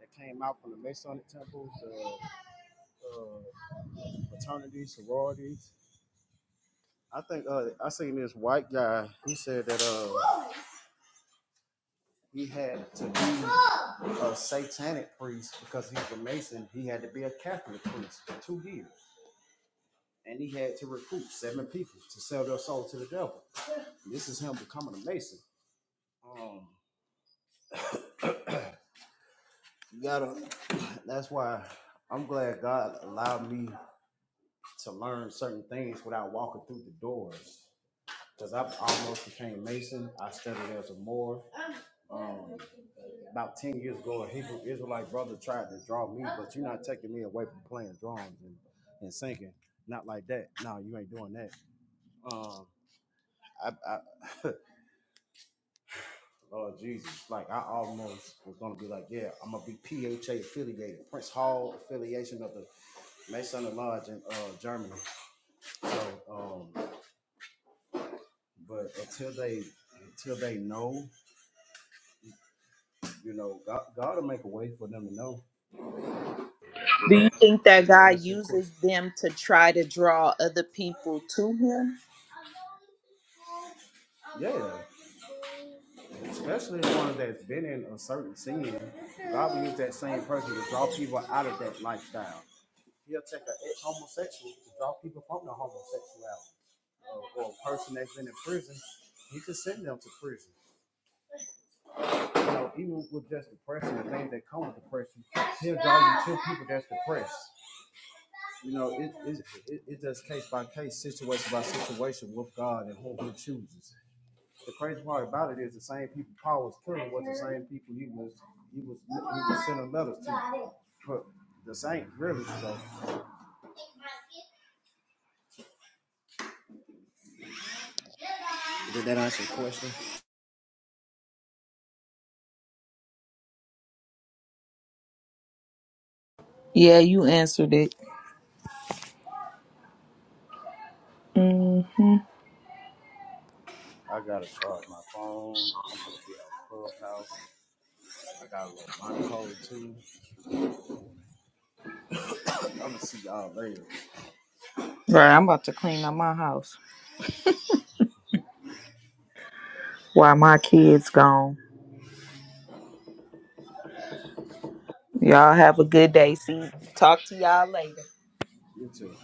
that came out from the Masonic temples, uh, uh, fraternities, sororities. I think uh, I seen this white guy. He said that. Uh, he had to be a satanic priest because he was a Mason. He had to be a Catholic priest for two years. And he had to recruit seven people to sell their soul to the devil. This is him becoming a Mason. Um, you gotta, that's why I'm glad God allowed me to learn certain things without walking through the doors. Because I almost became Mason. I studied as a Moor. um, about 10 years ago, a Hebrew Israelite brother tried to draw me, but you're not taking me away from playing drums and, and singing. Not like that. No, you ain't doing that. Um, I, I, Lord Jesus, like I almost was gonna be like, yeah, I'm gonna be PHA affiliated, Prince Hall affiliation of the Masonic Lodge in uh, Germany. So, um, but until they until they know, you know, God, God will make a way for them to know.
Do you think
Does
that
that
God
answer your question?
uses them to try to draw other people to Him?
Yeah, especially one that's been in a certain sin. God will use that same person to draw people out of that lifestyle. He'll take an ex-homosexual to draw people from the homosexuality, or, or a person that's been in prison. He can send them to prison. You know, even with just depression, the things that come with depression, he'll draw you to people that's depressed. You know, it it, it, it just case by case, situation by situation with God and who He chooses. The crazy part about it is the same people Paul was killing was the same people he was he was he was sending letters to. But the same really. So did that answer your question?
Yeah, you answered it. hmm
I gotta charge my phone. I'm gonna be at clubhouse. I got a little monitor too. I'm gonna see y'all later.
Right, I'm about to clean out my house while my kids gone. Y'all have a good day. See, talk to y'all later.
You too.